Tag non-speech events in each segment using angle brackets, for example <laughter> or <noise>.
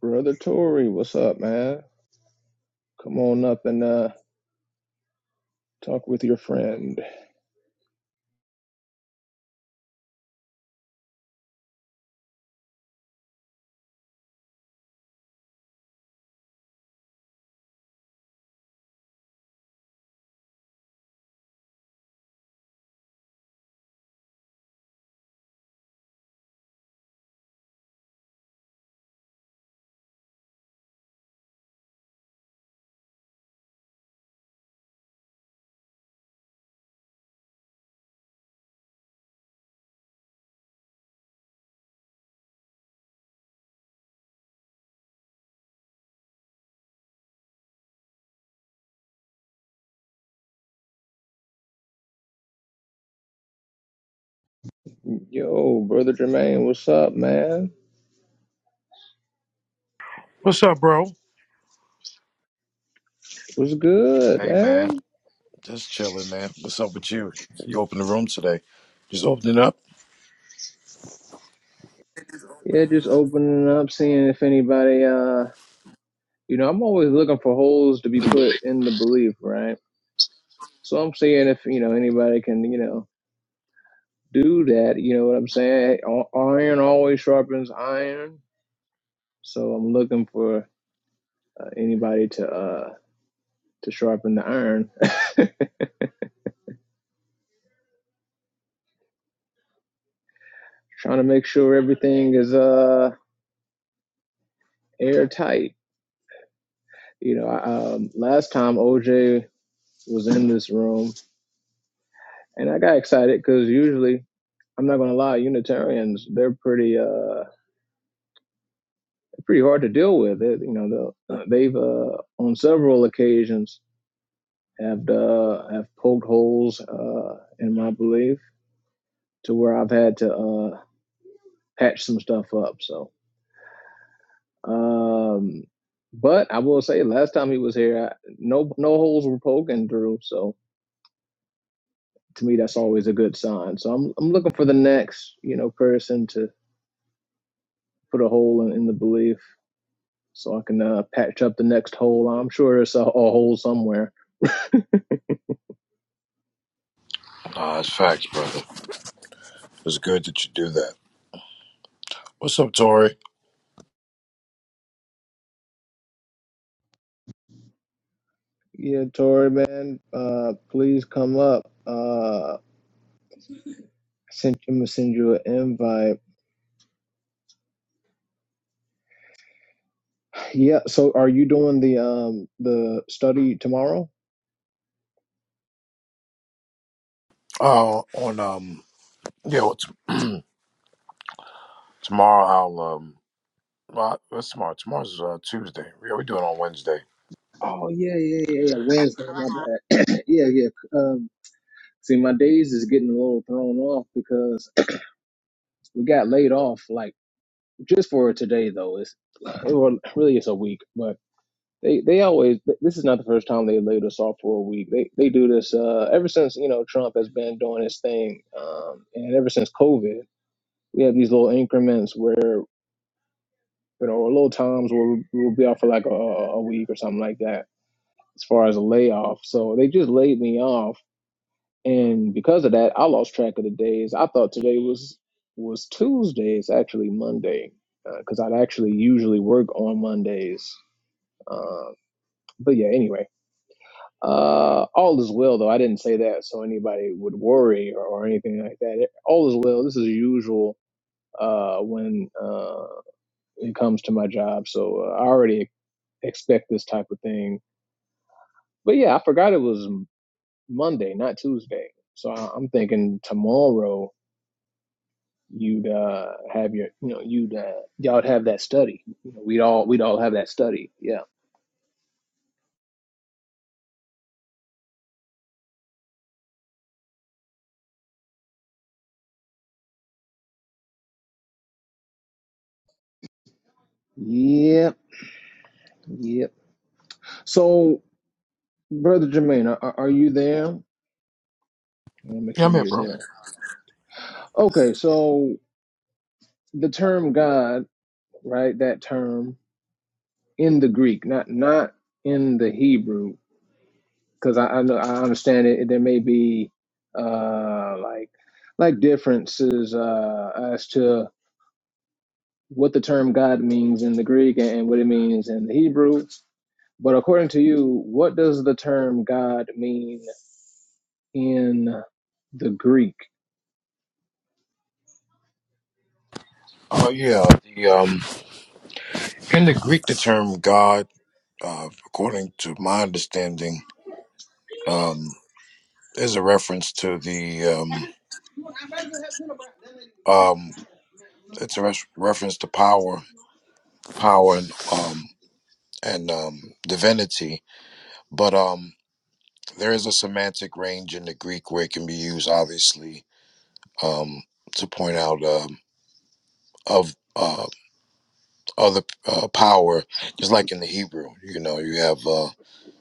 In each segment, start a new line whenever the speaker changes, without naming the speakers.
Brother Tory, what's up, man? Come on up and uh, talk with your friend. Yo, Brother Jermaine, what's up, man?
What's up, bro?
What's good,
Hey man,
man?
just chilling, man. What's up with you? You opened the room today? Just open it up.
Yeah, just opening up, seeing if anybody uh you know, I'm always looking for holes to be put in the belief, right? So I'm saying if, you know, anybody can, you know, do that, you know what I'm saying? I- Iron always sharpens iron. So I'm looking for uh, anybody to, uh, to sharpen the iron, trying to make sure everything is, uh, airtight. You know, I, um, last time OJ was in this room and I got excited because usually I'm not going to lie, Unitarians, they're pretty, uh, pretty hard to deal with. It, you know, the, uh, they've uh, on several occasions have uh, have poked holes uh, in my belief to where I've had to uh, patch some stuff up. So, um, but I will say, last time he was here, I, no no holes were poking through. So to me, that's always a good sign. So I'm I'm looking for the next you know person to put a hole in, in the belief so I can uh, patch up the next hole. I'm sure it's a, a hole somewhere.
Nah, it's facts, brother. It's good that you do that. What's up, Tori?
Yeah, Tori, man, uh, please come up. Uh, sent, I'm gonna send you an invite. Yeah. So, are you doing the um the study tomorrow?
Uh, on um, yeah, well, t- tomorrow I'll um, well, what's tomorrow? Tomorrow's uh, Tuesday. Yeah, we do it on Wednesday.
Oh yeah, yeah, yeah, yeah. Wednesday, my bad. <clears throat> yeah, yeah. Um, see, my days is getting a little thrown off because <clears throat> we got laid off. Like just for today though, it's well, really it's a week, but. They they always this is not the first time they laid us off for a week. They they do this uh ever since you know Trump has been doing his thing, um, and ever since COVID, we have these little increments where you know or little times where we'll be off for like a, a week or something like that as far as a layoff. So they just laid me off, and because of that, I lost track of the days. I thought today was was Tuesday. It's actually Monday because I'd actually usually work on Mondays. Um, but yeah, anyway Uh, all is well, though. I didn't say that so anybody would worry or, or anything like that. It- all is well. This is usual uh, when uh, it comes to my job, so uh, I already expect this type of thing. But yeah, I forgot it was M- Monday, not Tuesday. So I, I'm thinking tomorrow you'd uh, have your, you know, you'd uh, y'all would have that study. You know, we'd all we'd all have that study. Yeah. Yep. Yep. So, brother Jermaine, are, are you there? I want to make
Yeah,
sure
I'm here,
you're
bro.
there. Okay, so the term God, right? That term in the Greek, not not in the Hebrew, because I, I know I understand it. There may be uh like like differences uh as to what the term God means in the Greek and what it means in the Hebrew. But according to you, what does the term God mean in the Greek?
Oh yeah, the um, in the Greek, the term God, uh, according to my understanding, um, is a reference to the um, um, it's a res- reference to power power and um and um divinity but um there is a semantic range in the greek where it can be used obviously um to point out um of uh other uh, power just like in the hebrew you know you have uh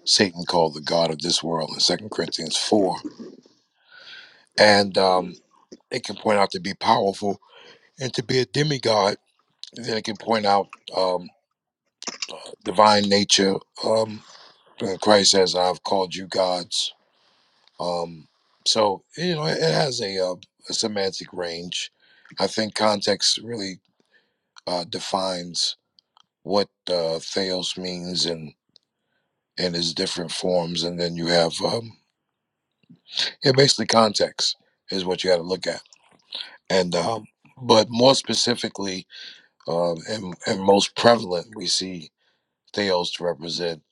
satan called the god of this world in second corinthians 4 and um it can point out to be powerful and to be a demigod then it can point out um divine nature um christ says i've called you gods Um, so you know, it, has a, uh, a semantic range. I think context really uh, defines what uh, theos means in in its different forms, and then you have um, yeah, basically context is what you got to look at, and um, but more specifically uh, and and most prevalent, we see theos to represent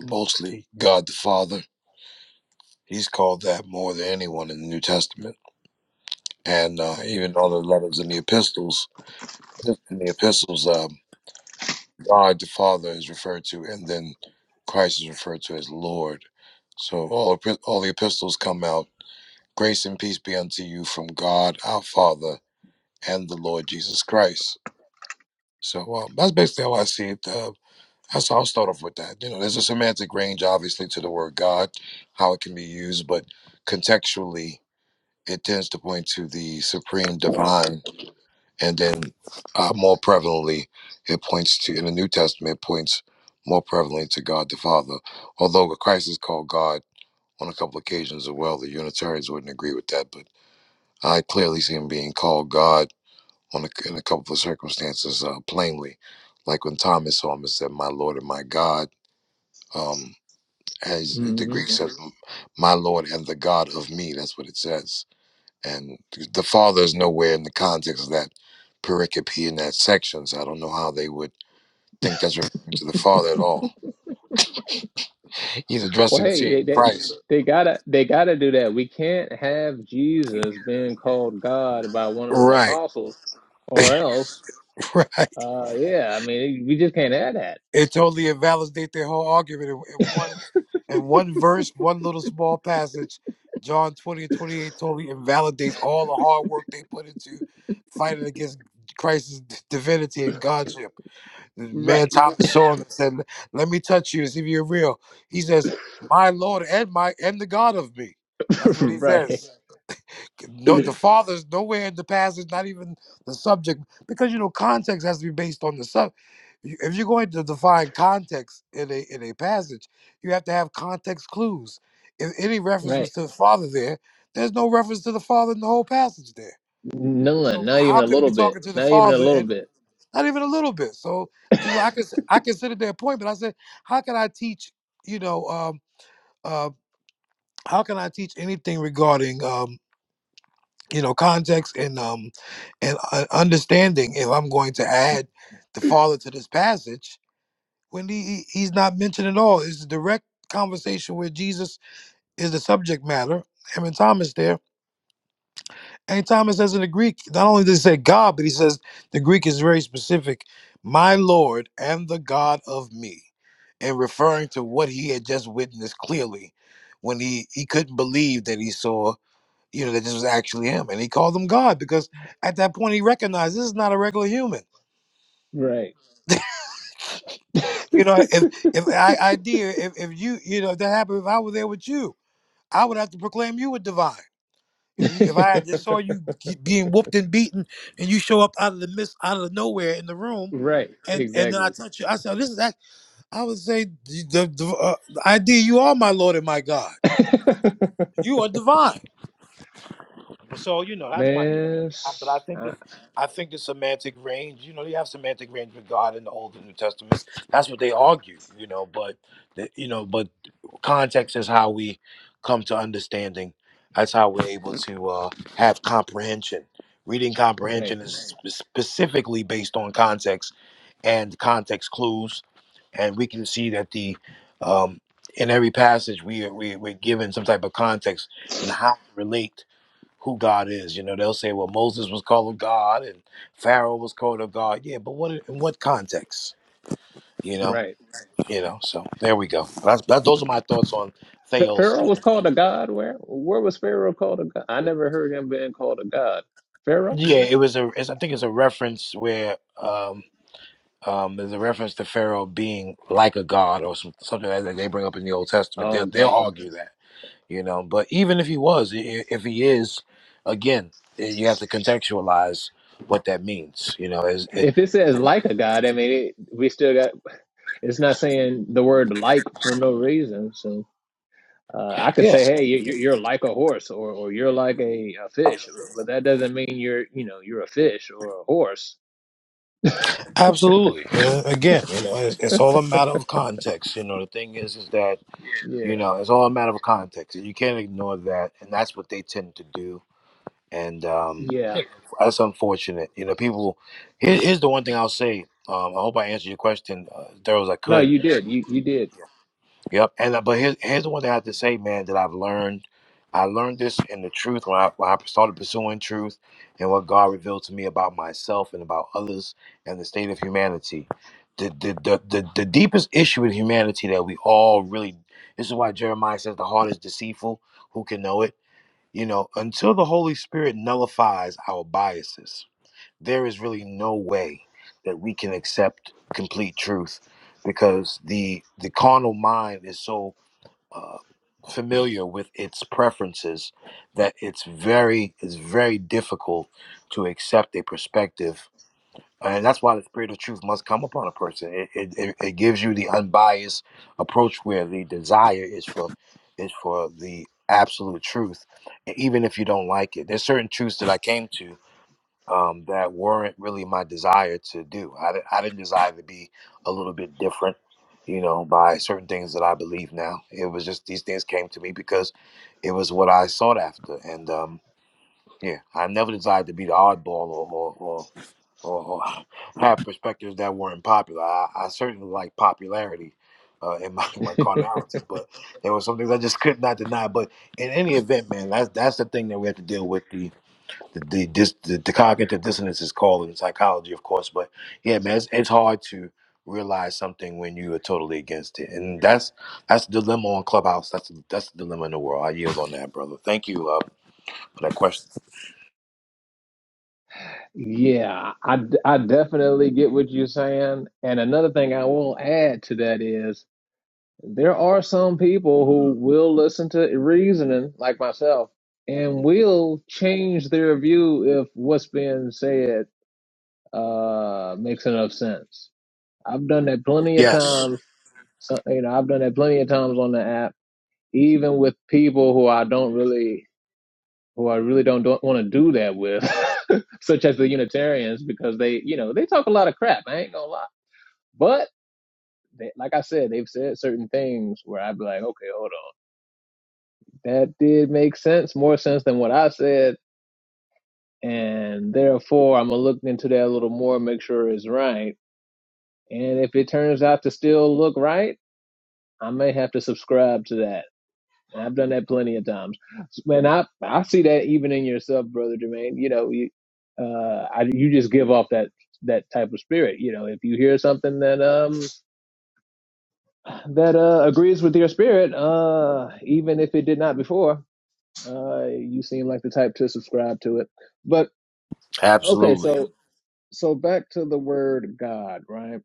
mostly God the Father. He's called that more than anyone in the New Testament, and uh, even all the letters in the epistles in the epistles, um, God the Father is referred to, and then Christ is referred to as Lord. So all epi- all the epistles come out. Grace and peace be unto you from God our Father and the Lord Jesus Christ. So um, that's basically how I see it. Uh, that's how I'll start off with that. You know, there's a semantic range, obviously, to the word God, how it can be used, but contextually, it tends to point to the supreme divine and then uh, more prevalently it points to in the new testament it points more prevalently to god the father although christ is called god on a couple occasions as well the unitarians wouldn't agree with that but i clearly see him being called god on a, in a couple of circumstances uh, plainly like when thomas saw him and said my lord and my god um as the greek says Mhm. my lord and the god of me that's what it says and the father is nowhere in the context of that pericope in that section, so I don't know how they would think that's referring to the father at all. He's
Well,
addressing
hey,
seeing
they they
Christ.
they gotta they gotta do that. We can't have Jesus being called God by one of the
Right,
apostles, or else,
<laughs> right.
uh, yeah, I mean, we just can't have that.
It totally invalidates their whole argument in, in one in one verse, one little small passage. John 20 and 28 totally invalidates all the hard work they put into fighting against Christ's d- divinity and Godship. The Man,
Right,
Thomas saw him and said, "Let me touch you, and see if you're real." He says, "My Lord and my and the God of me." That's
<laughs>
what he
right,
says. No, the Father's nowhere in the passage, not even the subject, because you know context has to be based on the sub. you- If you're going to define context in a in a passage, you have to have context clues. If any reference
right.
was to the Father there, there's no reference to the Father in the whole passage there.
None,
So
not even
how
a
could he
little
be
bit,
talking to the
not even a little
Father?
bit.
not even a little bit. So because I can I considered their point, but I said, how can I teach? You know, um, uh, how can I teach anything regarding um, you know context and um, and uh, understanding if I'm going to add the father to this passage when he he- he's not mentioned at all? It's a direct conversation where Jesus is the subject matter. Him and Thomas there. And Thomas says in the Greek, not only does he say God, but he says the Greek is very specific, my Lord and the God of me, and referring to what he had just witnessed clearly when he, he couldn't believe that he saw, you know, that this was actually him. And he called him God because at that point he recognized this is not a regular human.
Right,
<laughs> you know, if if I
<laughs>
idea if, if you you know if that happened, if I were there with you, I would have to proclaim you a divine. If, you, if I just saw you ge- being whooped and beaten, and you show up out of the mist, out of nowhere in the room,
right,
and and then I
exactly.
touch you, I said, "This is that." I would say, "The, the, the, uh, the idea you are my Lord and my God.
<laughs>
You are divine." So you know that's my.
Man,
I- But I
s-
think
I-
that I think the semantic range, you know, you have semantic range with God in the Old and New Testaments. That's what they argue, you know. But the, you know, but context is how we come to understanding. That's how we're able to uh, have comprehension. Reading
right,
comprehension is spe- specifically based on context and context clues, and we can see that the um, in every passage we are, we we're given some type of context and how to relate who God is. You know, they'll say, well, Moses was called God and Pharaoh was called a God. Yeah, but what in what context? You know,
right.
you know. So there we go. That's, that, those are my thoughts on
Ph-
Theos.
Pharaoh was called a god. Where? Where was Pharaoh called a god? I never heard him being called a god. Pharaoh?
Yeah, it was a. It's, I think it's a reference where um, um, there's a reference to Pharaoh being like a god or some, something like that they bring up in the Old Testament. They'll
Oh,
they'll
gotcha.
argue that, you know. But even if he was, i- i- if he is, again, eh, you have to contextualize what that means. You know, is it?
If it says like a god, I mean, it, we still got. It's not saying the word like for no reason. So uh, I could
yeah?
say, hey, you, you- you're like a horse, or or you're like a, a fish, but that doesn't mean you're you know you're a fish or a horse.
Absolutely. Uh, again, you know, it's, it's all a matter of context. You know, the thing is, is that you
Yeah,
know, it's all a matter of context. You can't ignore that, and that's what they tend to do. And um,
yeah.
that's unfortunate. You know, people. Here, here's the one thing I'll say. Um, I hope I answered your question uh, as thorough as I
No,
could.
you did. You you did.
Yep. And uh, but here's here's the one thing I have to say, man, that I've learned. I learned this in the truth when I, when I started pursuing truth and what God revealed to me about myself and about others and the state of humanity. The the the the, the deepest issue in humanity that we all really this is why Jeremiah says the heart is deceitful. Who can know it? You know, until the Holy Spirit nullifies our biases, there is really no way that we can accept complete truth because the the carnal mind is so uh, familiar with its preferences that it's very it's very difficult to accept a perspective and that's why the spirit of truth must come upon a person it, it, it it gives you the unbiased approach where the desire is for is for the absolute truth and even if you don't like it there's certain truths that i came to um, that weren't really my desire to do. I, di- I didn't desire to be a little bit different, you know, by certain things that I believe now. It was just these things came to me because it was what I sought after. And um, yeah, I never desired to be the oddball or, or, or, or, or <laughs> have perspectives that weren't popular. I, I certainly like popularity. Uh, in my, <laughs> my
<laughs>
carnality, but there were some things I just could not deny. But in any event, man, that's that's the thing that we have to deal with the the, dis, the the cognitive dissonance is called in psychology, of course, but yeah, man, it's, it's hard to realize something when you are totally against it, and that's that's the dilemma on Clubhouse. That's that's the dilemma in the world. I yield on that, brother. Thank you uh, for that question.
Yeah, I, d- I definitely get what you're saying. And another thing I will add to that is There are some people who will listen to reasoning, like myself, and will change their view if what's being said uh, makes enough sense. I've done that plenty of
Yes,
times. So, you know, I've done that plenty of times on the app, even with people who I don't really, who I really don't, don't want to do that with, <laughs> such as the Unitarians, because they, you know, they talk a lot of crap. I ain't gonna lie, but they, like I said, they've said certain things where I'd be like, okay, hold on. that did make sense, more sense than what I said. And therefore, I'm going to look into that a little more, make sure it's right. And if it turns out to still look right, I may have to subscribe to that. And I've done that plenty of times. And I, I see that even in yourself, Brother Jermaine. You know, you, uh, I, you just give off that that type of spirit you know if you hear something that um that uh agrees with your spirit uh even if it did not before uh you seem like the type to subscribe to it But Okay,
absolutely.
so so back to the word God, right?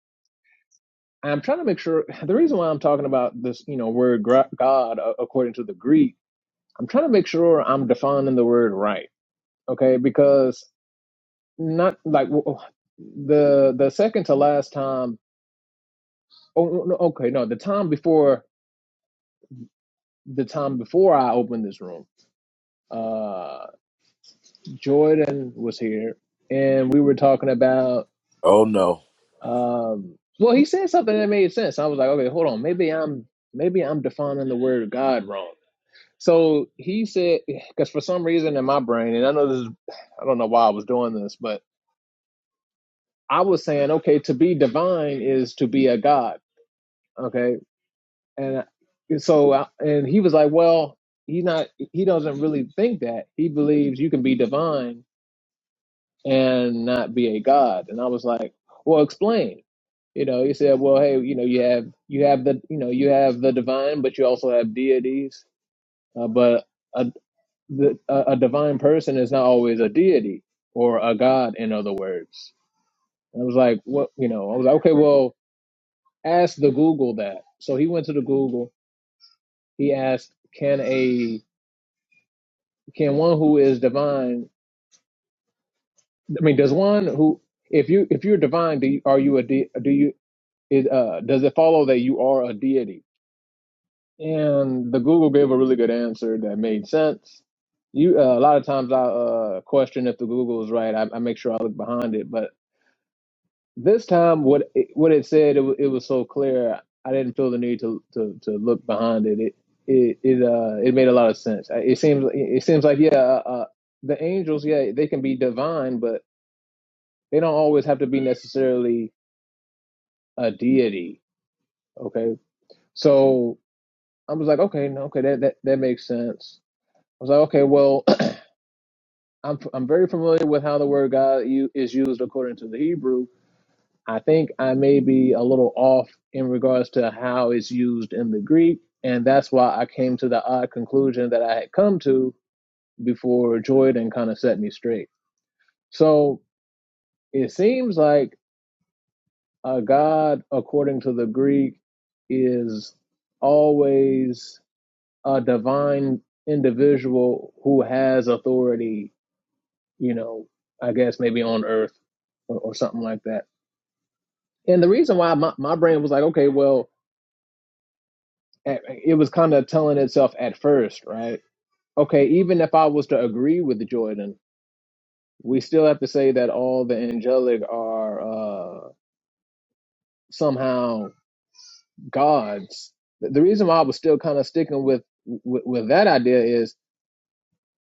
I'm trying to make sure <sighs> the reason why I'm talking about this, you know, word gra- God uh, according to the Greek, I'm trying to make sure I'm defining the word right, okay? Because not like w- the the second to last time, oh no, no, okay, no, the time before the time before I opened this room, uh Jordan was here and we were talking about
Oh no.
Um, well, he said something that made sense. I was like, okay, hold on, maybe I'm maybe I'm defining the word God wrong. So he said, <sighs> because for some reason in my brain, and I know this is, <sighs> I don't know why I was doing this, but I was saying, okay, to be divine is to be a God, okay, and so and he was like, well, he's not, he doesn't really think that. He believes you can be divine and not be a god. And I was like, well, explain. You know, he said, well, hey, you know, you have you have the you know you have the divine, but you also have deities. Uh, but a, the, a a divine person is not always a deity or a god, in other words. And I was like, what? You know, I was like, okay, well, ask the Google that. So he went to the Google. He asked, can a can one who is divine? I mean, does one who if you if you're divine, do you, are you a de, do you? Is uh, does it follow that you are a deity? And the Google gave a really good answer that made sense. You uh, a lot of times I uh, question if the Google is right. I, I make sure I look behind it, but this time what it, what it said it, wa- it was so clear. I didn't feel the need to to, to look behind it. It it it, uh, it made a lot of sense. I- It seems it seems like yeah, uh, uh, the angels yeah they can be divine, but they don't always have to be necessarily a deity. Okay, so. I was like, okay, no, okay, that that, that makes sense. I was like, okay, well, <clears throat> I'm I'm very familiar with how the word God u- is used according to the Hebrew. I think I may be a little off in regards to how it's used in the Greek, and that's why I came to the odd conclusion that I had come to before Jordan kind of set me straight. So it seems like a God according to the Greek is always a divine individual who has authority, you know, I guess maybe on earth or, or something like that. And the reason why my, my brain was like, okay, well, it was kind of telling itself at first, right? Okay, even if I was to agree with Jordan, we still have to say that all the angelic are uh, somehow gods. The the reason why I was still kind of sticking with, with with that idea is,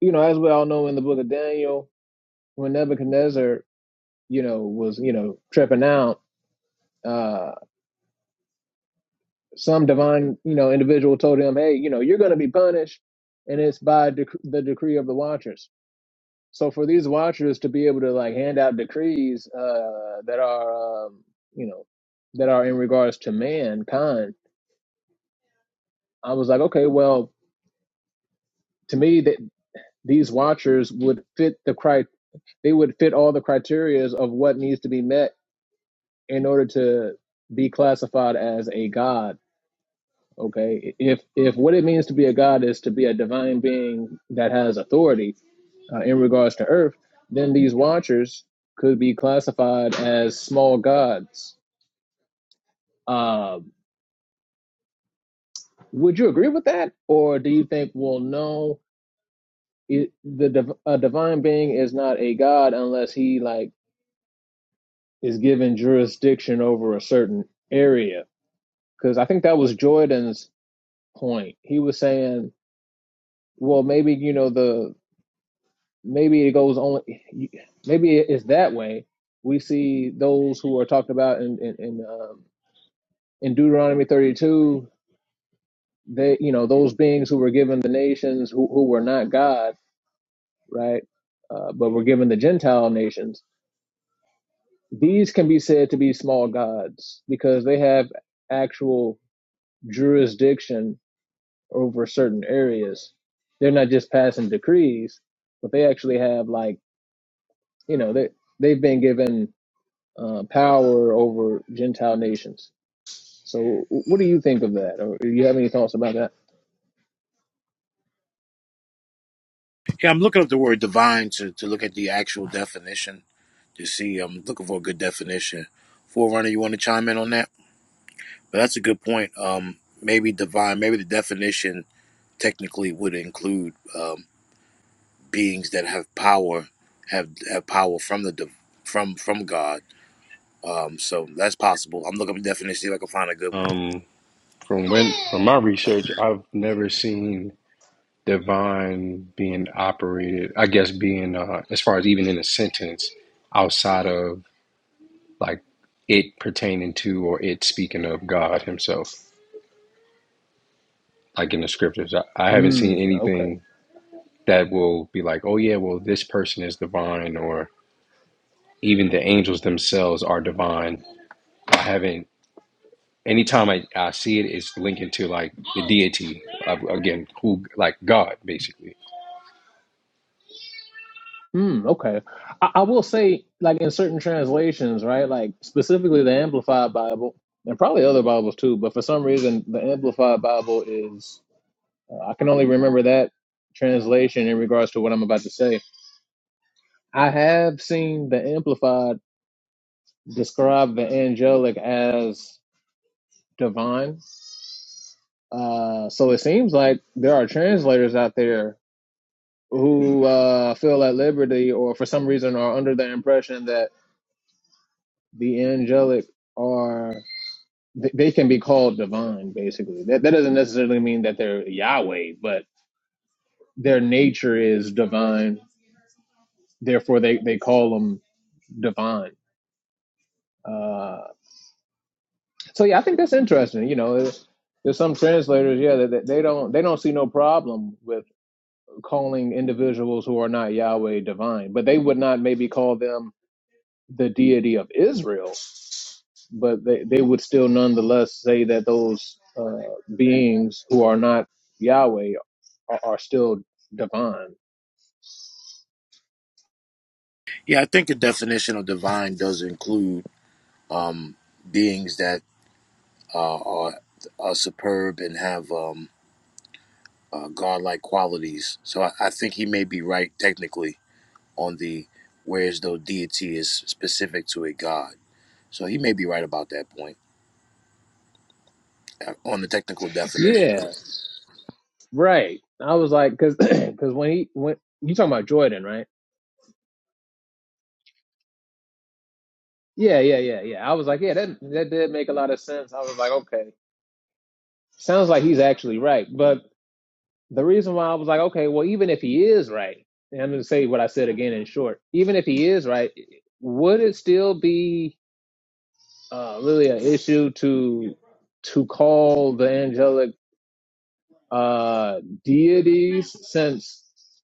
you know, as we all know in the book of Daniel, when Nebuchadnezzar you know, was, you know, tripping out, uh, some divine, you know, individual told him, hey, you know, you're going to be punished. And it's by dec- the decree of the watchers. So for these watchers to be able to like hand out decrees uh, that are, um, you know, that are in regards to mankind, I was like, okay, well, to me, that these watchers would fit the cri- they would fit all the criterias of what needs to be met in order to be classified as a god okay if if what it means to be a god is to be a divine being that has authority uh, in regards to earth then these watchers could be classified as small gods uh, would you agree with that or do you think well no it, the div- a divine being is not a god unless he like is given jurisdiction over a certain area because i think that was jordan's point he was saying well maybe you know the maybe it goes only maybe it's that way we see those who are talked about in in in, um, in deuteronomy 32 they you know those beings who were given the nations who, who were not god right uh, but were given the gentile nations these can be said to be small gods because they have actual jurisdiction over certain areas they're not just passing decrees but they actually have like you know they they've been given uh, power over Gentile nations. So, what do you think of that, or do you have any thoughts about that?
Yeah, I'm looking up the word divine to to look at the actual definition to see. I'm looking for a good definition. Forerunner, you want to chime in on that? But that's a good point. Um, maybe divine, maybe the definition technically would include. beings that have power have have power from the div- from from God. Um, so that's possible. I'm looking up a definition, see if I can find a good one.
Um, from when from my research, I've never seen divine being operated. I guess being uh, as far as even in a sentence outside of like it pertaining to or it speaking of God Himself, like in the scriptures. I, I haven't
Hmm.
seen
Okay.
anything that will be like, oh yeah, well this person is divine, or even the angels themselves are divine. I haven't. Anytime I, I see it, it's linking to like the deity of again, who like God basically.
Hmm. Okay. I, I will say, like in certain translations, right? Like specifically the Amplified Bible, and probably other Bibles too. But for some reason, the Amplified Bible is. Uh, I can only remember that translation in regards to what I'm about to say. I have seen the Amplified describe the angelic as divine Uh, so it seems like there are translators out there who uh, feel at liberty or for some reason are under the impression that the angelic are th- they can be called divine basically that, that doesn't necessarily mean that they're yahweh but their nature is divine therefore they, they call them divine uh, so yeah i think that's interesting you know there's, there's some translators yeah that, that they don't they don't see no problem with. calling individuals who are not Yahweh divine, but they would not maybe call them the deity of Israel, but they, they would still nonetheless say that those uh, beings who are not Yahweh are, are still divine.
Yeah, I think the definition of divine does include um, beings that uh, are are superb and have um, uh, godlike qualities. So I, I think he may be right technically on the whereas though deity is specific to a god. So he may be right about that point uh, on the technical definition of
Yeah,
it.
right. I was like, because <clears throat> when he when you talking about Jordan, right? Yeah, yeah, yeah, yeah. I was like, yeah, that that did make a lot of sense. I was like, okay, sounds like he's actually right, but the reason why I was like, okay, well, even if he is right, and I'm going to say what I said again in short, even if he is right, would it still be uh, really an issue to to call the angelic uh, deities since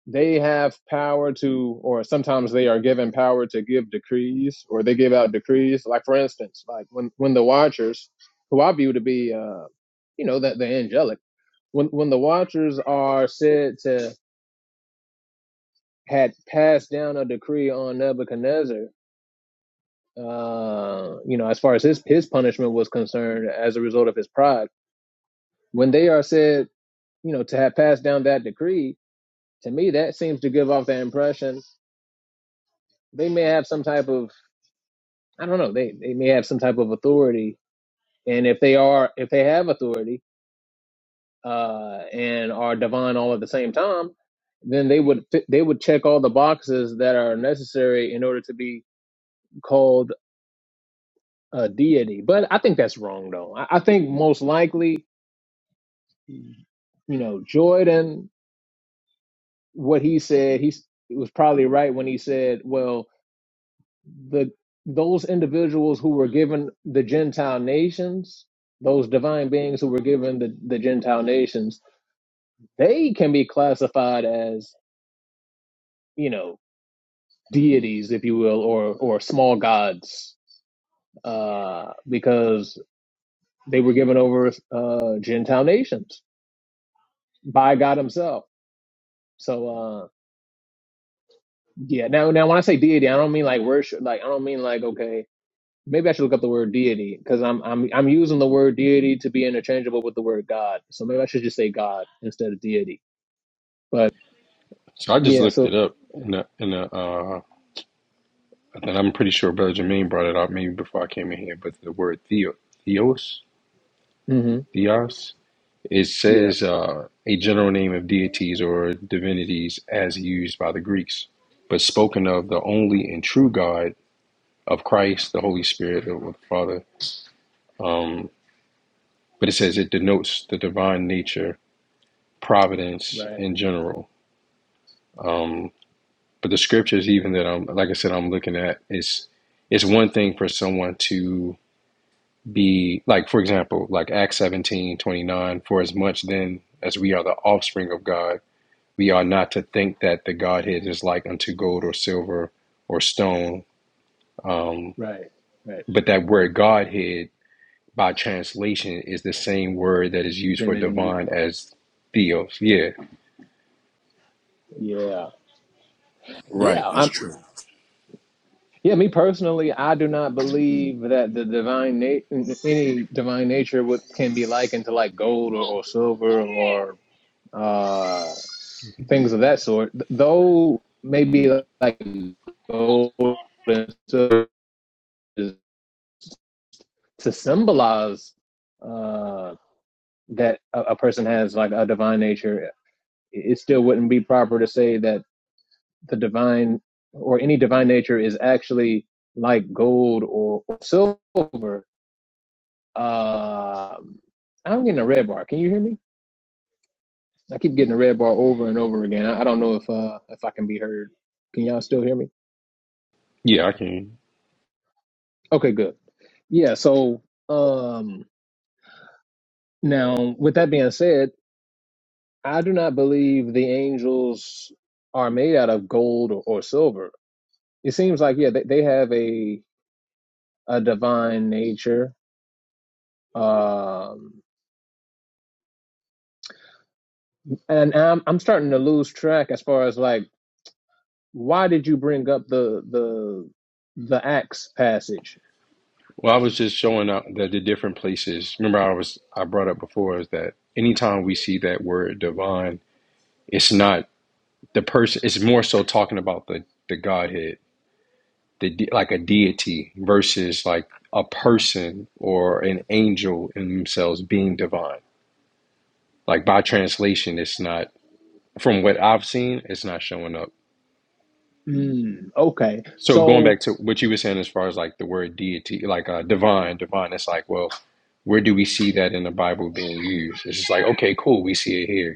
they have power to, or sometimes they are given power to give decrees, or they give out decrees. Like for instance, like when when the Watchers, who I view to be, uh, you know, that the angelic, when when the Watchers are said to had passed down a decree on Nebuchadnezzar, uh, you know, as far as his his punishment was concerned, as a result of his pride. When they are said, you know, to have passed down that decree, to me that seems to give off the impression they may have some type of I don't know they they may have some type of authority, and if they are if they have authority uh, and are divine all at the same time, then they would fit- they would check all the boxes that are necessary in order to be called a deity. But I think that's wrong, though. I, I think most likely, you know, Jordan, what he said, he s- was probably right when he said, well, the those individuals who were given the Gentile nations, those divine beings who were given the, the Gentile nations, they can be classified as, you know, deities, if you will, or or small gods, uh, because they were given over uh, Gentile nations by God Himself So uh yeah, now now when I say deity, I don't mean like worship like I don't mean like okay, maybe I should look up the word deity because I'm I'm I'm using the word deity to be interchangeable with the word God. So maybe I should just say God instead of deity. But
So I just
yeah,
looked
so
it up in a, in a uh, and I'm pretty sure Brother Jermaine brought it out maybe before I came in here, but the word theo, theos,
hmm
theos, it
yeah,
says uh, a general name of deities or divinities as used by the Greeks, but spoken of the only and true God of Christ, the Holy Spirit, the the Father. Um, but it says it denotes the divine nature, providence
right,
in general. Um, But the scriptures, even that I'm, like I said, I'm looking at is, it's one thing for someone to be like, for example, like Acts 17 29. for as much then as we are the offspring of God, we are not to think that the Godhead is like unto gold or silver or stone. Um,
right, right.
but that word Godhead by translation is the same word that is used for
Divinity.
divine as theos. Yeah.
Yeah.
Right,
Yeah.
that's
I'm
true.
yeah, me personally, I do not believe that the divine nature, any divine nature would can be likened to like gold or, or silver or uh things of that sort. Though maybe like gold and silver is to symbolize uh, that a, a person has like a divine nature, it still wouldn't be proper to say that the divine or any divine nature is actually like gold or, or silver. Uh, I'm getting a red bar. Can you hear me? I keep getting a red bar over and over again. I, I don't know if uh, if I can be heard. Can y'all still hear me?
Yeah, I can.
Okay, good. Yeah, so um now with that being said, I do not believe the angels are made out of gold or, or silver. It seems like yeah, they, they have a a divine nature. Um and I'm I'm starting to lose track as far as like why did you bring up the the the Acts passage?
Well, I was just showing up that the different places. Remember, I was I brought up before is that anytime we see that word divine, it's not the person. It's more so talking about the the Godhead, the de- like a deity versus like a person or an angel in themselves being divine. Like by translation, it's not from what I've seen. It's not showing up.
Mm, okay.
So going back
So,
to what you were saying as far as like the word deity, like uh, divine, divine, it's like, well, where do we see that in the Bible being used? It's just like, okay, cool, we see it here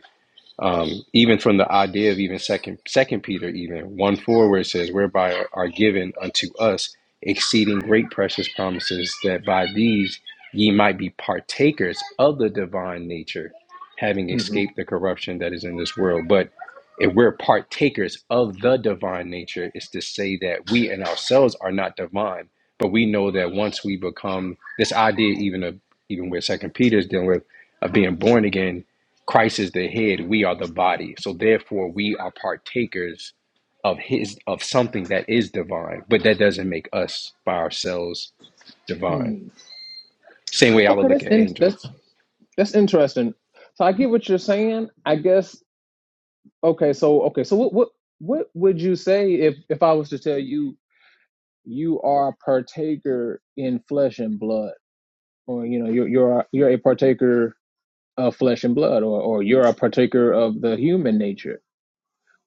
um, even from the idea of even second second peter even one four where it says whereby are given unto us exceeding great precious promises that by these ye might be partakers of the divine nature having
mhm,
escaped the corruption that is in this world but if we're partakers of the divine nature it's to say that we and ourselves are not divine but we know that once we become this idea even of even where second peter is dealing with of being born again Christ is the head, we are the body. So therefore we are partakers of his of something that is divine, but that doesn't make us by ourselves divine.
mhm.
Same way I would
okay,
look
that's
at
in, that's
angels.
that's interesting. So I get what you're saying. I guess okay. So okay. So what what what would you say if if I was to tell you you are a partaker in flesh and blood, or you know you're you're a, you're a partaker of flesh and blood, or or you're a partaker of the human nature?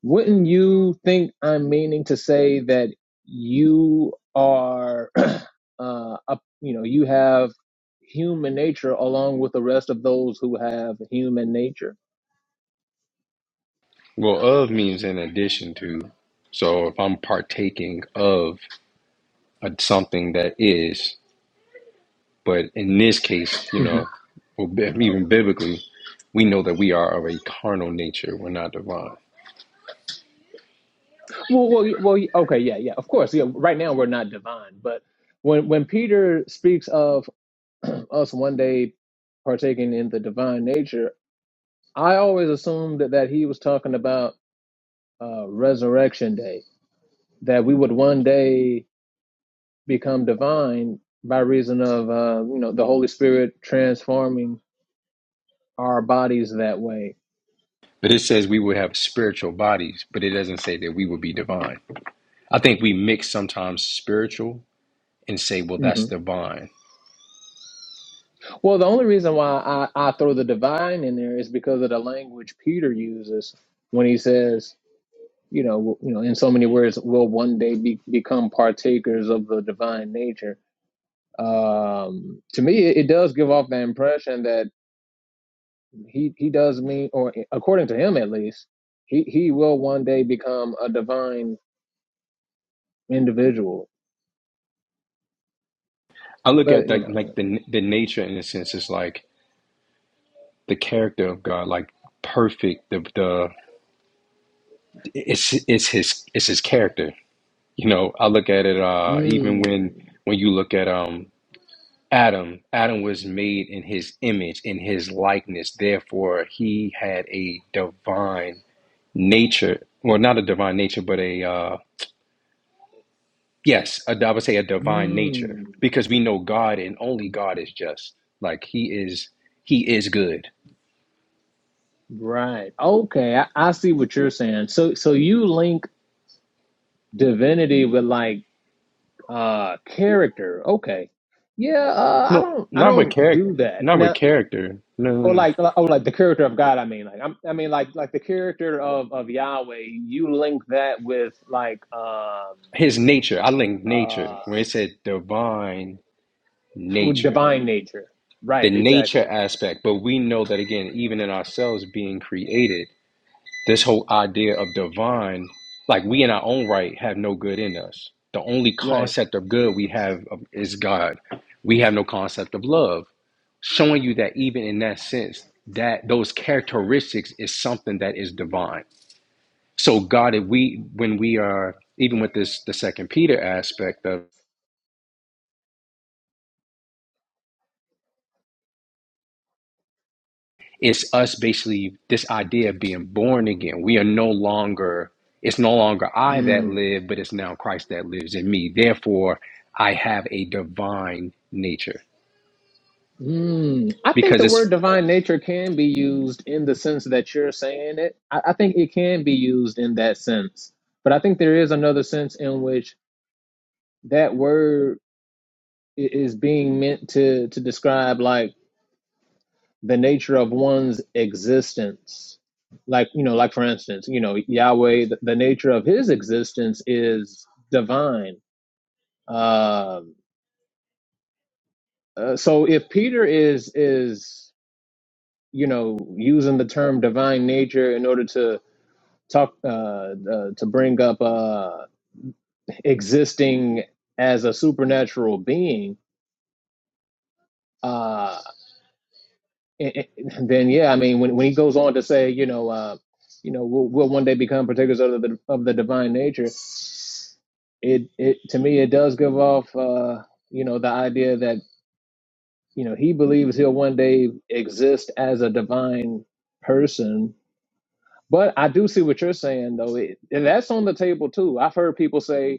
Wouldn't you think I'm meaning to say that you are, <clears throat> uh, a, you know, you have human nature along with the rest of those who have human nature?
Well, of means in addition to. So if I'm partaking of a, something that is, but in this case, you
hmm
know, or bi- even biblically, we know that we are of a carnal nature. We're not divine.
Well, well, y- well. y- Okay, yeah, yeah. Of course, yeah. Right now we're not divine, but when when Peter speaks of <clears throat> us one day partaking in the divine nature, I always assumed that, that he was talking about uh, resurrection day, that we would one day become divine by reason of uh, you know the Holy Spirit transforming our bodies that way.
But it says we will have spiritual bodies, but it doesn't say that we will be divine. I think we mix sometimes spiritual and say, well,
hmm
that's divine.
Well, the only reason why I, I throw the divine in there is because of the language Peter uses when he says, you know, w- you know, in so many words, will one day be, become partakers of the divine nature. Um, to me, it, it does give off the impression that he he does mean, or according to him at least, he he will one day become a divine individual
I look
But
at
you
like like
know,
the the nature in a sense is like the character of God, like perfect. The the it's it's his it's his character. You know, I look at it uh, even when
mm,
when you look at um Adam. Adam was made in his image, in his likeness. Therefore, he had a divine nature. Well, not a divine nature, but a uh, Yes, a- I would say a divine nature
mm,
because we know God and only God is just. Like He is, He is good.
right. Okay, I, I see what you're saying. So so you link divinity with like uh character. Okay. Yeah, uh, I
No,
don't I
not with
don't
character.
do that.
Not with
Now
character. No, no,
or
no.
like or like the character of God, I mean like I'm, I mean like like the character of of Yahweh, you link that with like um
His nature. I link nature
uh
when it said divine
with
nature,
divine nature.
the
Right,
nature
exactly.
aspect. But we know that again, even in ourselves being created, this whole idea of divine, like we in our own right have no good in us. The only
Right.
concept of good we have of- is God. We have no concept of love showing you that even in that sense that those characteristics is something that is divine so god if we when we are even with this the second peter aspect of it's us basically this idea of being born again we are no longer it's no longer i that
Hmm.
live but it's now christ that lives in me therefore i have a divine nature
Mm, I think
because
the word
it's
divine nature can be used in the sense that you're saying it. I, I think it can be used in that sense. But I think there is another sense in which that word i- is being meant to to describe like the nature of one's existence. Like, you know, like for instance, you know, Yahweh, the, the nature of his existence is divine. Um, uh, so if Peter is is you know using the term divine nature in order to talk uh, uh, to bring up uh, existing as a supernatural being, uh, i- i- then yeah, I mean, when, when he goes on to say, you know, uh, you know, we'll, we'll one day become partakers of the of the divine nature. It it to me, it does give off, uh, you know, the idea that you know he believes he'll one day exist as a divine person. But I do see what you're saying, though. It, and that's on the table too. I've heard people say,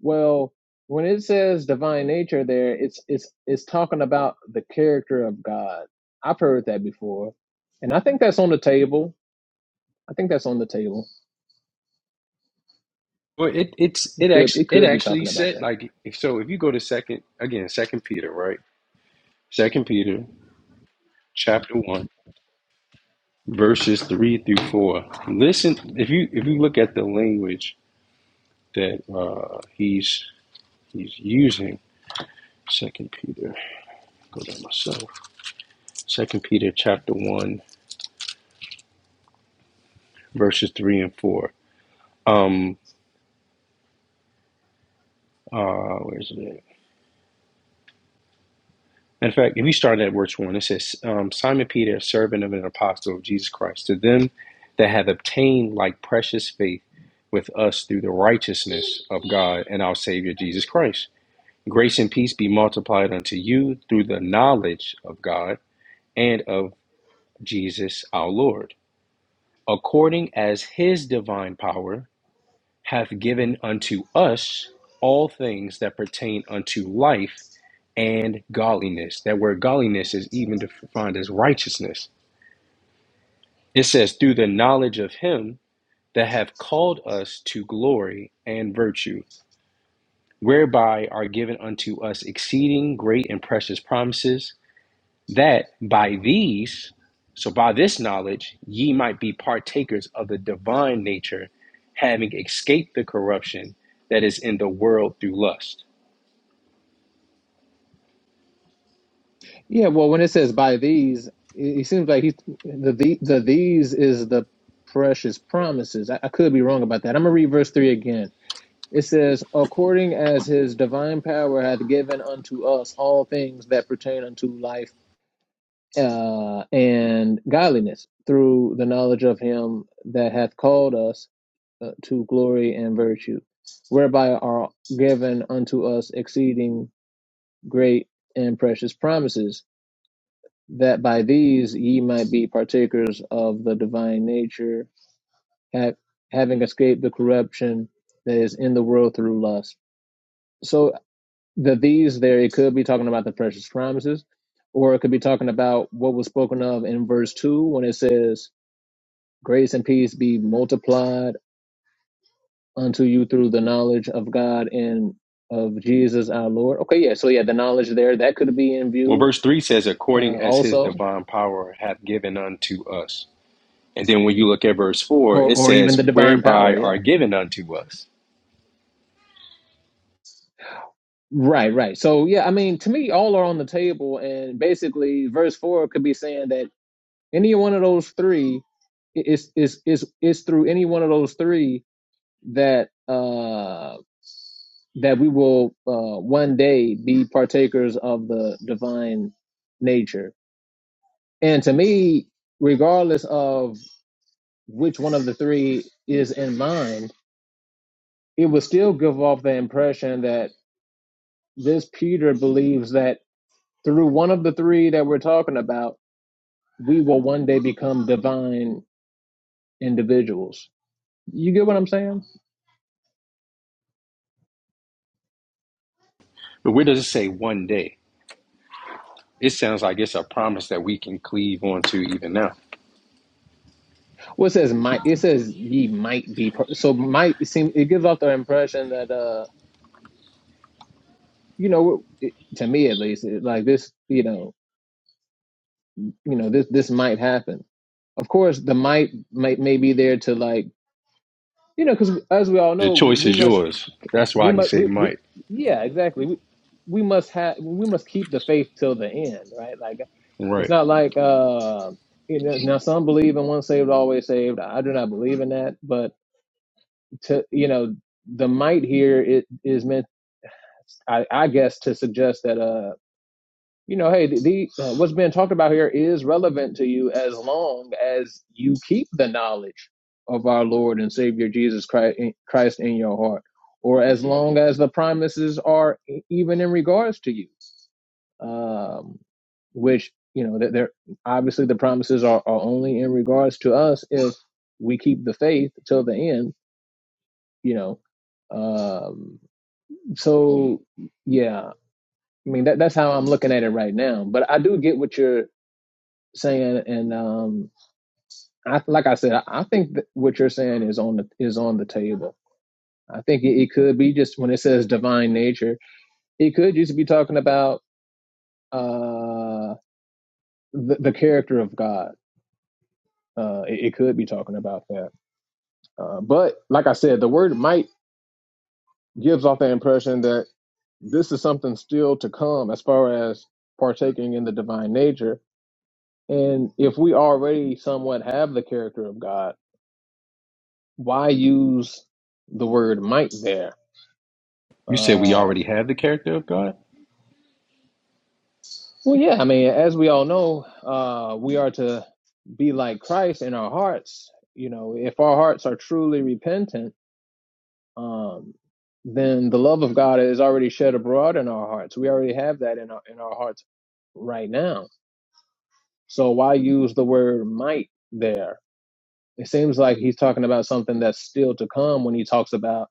Well, when it says divine nature there, it's it's it's talking about the character of God. I've heard that before. And I think that's on the table. I think that's on the table.
well, it it's
It
it
could
actually
it
it
could be
actually
talking about
said
that.
like if so if you go to second again second peter right second peter chapter 1 verses 3 through 4 listen if you if you look at the language that uh, he's he's using second peter go there myself second peter chapter 1 verses 3 and 4 um uh where's it at? in fact if you start at verse 1 it says um, simon peter a servant of an apostle of jesus christ to them that have obtained like precious faith with us through the righteousness of god and our savior jesus christ Grace and peace be multiplied unto you through the knowledge of God and of Jesus our Lord, according as his divine power hath given unto us all things that pertain unto life and godliness. That word godliness is even defined as righteousness. It says, through the knowledge of him that hath called us to glory and virtue, whereby are given unto us exceeding great and precious promises that by these, so by this knowledge, ye might be partakers of the divine nature, having escaped the corruption that is in the world through lust.
Yeah, well when it says by these, it, it seems like he the, the the these is the precious promises. I, I could be wrong about that. I'm gonna read verse three again. It says, according as his divine power hath given unto us all things that pertain unto life uh, and godliness through the knowledge of him that hath called us uh, to glory and virtue, whereby are given unto us exceeding great and precious promises, that by these ye might be partakers of the divine nature, ha- having escaped the corruption that is in the world through lust. So the these there, it could be talking about the precious promises, or it could be talking about what was spoken of in verse 2 when it says, Grace and peace be multiplied unto you through the knowledge of God and of Jesus our Lord. Okay, yeah. So yeah, the knowledge there that could be in
Well,
view
verse 3 says, according
uh,
as his
also,
divine power hath given unto us. And then when you look at verse 4,
or
it
or even the
says,
divine power.
whereby
Yeah.
are given unto us.
Right, right. So yeah, I mean, to me, all are on the table, and basically, verse four could be saying that any one of those three is is is is through any one of those three that uh that we will uh one day be partakers of the divine nature And to me, regardless of which one of the three is in mind, it would still give off the impression that this Peter believes that through one of the three that we're talking about, we will one day become divine individuals. You get what I'm saying?
But where does it say one day? It sounds like it's a promise that we can cleave onto even now.
Well, it says might. It says ye might be. Per- so might seem. It gives off the impression that uh, you know, it, to me at least, it, like this, you know, you know, this this might happen. Of course, the might might may be there to like you know, because as we all
The
know,
choice
we
is
must,
yours. That's
we
why he
must,
said
we, we
might.
yeah, exactly. We, we must have, we must keep the faith till the end, right? Like, it's
Right.
not like, uh, you know, now some believe in once saved, always saved. I do not believe in that, but to, you know, the might here is, is meant, I, I guess, to suggest that. uh, you know, hey, the, the uh, what's being talked about here is relevant to you as long as you keep the knowledge of our Lord and Savior Jesus Christ in, Christ in your heart, or as long as the promises are e- even in regards to you, um, which you know that they're obviously the promises are, are only in regards to us if we keep the faith till the end, you know. Um, so yeah, I mean that that's how I'm looking at it right now. But I do get what you're saying, and um, I like I said, I, think that what you're saying is on the is on the table. I think it, it could be just when it says divine nature, it could just be talking about uh, the, the character of God. Uh, it, it could be talking about that. Uh, but like I said, the word might gives off the impression that this is something still to come as far as partaking in the divine nature. And if we already somewhat have the character of God why use the word might there?
You said we already
Um
have the character of God?
well, yeah, I mean, as we all know, uh, we are to be like Christ in our hearts. You know, if our hearts are truly repentant, um, then the love of God is already shed abroad in our hearts. We already have that in our in our hearts right now. So why use the word might there? It seems like he's talking about something that's still to come when he talks about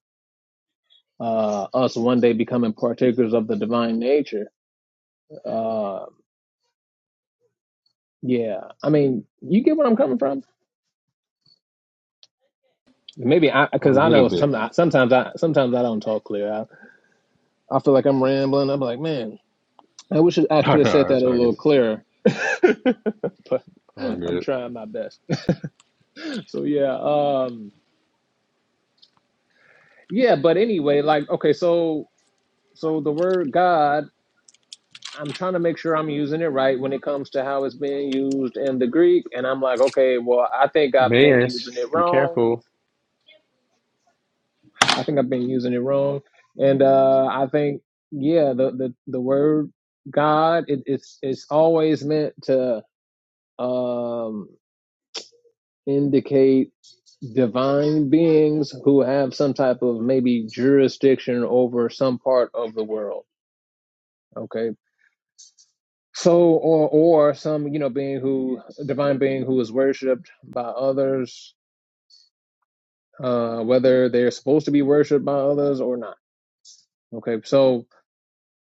uh, us one day becoming partakers of the divine nature Uh, yeah. I mean, you get where I'm coming from. Maybe I,
A
because I
little
know some,
bit. <laughs>
sometimes I, sometimes I don't talk clear. I, I feel like I'm rambling. I'm like, man, I wish I
No,
could have
no,
said that
it's
a
all
little
good.
clearer. <laughs> but
All
I'm
good.
trying my best. So yeah, um, yeah. But anyway, like, okay, so so the word God. I'm trying to make sure I'm using it right when it comes to how it's being used in the Greek. And I'm like, okay, well, I think I've been
Mayans,
using it
be
wrong
careful.
I think I've been using it wrong, and uh, I think yeah, the the the word God it, it's it's always meant to um, indicate divine beings who have some type of maybe jurisdiction over some part of the world. Okay. So, or or some you know being who divine being who is worshipped by others, uh, whether they're supposed to be worshipped by others or not. Okay, so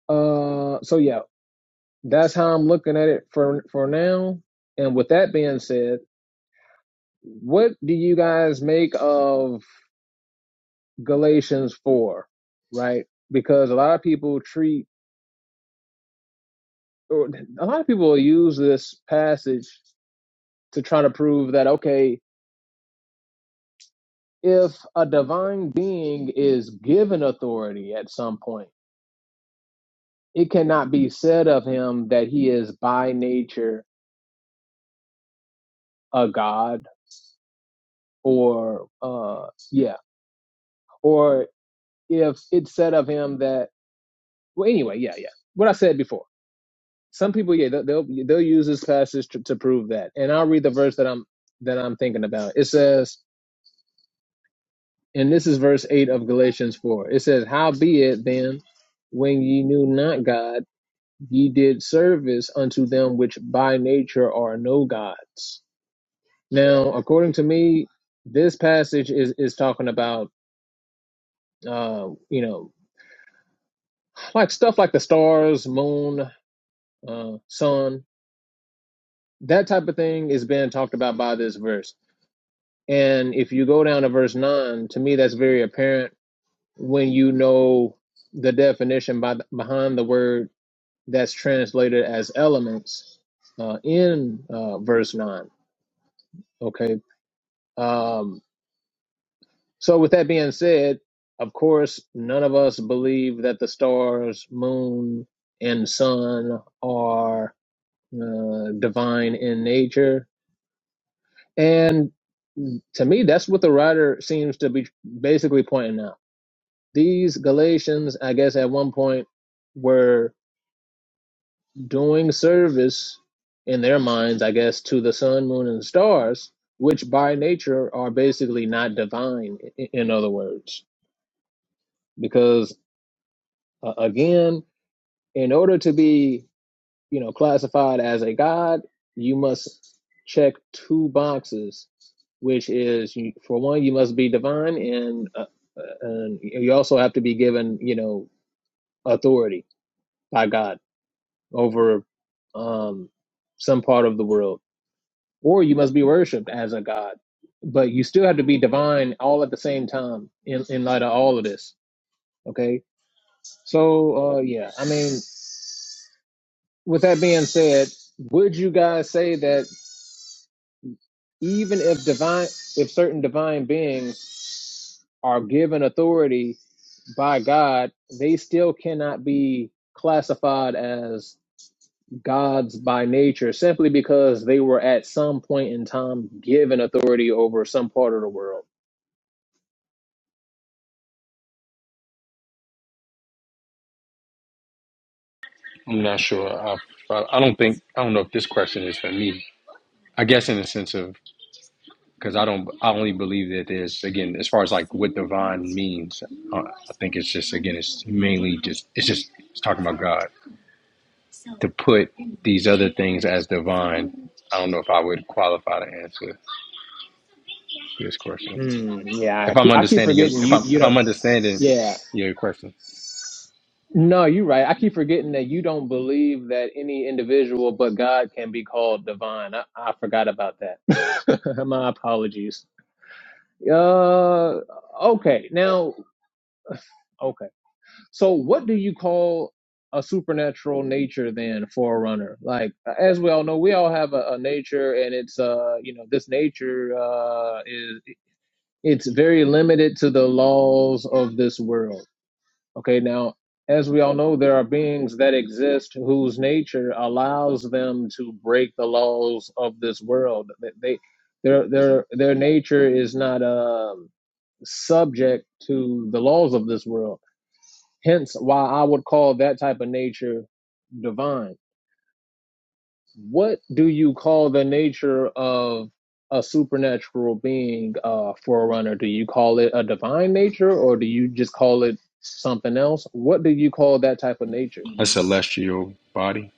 uh, so yeah, that's how I'm looking at it for for now. And with that being said, what do you guys make of Galatians four? Right, because a lot of people treat or a lot of people use this passage to try to prove that okay, if a divine being is given authority at some point, it cannot be said of him that he is by nature a god or uh yeah, or if it's said of him that Well, anyway, yeah, yeah. What I said before. Some people, yeah, they'll they'll, they'll use this passage to, to prove that. And I'll read the verse that I'm that I'm thinking about. It says, and this is verse eight of Galatians four. It says, "Howbeit then, when ye knew not God, ye did service unto them which by nature are no gods." Now, according to me, this passage is is talking about, uh, you know, like stuff like the stars, moon, uh, sun. that type of thing is being talked about by this verse. And if you go down to verse 9, to me, that's very apparent when you know the definition by, behind the word that's translated as elements uh, in uh, verse 9. Okay. Um, so, with that being said, of course, none of us believe that the stars, moon, and sun are uh, divine in nature And to me, that's what the writer seems to be basically pointing out. These Galatians, I guess, at one point were doing service in their minds, I guess, to the sun, moon, and stars, which by nature are basically not divine, i- in other words. Because, uh, again, in order to be you know, classified as a god, you must check two boxes, which is for one, you must be divine, and uh, uh, and you also have to be given, you know, authority by God over um, some part of the world, or you must be worshipped as a god. But you still have to be divine all at the same time in, in light of all of this. Okay, so uh, yeah, I mean, with that being said, would you guys say that? even if divine if certain divine beings are given authority by God, they still cannot be classified as gods by nature simply because they were at some point in time given authority over some part of the world.
I'm not sure. I, I I don't think, I don't know if this question is for me. I guess in the sense of, because I don't, I only believe that there's, again, as far as like what divine means, I, I think it's just, again, it's mainly just, it's just, it's talking about God. To put these other things as divine, I don't know if I would qualify to answer. to this question.
Hmm, yeah, I
If I'm
keep, I keep
understanding your,
forgetting
if
you
I'm
you
if I'm
don't
understanding
yeah.
your question,
No, you're right. I keep forgetting that you don't believe that any individual but God can be called divine. I, I forgot about that. <laughs> My apologies. Uh, okay. Now, okay. So, what do you call a supernatural nature then for a runner? Like, as we all know, we all have a, a nature, and it's uh, you know, this nature uh is it's very limited to the laws of this world. Okay. Now, as we all know, there are beings that exist whose nature allows them to break the laws of this world. They, they their their their nature is not um subject to the laws of this world. Hence, why I would call that type of nature divine. What do you call the nature of a supernatural being, uh, forerunner? Do you call it a divine nature or do you just call it something else? What do you call that type of nature?
a celestial body,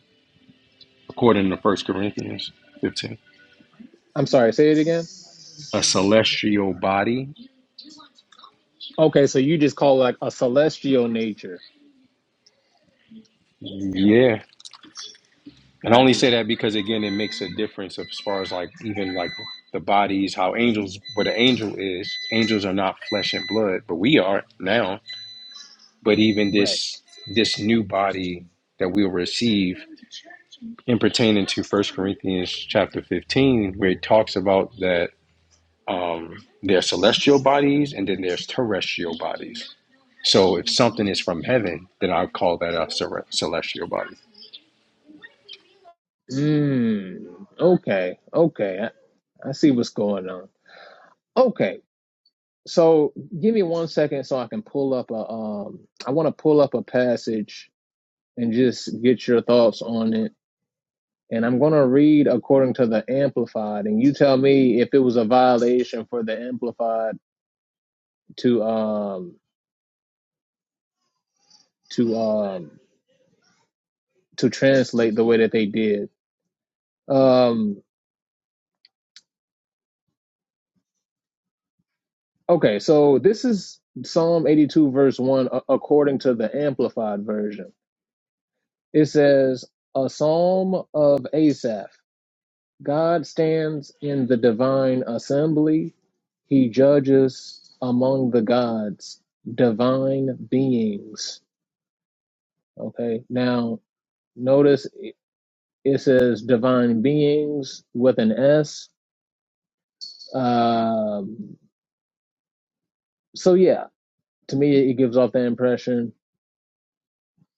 according to First Corinthians 15,
I'm sorry, say it again.
a celestial body.
Okay, so you just call it like a celestial nature.
Yeah, and I only
Got you.
say that because again, it makes a difference as far as like even like the bodies, how angels, what an angel is. Angels are not flesh and blood, but we are now. but even
Right.
this this new body that we'll receive in pertaining to First Corinthians chapter 15, where it talks about that um, there are celestial bodies and then there's terrestrial bodies. So if something is from heaven, then I'll call that a cere- celestial body.
Mm, okay, okay. I, I see what's going on. Okay, So give me one second so I can pull up a um I want to pull up a passage and just get your thoughts on it. And I'm going to read according to the amplified and you tell me if it was a violation for the amplified to um to um to translate the way that they did. Um okay, so this is Psalm 82 verse 1 a- according to the amplified version. It says a psalm of Asaph God stands in the divine assembly. He judges among the gods, divine beings. Okay. Now, notice it says divine beings with an S. Um, so, yeah, to me, it gives off the impression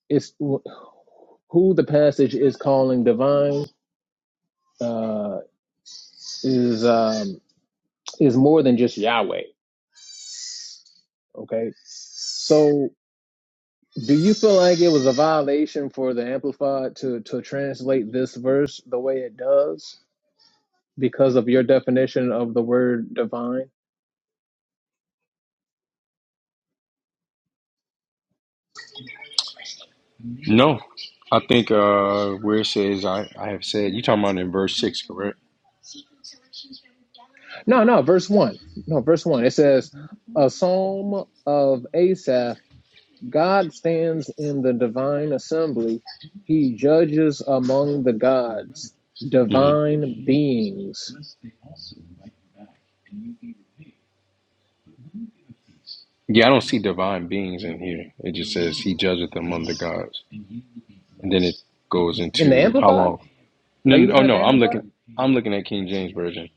it's who the passage is calling divine uh, is um, is more than just Yahweh. Okay. So Do you feel like it was a violation for the Amplified to, to translate this verse the way it does because of your definition of the word divine?
No, I think uh, where it says, I, I have said, you talking about in verse 6, correct?
No, no, verse 1. No, verse 1. It says, A psalm of Asaph God stands in the divine assembly, he judges among the gods,
hmm
divine beings.
Yeah, I don't see divine beings in here. It just says he judgeth among the gods. And then it goes
In the
into how
Amplified?
long. No,
Are you
no, oh
looking at the
no, I'm
Amplified?
looking I'm looking at King James Version.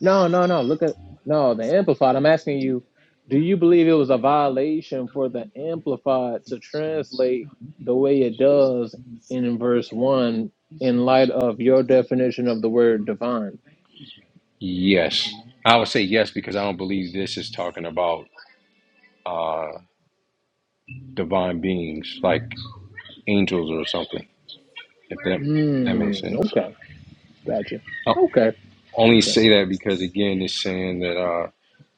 No, no, no. Look at no the amplified. I'm asking you, do you believe it was a violation for the amplified to translate the way it does in verse one in light of your definition of the word divine?
Yes. I would say yes because I don't believe this is talking about uh divine beings like angels or something. If that that
Hmm.
makes sense.
Okay. Gotcha.
I
Okay.
only
Okay.
say that because again it's saying that uh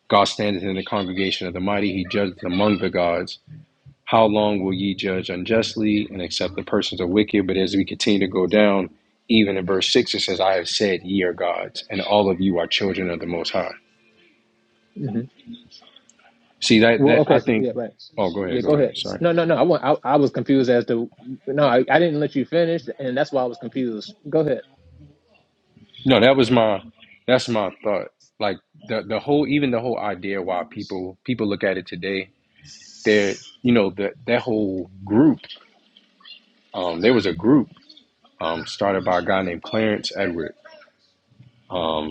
God standeth in the congregation of the mighty, he judgeth among the gods. How long will ye judge unjustly and accept the persons of wicked? But as we continue to go down, even in verse six, it says, I have said ye are gods, and all of you are children of the most high.
hmm
See that
Well.
that I
Okay.
think
Yeah. Right.
oh go ahead,
Yeah.
go
Go
ahead.
ahead.
Sorry.
No. No. No. I want. I, I was confused as to. No. I, I didn't let you finish, and that's why I was confused. Go ahead.
No, that was my that's my thought. Like the the whole even the whole idea why people people look at it today, they're you know, that that whole group, um, there was a group um started by a guy named Clarence Edward. Um,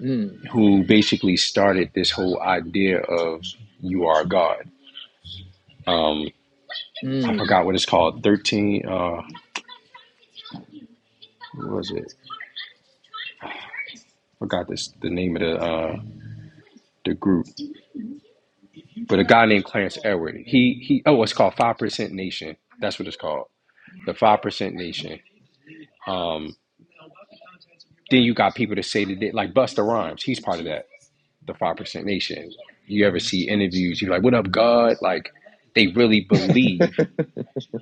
Mm,
who basically started this whole idea of you are God. Um, I
mm.
forgot what it's called. Thirteen. Uh, what was it? Forgot this the name of the uh, the group, but a guy named Clarence Edward. He he. Oh, it's called Five Percent Nation. That's what it's called. The Five Percent Nation. Um, then you got people that say that they, like Busta Rhymes. He's part of that. The Five Percent Nation. You ever see interviews? You're like, what up, God? Like they really believe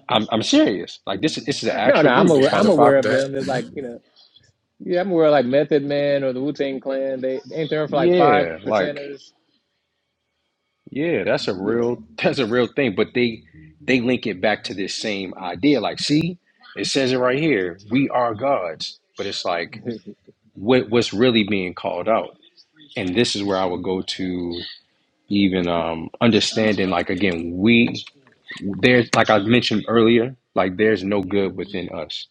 I'm, I'm serious. Like this is this is an
<laughs> No,
actual
no, I'm
group. It's
aware.
Yeah, I
called
I'm
the
know
5
aware
about
of them. It's
that.
like you know. Yeah, I'm aware of, like Method Man or the Wu Tang Clan. They ain't there for like five
Yeah, like
percenters.
yeah, that's a
Yeah.
real <laughs> that's a real thing. But they they link it back to this same idea. Like, see, it says it right here. We are gods, but it's like
<laughs>
what what's really being called out. And this is where I would go to even um understanding like again, we there's like I mentioned earlier, like there's no good within us.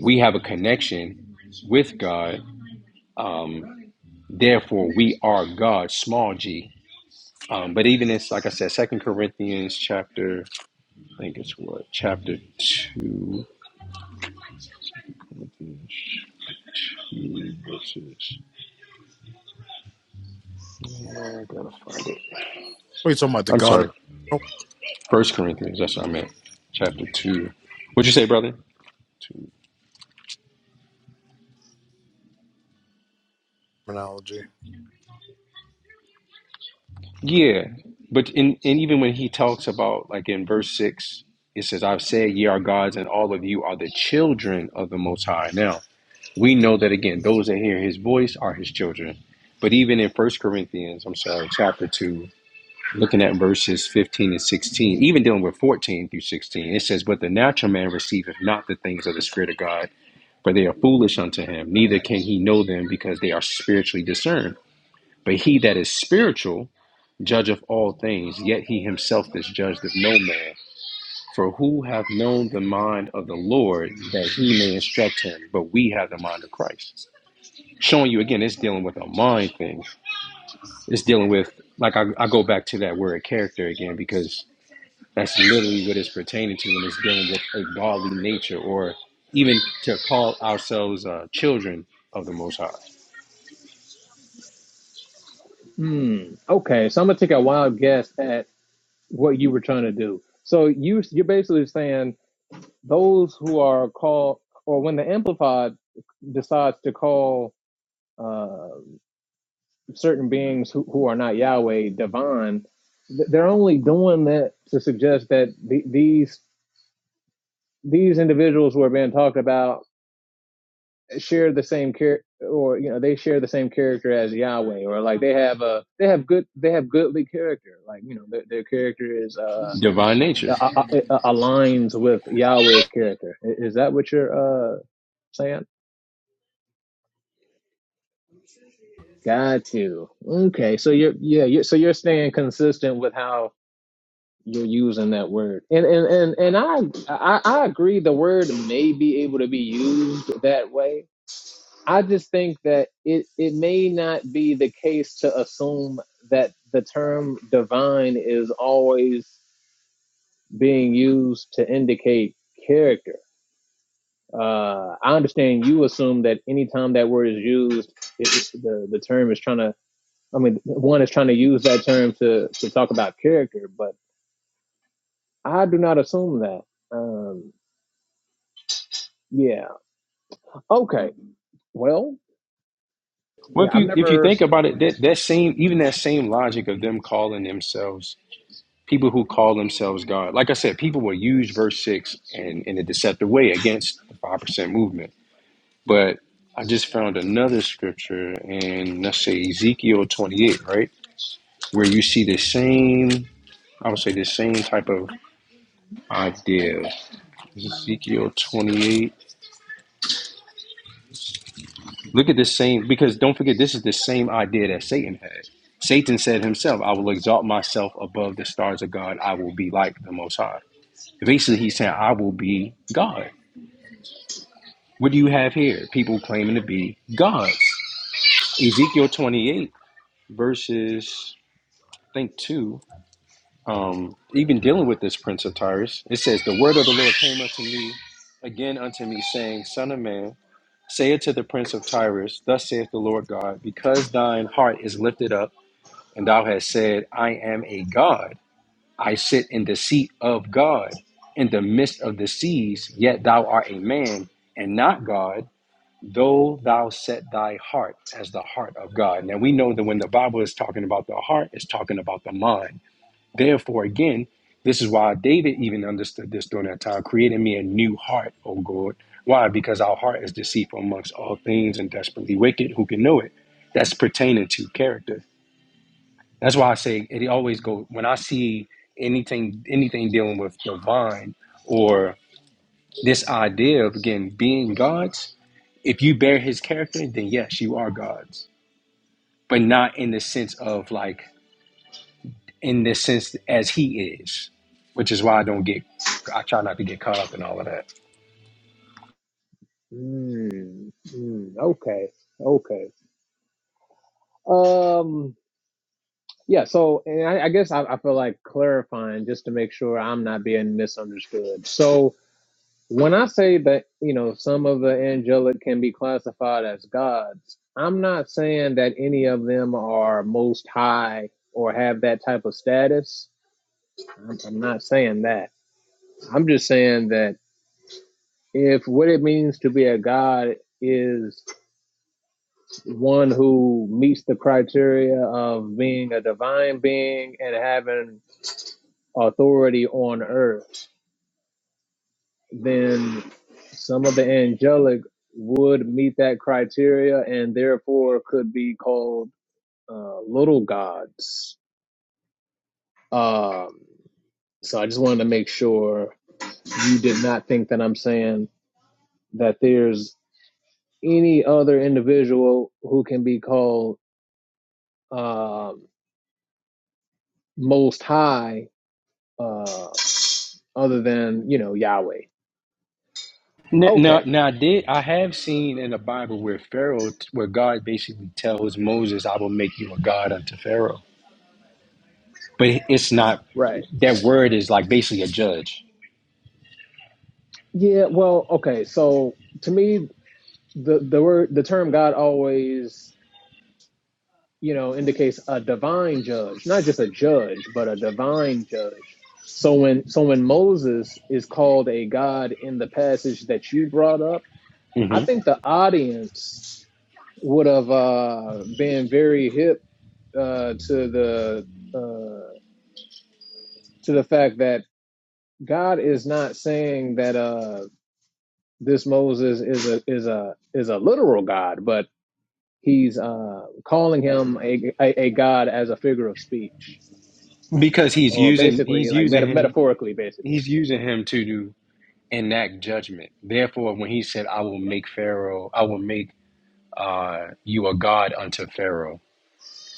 We have a connection with God. Um, therefore we are God, small G Um, but even it's like I said, Second Corinthians chapter, I think it's what chapter two, two verses. Oh, I gotta find it.
What are you talking about? The
I'm
God of
sorry,
Israel?
First Corinthians. That's what I meant. Chapter two. What'd you say, brother? Two.
Terminology.
Yeah, but in and even when he talks about like in verse six, it says, "I've said ye are gods, and all of you are the children of the Most High." Now we know that again, those that hear His voice are His children. But even in First Corinthians, I'm sorry, chapter two. looking at verses 15 and 16, even dealing with 14 through 16, it says, But the natural man receiveth not the things of the Spirit of God, for they are foolish unto him, neither can he know them because they are spiritually discerned. But he that is spiritual judgeth all things, yet he himself is judged of no man. For who hath known the mind of the Lord that he may instruct him? But we have the mind of Christ. Showing you again, it's dealing with a mind thing. It's dealing with, like, I, I go back to that word character again because That's literally what it's pertaining to when it's dealing with a godly nature, or even to call ourselves uh, children of the Most High,
Hmm. Okay, so I'm gonna take a wild guess at what you were trying to do. So you you're basically saying those who are called, or when the Amplified decides to call uh, certain beings who, who are not Yahweh divine, th- they're only doing that to suggest that the, these these individuals who are being talked about share the same character or you know they share the same character as Yahweh or like they have a they have good they have goodly character like you know their, their character is uh
divine
a-
nature.
a- a- aligns with Yahweh's character is that what you're uh saying got you okay so you're yeah you're, so you're staying consistent with how you're using that word and and and, and I, I I agree the word may be able to be used that way I just think that it, it may not be the case to assume that the term divine is always being used to indicate character. Uh, I understand you assume that anytime that word is used, it, it's- the, the term is trying to, I mean, one is trying to use that term to, to talk about character, but I do not assume that. Um, yeah. Okay. Well,
Well, if
yeah, I've
you if you
never.
think about it, that that same even that same logic of them calling themselves people who call themselves God. Like I said, people will use verse six in, in a deceptive way against the five percent movement. But I just found another scripture in let's say Ezekiel twenty eight, right, where you see the same I would say the same type of idea. Ezekiel 28. Look at this same, because don't forget, this is the same idea that Satan had. Satan said himself, I will exalt myself above the stars of God. I will be like the Most High. Basically, he's saying, I will be God. What do you have here? People claiming to be gods. Ezekiel 28, verses, I think, 2, um, even dealing with this prince of Tyrus, it says, The word of the Lord came unto me, again unto me, saying, Son of man, Say it to the prince of Tyrus, Thus saith the Lord God, because thine heart is lifted up, and thou hast said, I am a God, I sit in the seat of God, in the midst of the seas, yet thou art a man, and not God, though thou set thy heart as the heart of God. Now we know that when the Bible is talking about the heart, it's talking about the mind. Therefore, again, this is why David even understood this during that time. Creating me a new heart, O God. Why? Because our heart is deceitful amongst all things and desperately wicked. Who can know it? That's pertaining to character. That's why I say it always go when I see anything anything dealing with divine or this idea of again being God's, if you bear his character, then yes, you are God's. But not in the sense of like in this sense as he is, which is why I don't get, I try not to get caught up in all of that.
Mm, mm, okay. Okay. Um, yeah, so and I, I guess I, I feel like clarifying just to make sure I'm not being misunderstood. So when I say that, you know, some of the angelic can be classified as gods, I'm not saying that any of them are most high or have that type of status. I'm, I'm not saying that. I'm just saying that if what it means to be a god is one who meets the criteria of being a divine being and having authority on earth, then some of the angelic would meet that criteria and therefore could be called uh, little gods. Um, so I just wanted to make sure you did not think that I'm saying that there's any other individual who can be called um most high uh, other than, you know, Yahweh.
Now, now,
Okay,
now I did, I have seen in the Bible where Pharaoh, where God basically tells Moses, I will make you a God unto Pharaoh. But it's not,
right,
that
right.
word is like basically a judge.
Yeah, well, okay. So to me, the the word the term God always, you know, indicates a divine judge, not just a judge, but a divine judge. So when so when Moses is called a God in the passage that you brought up, I
hmm
think the audience would have uh, been very hip uh, to the uh, to the fact that God is not saying that uh, this Moses is a is a is a literal God, but he's uh, calling him a, a, a god as a figure of speech,
Because he's
or
using,
basically
he's
like meta-
using him,
metaphorically, basically.
he's using him to do, enact judgment. Therefore, when he said, I will make Pharaoh, I will make uh, you a God unto Pharaoh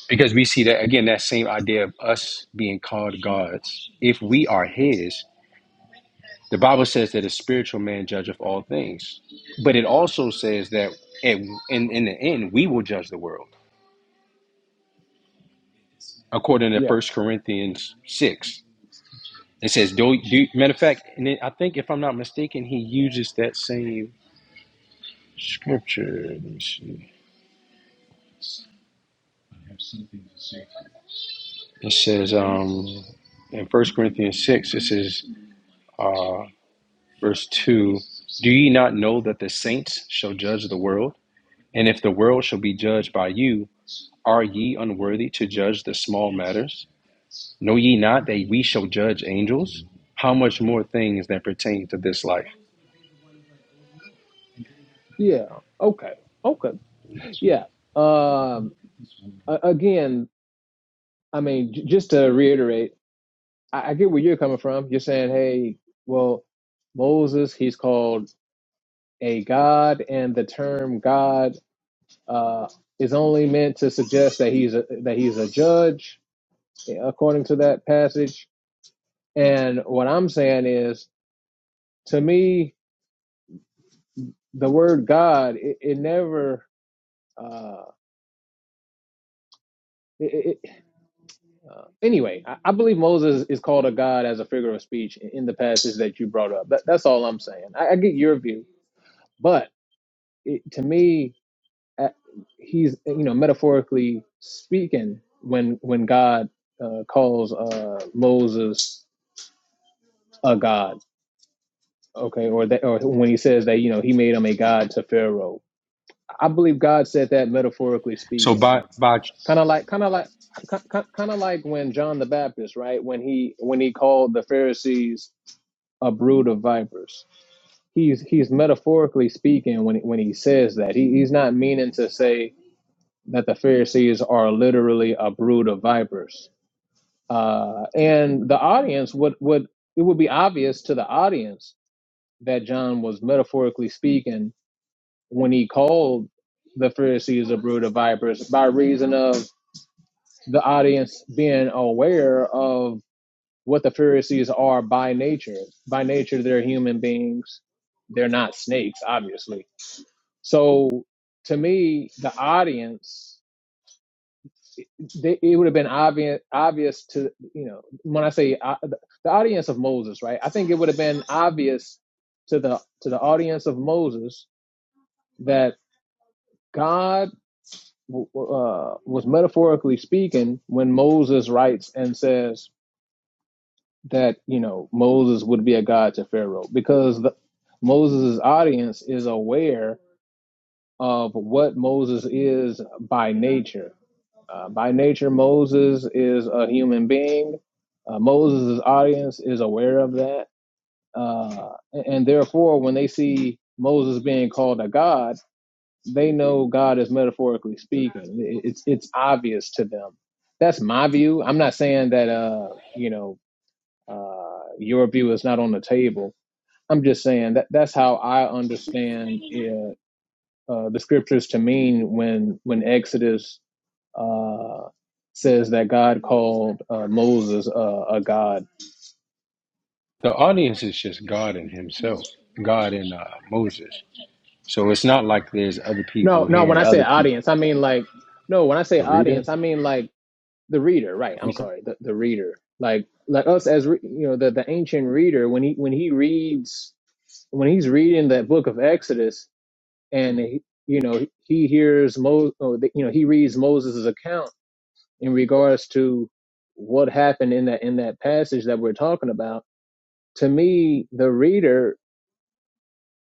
Because we see that again, that same idea of us being called gods. If we are His, the Bible says that a spiritual man judgeth all things, but it also says that at, in in the end we will judge the world, according to
Yeah,
First Corinthians six. It says, "Do, do matter of fact, and it, I think if I'm not mistaken, he uses that same scripture. Let me see. It says um, in First Corinthians six, it says." uh, Verse 2 Do ye not know that the saints shall judge the world? And if the world shall be judged by you, are ye unworthy to judge the small matters? Know ye not that we shall judge angels? How much more things that pertain to this life?
yeah, okay, okay, yeah. Um, a- again, I mean, j- just to reiterate, I-, I get where you're coming from. You're saying, hey, well, Moses, he's called a god, and the term god uh, is only meant to suggest that he's a, that he's a judge, according to that passage. And what I'm saying is to me, the word God, it, it never. Uh, it, it, uh, anyway, I, I believe Moses is called a God as a figure of speech in, in the passage that you brought up. That, that's all I'm saying. I, I get your view, but it, to me, uh, he's you know metaphorically speaking when when God uh, calls uh, Moses a God, okay, or that, or when he says that you know he made him a God to Pharaoh. I believe God said that metaphorically
So,
speaking
by, by
Kind of like, kind of like, kind of like when John the Baptist, right? When he when he called the Pharisees a brood of vipers. He's he's metaphorically speaking when he- when he says that. He, he's not meaning to say that the Pharisees are literally a brood of vipers. Uh, and the audience would would it would be obvious to the audience that John was metaphorically speaking when he called the Pharisees a brood of vipers by reason of the audience being aware of what the Pharisees are by nature. By nature, they're human beings. They're not snakes, obviously. So to me, the audience, they, it would have been obvious, obvious to, you know, when I say uh, the audience of Moses, right? I think it would have been obvious to the, to the audience of Moses that God uh, was metaphorically speaking when Moses writes and says, that you know Moses would be a god to Pharaoh because the, Moses' audience is aware of what Moses is by nature. Uh, by nature, Moses is a human being. Uh, Moses' audience is aware of that, uh, and, and therefore, when they see Moses being called a god, they know God is metaphorically speaking. It- It's it's obvious to them. That's my view. I'm not saying that uh you know uh, your view is not on the table. I'm just saying that that's how I understand it, uh, the scriptures to mean when when Exodus uh, says that God called uh, Moses uh, a god.
the audience is just God and Himself, God and uh, Moses. So, it's not like there's other
No,
people
no. When
hearing
I say
other people.
audience, I mean like no. When I say
The reader?
audience, I mean like the reader. Right. I'm
okay.
sorry. The the reader. Like like us as re- you know the the ancient reader when he when he reads when he's reading that book of Exodus and he- you know he hears Mo, or the- you know he reads Moses' account in regards to what happened in that in that passage that we're talking about. To me, the reader,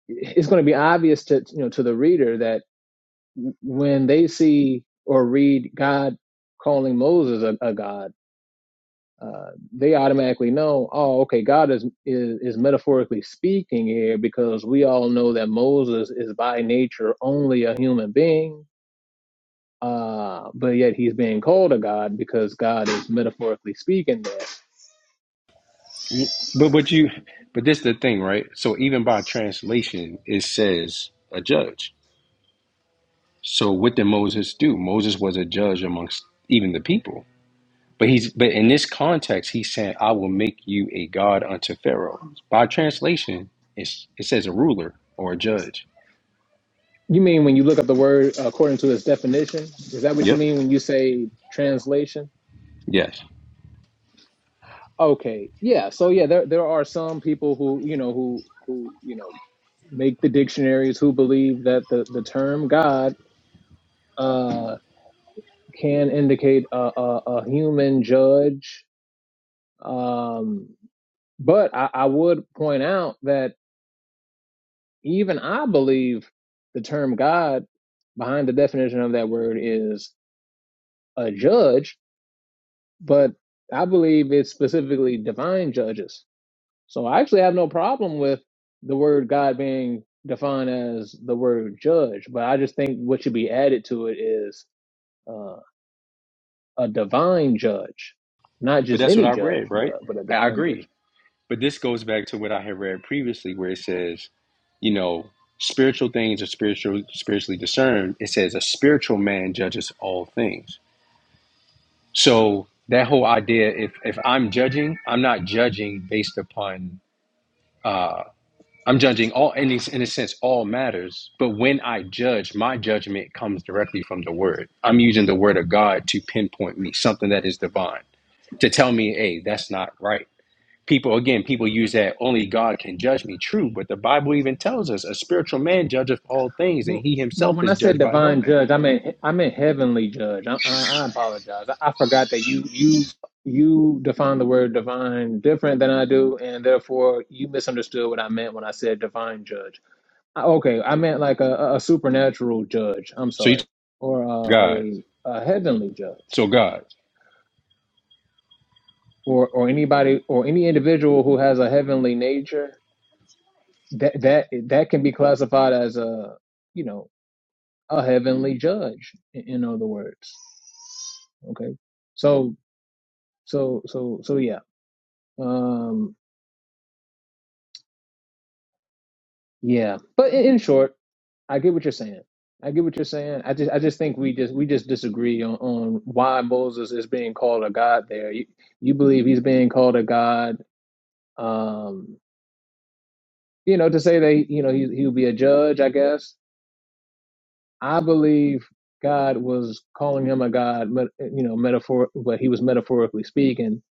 it's going to be obvious to you know to the reader that when they see or read God calling Moses a, a god, uh, they automatically know, oh, okay, God is, is is metaphorically speaking here because we all know that Moses is by nature only a human being Uh, but yet he's being called a god because God is metaphorically speaking there.
Y- But but you but this the thing, right? So even by translation, it says a judge. So what did Moses do? Moses was a judge amongst even the people. But he's but in this context, he's saying, "I will make you a god unto Pharaoh." By translation, it's, it says a ruler or a judge.
You mean when you look up the word according to its definition? Is that what you
Yep.
mean when you say translation?
Yes.
Okay, yeah. So yeah, there there are some people who you know who who you know make the dictionaries who believe that the the term God uh, can indicate a, a, a human judge. Um, but I, I would point out that Even I believe the term God behind the definition of that word is a judge, but I believe it's specifically divine judges. So I actually have no problem with the word God being defined as the word judge, but I just think what should be added to it is uh, a divine judge, not
But
just
that's what
any
I
judge,
read, right?
but but a
I
divine judge.
agree. But this goes back to what I had read previously, where it says, you know, spiritual things are spiritual, spiritually discerned. It says a spiritual man judges all things. So that whole idea, if if I'm judging, I'm not judging based upon. I'm judging all, in a, in a sense, all matters. But when I judge, my judgment comes directly from the Word. I'm using the Word of God to pinpoint me something that is divine to tell me, hey, that's not right people again people use that only god can judge me true but the bible even tells us a spiritual man judgeth all things and
Well,
he
well,
himself
when
is
I said
judged by no
divine
man
judge, I meant I meant heavenly judge. I, I, I apologize. I, I forgot that you you you define the word divine different than I do, and therefore you misunderstood what I meant when I said divine judge. I, okay, I meant like a, a supernatural judge. I'm
so you talk
sorry, or
to
uh,
god
a a heavenly judge,
so god
or or anybody or any individual who has a heavenly nature that that that can be classified as a you know a heavenly judge. In, in other words. Okay. So so so so yeah. Um yeah. But in, in short, I get what you're saying. I get what you're saying. I just I just think we just we just disagree on, on why Moses is being called a god there. You you believe he's being called a god um you know to say that you know he he'll be a judge, I guess. I believe God was calling him a god, but you know, metaphor but he was metaphorically speaking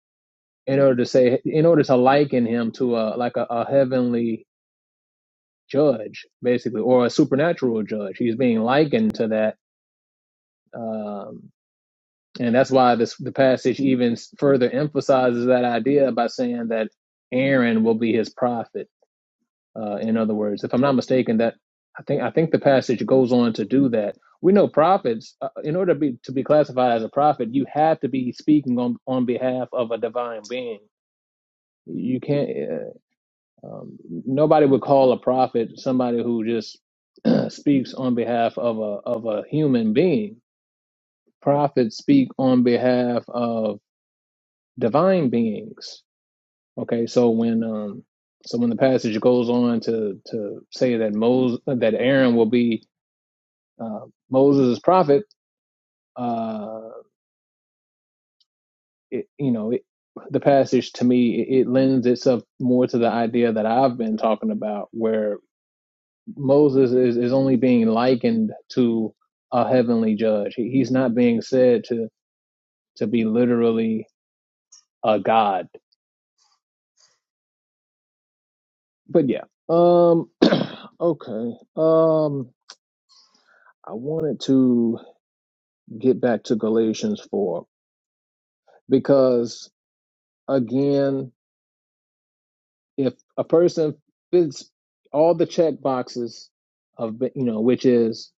in order to say in order to liken him to a like a, a heavenly judge, basically, or a supernatural judge. He's being likened to that, um, and that's why this the passage even further emphasizes that idea by saying that Aaron will be his prophet. Uh, in other words, if I'm not mistaken, that I think I think the passage goes on to do that. We know prophets, uh, in order to be to be classified as a prophet, you have to be speaking on on behalf of a divine being. You can't. uh, Um, nobody would call a prophet somebody who just <clears throat> speaks on behalf of a of a human being. Prophets speak on behalf of divine beings. Okay, so when um so when the passage goes on to to say that Moses that Aaron will be uh, Moses' prophet, uh, it, you know, it, the passage to me it, it lends itself more to the idea that I've been talking about, where Moses is, is only being likened to a heavenly judge. He, he's not being said to to be literally a god. But yeah. Um <clears throat> okay. Um I wanted to get back to Galatians 4 because again, if a person fits all the check boxes of you know, which is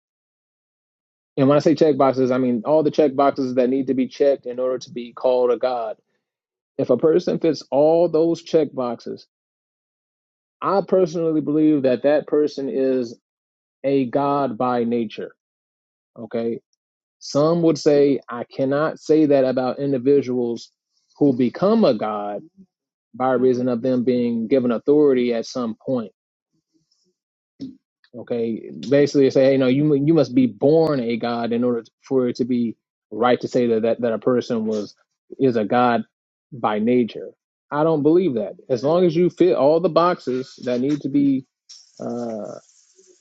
and when I say check boxes, I mean all the check boxes that need to be checked in order to be called a god If a person fits all those check boxes, I personally believe that that person is a God by nature. Okay. Some would say, I cannot say that about individuals who become a God by reason of them being given authority at some point Okay, basically they say, hey, no, you mu- you must be born a god in order for it to be right to say that, that that a person was is a god by nature. I don't believe that. As long as you fit all the boxes that need to be, uh,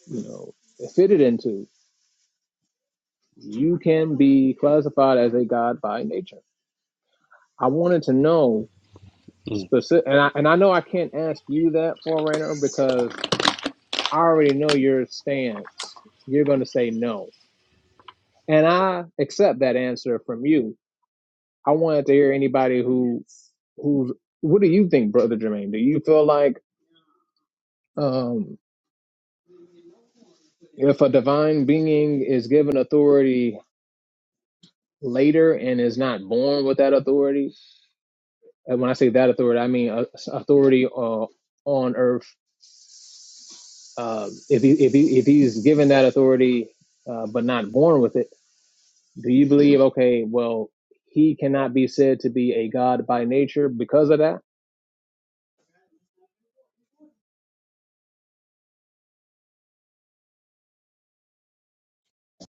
you know, fitted into, you can be classified as a god by nature. I wanted to know
Mm.
specific, and I and I know I can't ask you that, Forerunner, because I already know your stance. You're going to say no and I accept that answer from you. I wanted to hear anybody who who's what do you think, Brother Jermaine? Do you feel like um if a divine being is given authority later and is not born with that authority, and when I say that authority, I mean uh, authority uh, on earth. Uh, if he, if he, if he's given that authority uh, but not born with it, do you believe? Okay, well, he cannot be said to be a god by nature because of that.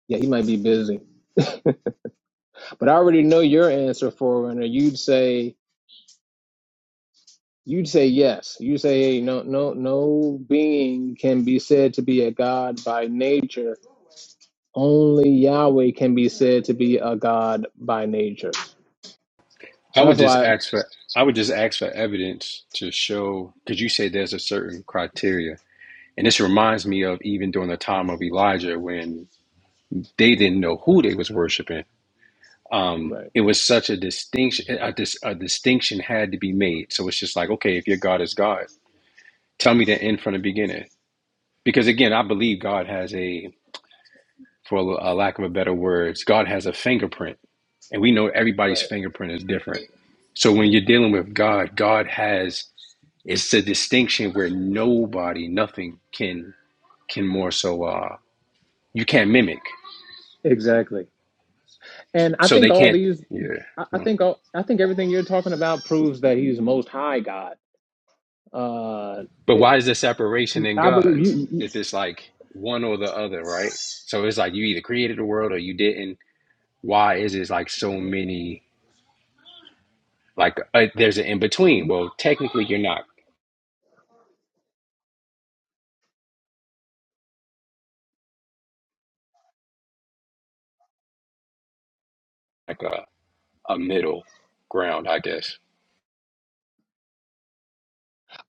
Yeah, he might be busy. But I already know your answer, Forerunner. You'd say you'd say yes. You say hey, no, no, no being can be said to be a god by nature. Only Yahweh can be said to be a god by nature.
i
So
would
that's
just
why.
ask for i would just ask for evidence to show because you say there's a certain criteria and this reminds me of even during the time of elijah when they didn't know who they was worshiping um
Right.
it was such a distinction a, dis, a distinction had to be made so it's just like okay if your god is god tell me the end from the beginning Because again, I believe God has a, for a lack of a better words, God has a fingerprint, and we know everybody's
Right.
fingerprint is different. So when you're dealing with God, God has it's a distinction where nobody, nothing can can more so uh you can't mimic.
Exactly. And I
So
think
they
all
can't.
these.
Yeah.
I I
huh.
think all, I think everything you're talking about proves that he's most high God. Uh,
But why
it,
is there separation in
I believe
God's
you. you-
if it's like one or the other, right? So it's like you either created the world or you didn't. Why is it like so many? Like uh, there's an in between. Well, technically, you're not like a, a middle ground, I guess.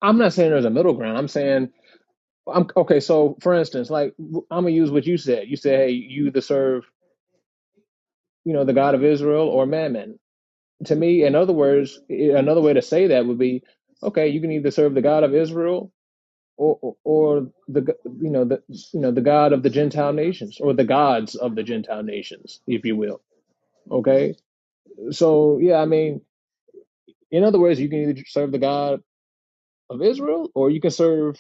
I'm not saying there's a middle ground. I'm saying I'm okay. So, for instance, like i am I'm gonna use what you said. You said, "Hey, you either serve, you know, the God of Israel or Mammon." To me, in other words, i- another way to say that would be, okay, you can either serve the God of Israel or, or, or the, g- you know, the, you know, the God of the Gentile nations or the gods of the Gentile nations, if you will. Okay, so yeah, I mean, in other words, you can either serve the God of Israel or you can serve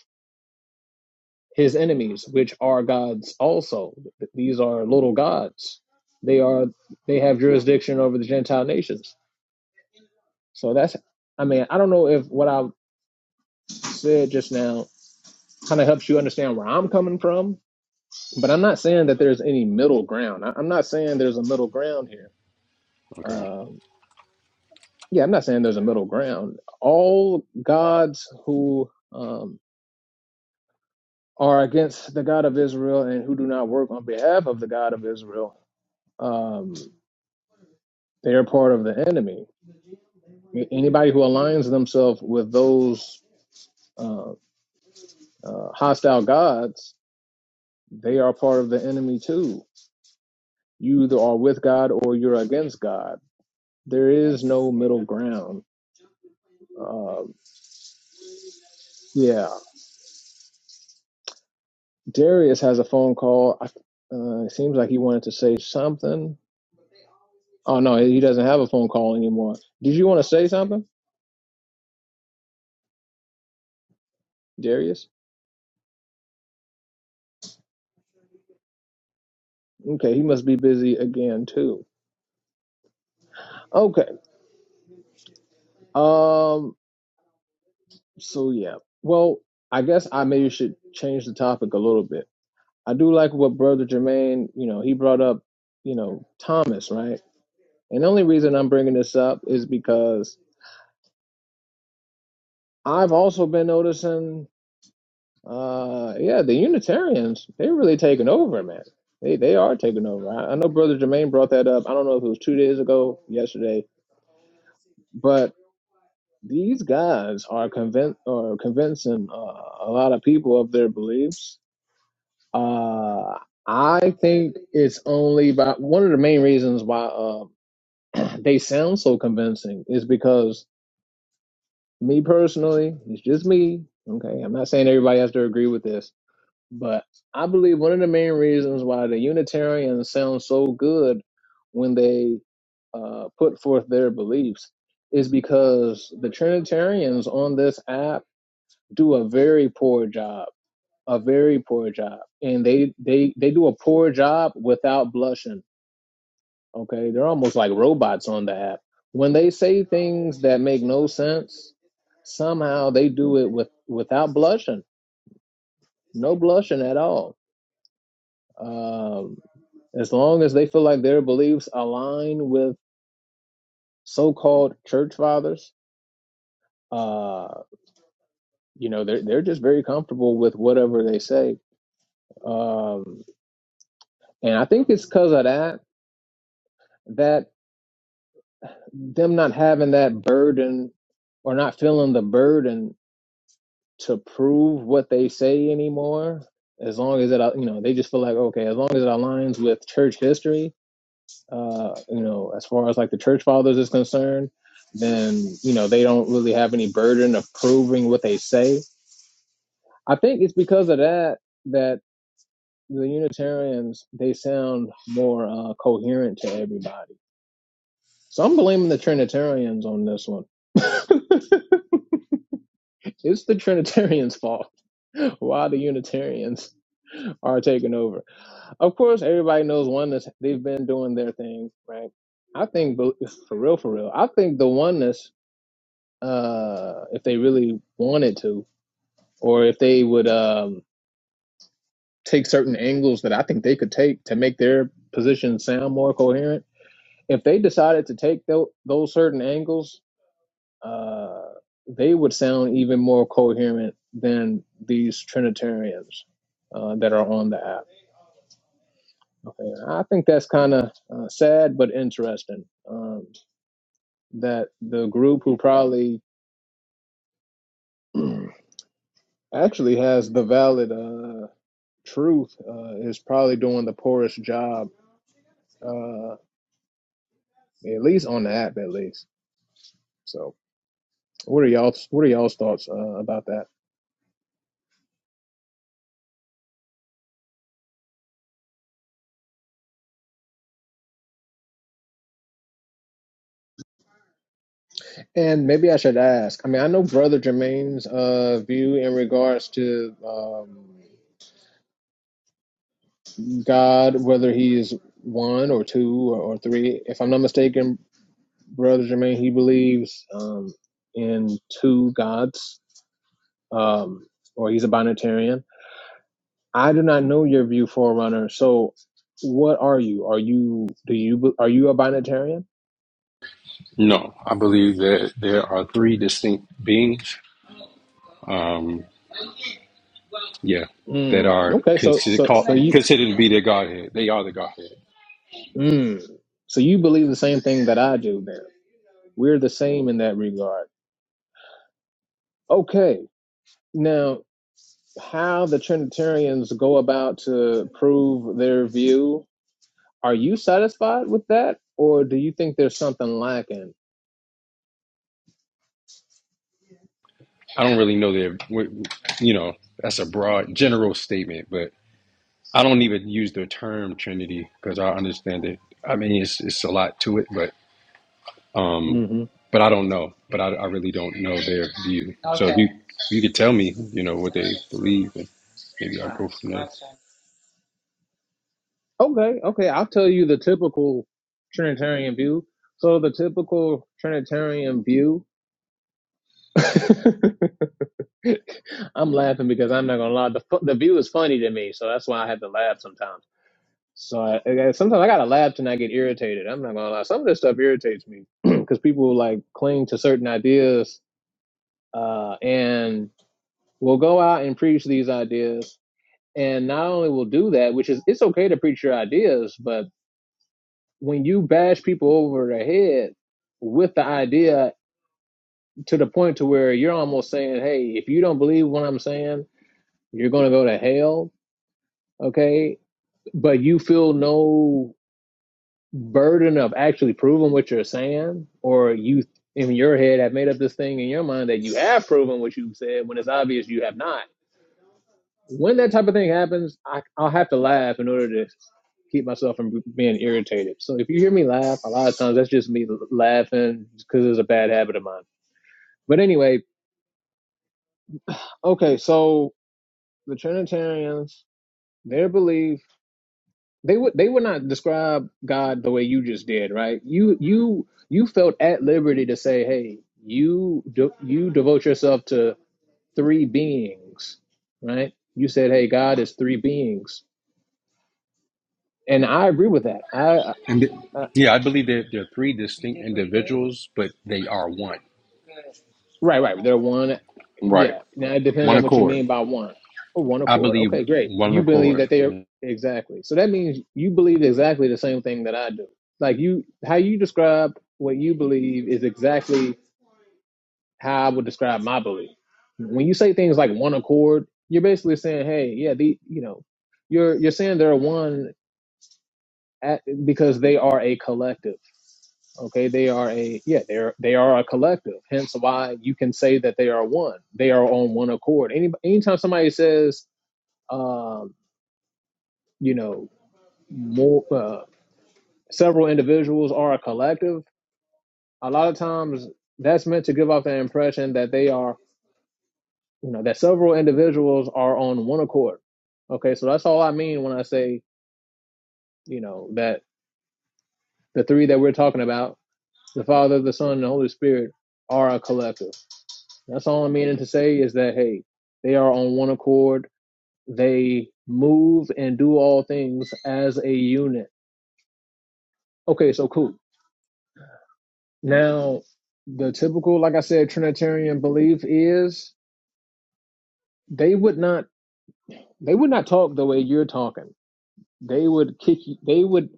his enemies, which are gods also. These are little gods. They are they have jurisdiction over the Gentile nations. So that's I mean, I don't know if what I said just now kind of helps you understand where I'm coming from, but I'm not saying that there's any middle ground. I, I'm not saying there's a middle ground here.
Okay.
Um, yeah, I'm not saying there's a middle ground. All gods who um, are against the God of Israel and who do not work on behalf of the God of Israel. Um, They are part of the enemy. Anybody who aligns themselves with those uh, uh, hostile gods, they are part of the enemy too. You either are with God or you're against God. There is no middle ground. Uh, yeah. Darius has a phone call. Uh, it seems like he wanted to say something. Oh, no, he doesn't have a phone call anymore. Did you want to say something, Darius? Okay, he must be busy again, too. Okay. Um. So yeah. Well, I guess I maybe should change the topic a little bit. I do like what Brother Jermaine, you know, he brought up, you know, Thomas, right? And the only reason I'm bringing this up is because I've also been noticing, uh, yeah, the Unitarians they're really taking over, man. They they are taking over. I, I know Brother Jermaine brought that up. I don't know if it was two days ago, yesterday, but these guys are convinced or convincing uh, a lot of people of their beliefs Uh, I think it's only by one of the main reasons why uh, <clears throat> they sound so convincing is because me personally, it's just me. Okay, I'm not saying everybody has to agree with this, but I believe one of the main reasons why the Unitarians sound so good when they uh, put forth their beliefs is because the Trinitarians on this app do a very poor job a very poor job and they they they do a poor job without blushing okay they're almost like robots on the app when they say things that make no sense somehow they do it with without blushing no blushing at all um as long as they feel like their beliefs align with so-called church fathers uh you know they're they're just very comfortable with whatever they say um and i think it's because of that that them not having that burden or not feeling the burden to prove what they say anymore as long as it you know they just feel like okay as long as it aligns with church history uh you know as far as like the church fathers is concerned then you know they don't really have any burden of proving what they say i think it's because of that that the unitarians they sound more uh coherent to everybody so i'm blaming the trinitarians on this one <laughs> It's the Trinitarians' fault <laughs> why the Unitarians are taking over. Of course, everybody knows oneness. They've been doing their thing, right? I think, but for real, for real, I think the oneness, uh, if they really wanted to, or if they would um, take certain angles that I think they could take to make their position sound more coherent, if they decided to take tho- those certain angles uh, they would sound even more coherent than these Trinitarians uh, that are on the app. Okay. I think that's kind of uh, sad but interesting um, that the group who probably <clears throat> actually has the valid uh, truth uh, is probably doing the poorest job, uh, at least on the app, at least. So, what are y'all? What are y'all's thoughts uh, about that? And maybe I should ask. I mean, I know Brother Jermaine's uh, view in regards to um, God, whether he is one or two or, or three. If I'm not mistaken, Brother Jermaine, he believes um, in two gods, um, or he's a binitarian. I do not know your view, Forerunner. So, what are you? Are you do you are you a binitarian?
No, I believe that there are three distinct beings. Um, yeah, that
Hmm.
are
okay, so
considered
so
called,
so you
considered to be the Godhead. They are the Godhead.
Mm. So you believe the same thing that I do then. We're the same in that regard. Okay. Now, how the Trinitarians go about to prove their view, are you satisfied with that? Or do you think there's something lacking?
I don't really know their, w- you know, that's a broad general statement, but I don't even use the term Trinity because I understand it. I mean, it's it's a lot to it, but. Um,
hmm
but I don't know. But I, I really don't know their view. So if you if you could tell me, you know, what they believe, and maybe I'll go from there.
Okay. Okay. I'll tell you the typical Trinitarian view. So the typical Trinitarian view. <laughs> I'm laughing because I'm not gonna lie. The, fu- the view is funny to me, so that's why I had to laugh sometimes So I, I sometimes I gotta laugh and I get irritated. I'm not gonna lie. Some of this stuff irritates me <clears throat> because people like cling to certain ideas uh, and will go out and preach these ideas. And not only will do that, which is it's okay to preach your ideas, but when you bash people over the head with the idea to the point to where you're almost saying, "Hey, if you don't believe what I'm saying, you're gonna go to hell." Okay, but you feel no burden of actually proving what you're saying, or you in your head have made up this thing in your mind that you have proven what you've said when it's obvious you have not. When that type of thing happens, I, I'll have to laugh in order to keep myself from being irritated. So if you hear me laugh, a lot of times that's just me laughing because it's a bad habit of mine. But anyway, okay, so the Trinitarians, their belief. they would they would not describe God the way you just did, right? You you you felt at liberty to say, "Hey, you de- you devote yourself to three beings," right? You said, "Hey, God is three beings," and I agree with that. I, I,
And th-
I
yeah, I believe that they're three distinct individuals, but they are one.
right, right. They're one.
Right.
Yeah. Now it depends
One
on what you
accord.
mean by one. Oh, one
I
accord.
believe
Okay, great.
one
You believe
accord.
that they are exactly. So that means you believe exactly the same thing that I do. Like you, how you describe what you believe is exactly how I would describe my belief. When you say things like one accord, you're basically saying, hey, yeah, the you know, you're you're saying they're one at, because they are a collective. Okay, they are a yeah, they're they are a collective. Hence why you can say that they are one. They are on one accord. Any anytime somebody says, um, you know, more uh, several individuals are a collective, a lot of times that's meant to give off the impression that they are you know that several individuals are on one accord okay so that's all i mean when i say you know that the three that we're talking about the father the son and the holy spirit are a collective that's all i'm meaning to say is that hey they are on one accord they move and do all things as a unit okay so cool now the typical like i said trinitarian belief is they would not they would not talk the way you're talking They would kick you. They would,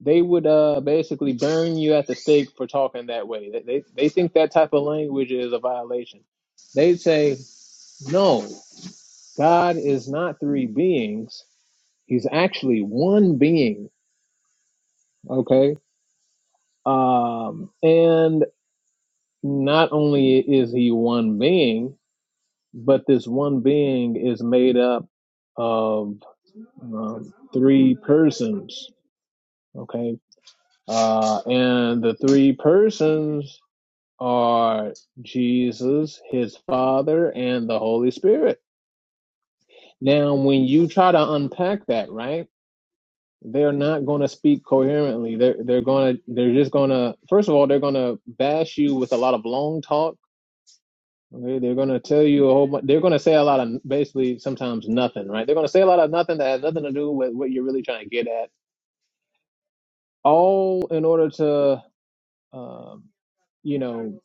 they would uh basically burn you at the stake for talking that way. They they, they think that type of language is a violation. They'd say, no, God is not three beings. He's actually one being. Okay. Um, and not only is he one being, but this one being is made up of um, three persons. Okay. Uh, and the three persons are Jesus, his Father, and the Holy Spirit. Now, when you try to unpack that, right? They're not going to speak coherently. They're they're going to they're just going to first of all they're going to bash you with a lot of long talk. Okay, they're going to tell you a whole bunch. They're going to say a lot of basically sometimes nothing, right? They're going to say a lot of nothing that has nothing to do with what you're really trying to get at, all in order to um, you know,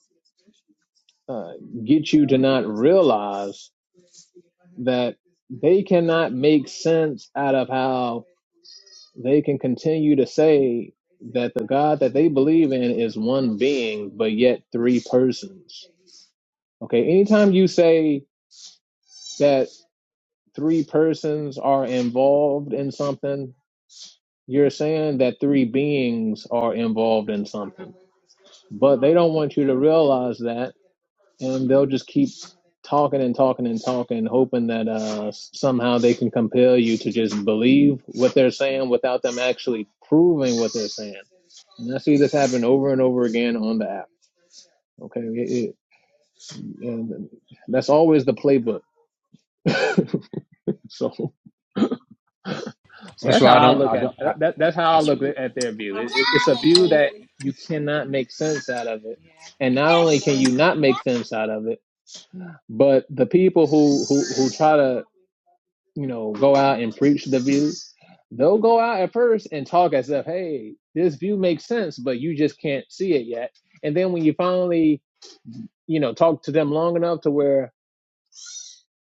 uh, get you to not realize that they cannot make sense out of how they can continue to say that the God that they believe in is one being, but yet three persons. Okay, anytime you say that three persons are involved in something, you're saying that three beings are involved in something. But they don't want you to realize that, and they'll just keep talking and talking and talking, hoping that uh, somehow they can compel you to just believe what they're saying without them actually proving what they're saying. And I see this happen over and over again on the app. Okay, It- it- and that's always the playbook. <laughs> So, so
That's
that's how
why I
I
don't.
look
I
at
don't. I,
that. That's how I
that's,
look at their view. It, it, it's a view that you cannot make sense out of it, and not only can you not make sense out of it, but the people who who who try to you know, go out and preach the view, they'll go out at first and talk as if, hey, this view makes sense, but you just can't see it yet. And then when you finally, you know, talk to them long enough to where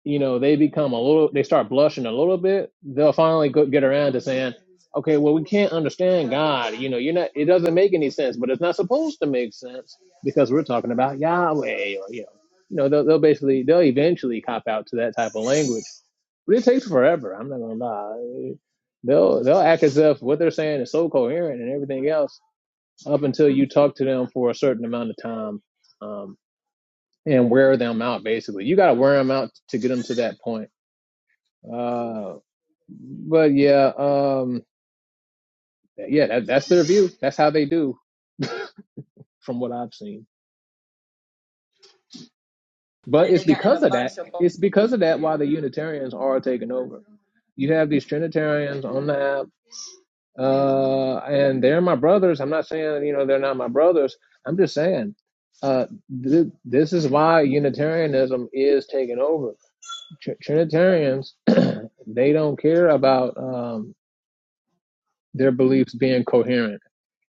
you know, they become a little, they start blushing a little bit, they'll finally go, get around to saying, okay, well, we can't understand God. You know, you're not, it doesn't make any sense, but it's not supposed to make sense because we're talking about Yahweh or, you know, you know, they'll, they'll basically, they'll eventually cop out to that type of language, but it takes forever. I'm not going to lie. They'll, they'll act as if what they're saying is so coherent and everything else up until you talk to them for a certain amount of time, um, and wear them out. Basically, you got to wear them out to get them to that point uh, but yeah, um, yeah, that, that's their view. That's how they do, from what I've seen. But
And they
it's
got in a
because of that.
bunch of
It's because of that why the Unitarians are taking over. You have these Trinitarians on the app, uh, and they're my brothers. I'm not saying you know they're not my brothers. I'm just saying. Uh, th- this is why Unitarianism is taking over. Tr- Trinitarians, <clears throat> they don't care about um, their beliefs being coherent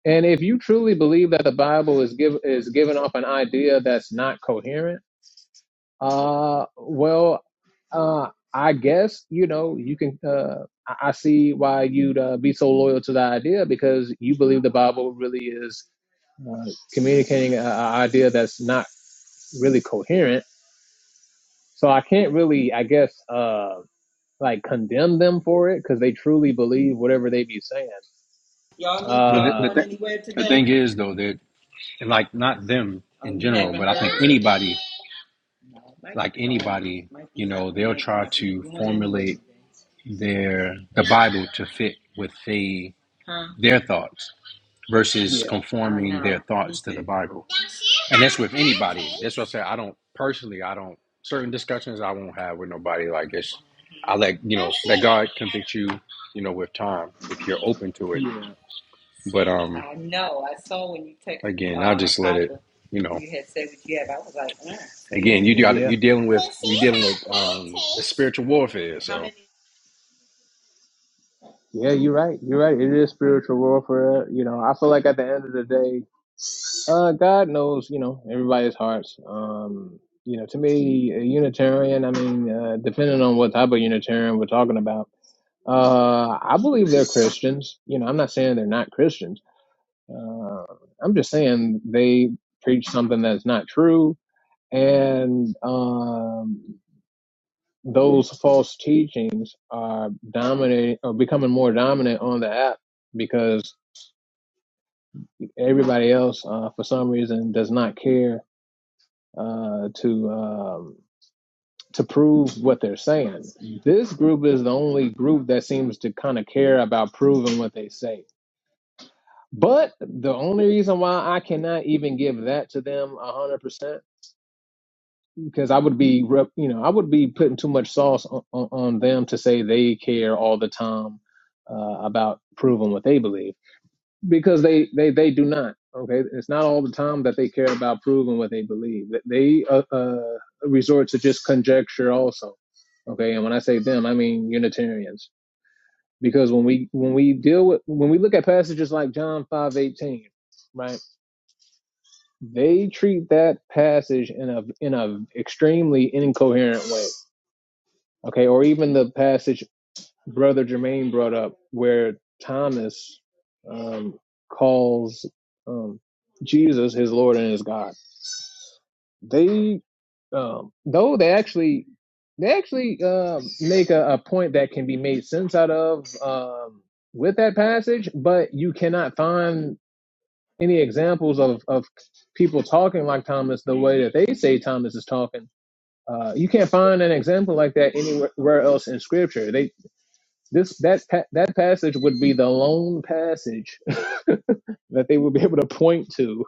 And if you truly believe that the Bible is give is giving off an idea that's not coherent, uh, well, uh, I guess you know you can. Uh, I I see why you'd uh, be so loyal to the idea because you believe the Bible really is uh, communicating an idea that's not really coherent. So I can't really, I guess, uh, like condemn them for it because they truly believe whatever they be saying.
y'all need but y'all the, the, going th-
Um,
anywhere the today? thing is, though, that and like not them in general, but I think anybody. like anybody, you know, they'll try to formulate their the Bible to fit with they their thoughts versus
yeah,
conforming their thoughts to the Bible. And that's with anybody. That's what I say. I don't personally. I don't certain discussions I won't have with nobody. Like it's, I let you know let God convict you. You know, with time, if you're open to it.
yeah,
But um, I know. I saw when you text again, I'll uh, just let it. You know, you had said what you have. I was like, mm, again, you
yeah.
got you dealing with you dealing with um the spiritual warfare. how So, many?
Yeah, you're right. You're right. It is spiritual warfare. You know, I feel like at the end of the day, uh, God knows. You know, everybody's hearts. Um, you know, to me, a Unitarian. I mean, uh, depending on what type of Unitarian we're talking about, uh, I believe they're Christians. You know, I'm not saying they're not Christians. Uh, I'm just saying they preach something that's not true, and um, those false teachings are dominating or becoming more dominant on the app because Everybody else, uh, for some reason, does not care uh, to um, to prove what they're saying. This group is the only group that seems to kind of care about proving what they say. But the only reason why I cannot even give that to them a hundred percent because I would be, rep- you know, I would be putting too much sauce on, on, on them to say they care all the time uh, about proving what they believe. because they they they do not okay it's not all the time that they care about proving what they believe they uh, uh resort to just conjecture also okay and when i say them i mean unitarians because when we when we deal with when we look at passages like john five eighteen, right they treat that passage in a in a extremely incoherent way okay or even the passage brother Jermaine brought up, where Thomas um, calls um, Jesus his Lord and his God. They, um, though they actually, they actually uh, make a, a point that can be made sense out of um, with that passage, but you cannot find any examples of of people talking like Thomas the way that they say Thomas is talking. Uh, you can't find an example like that anywhere else in Scripture. They this that that passage would be the lone passage that they would be able to point to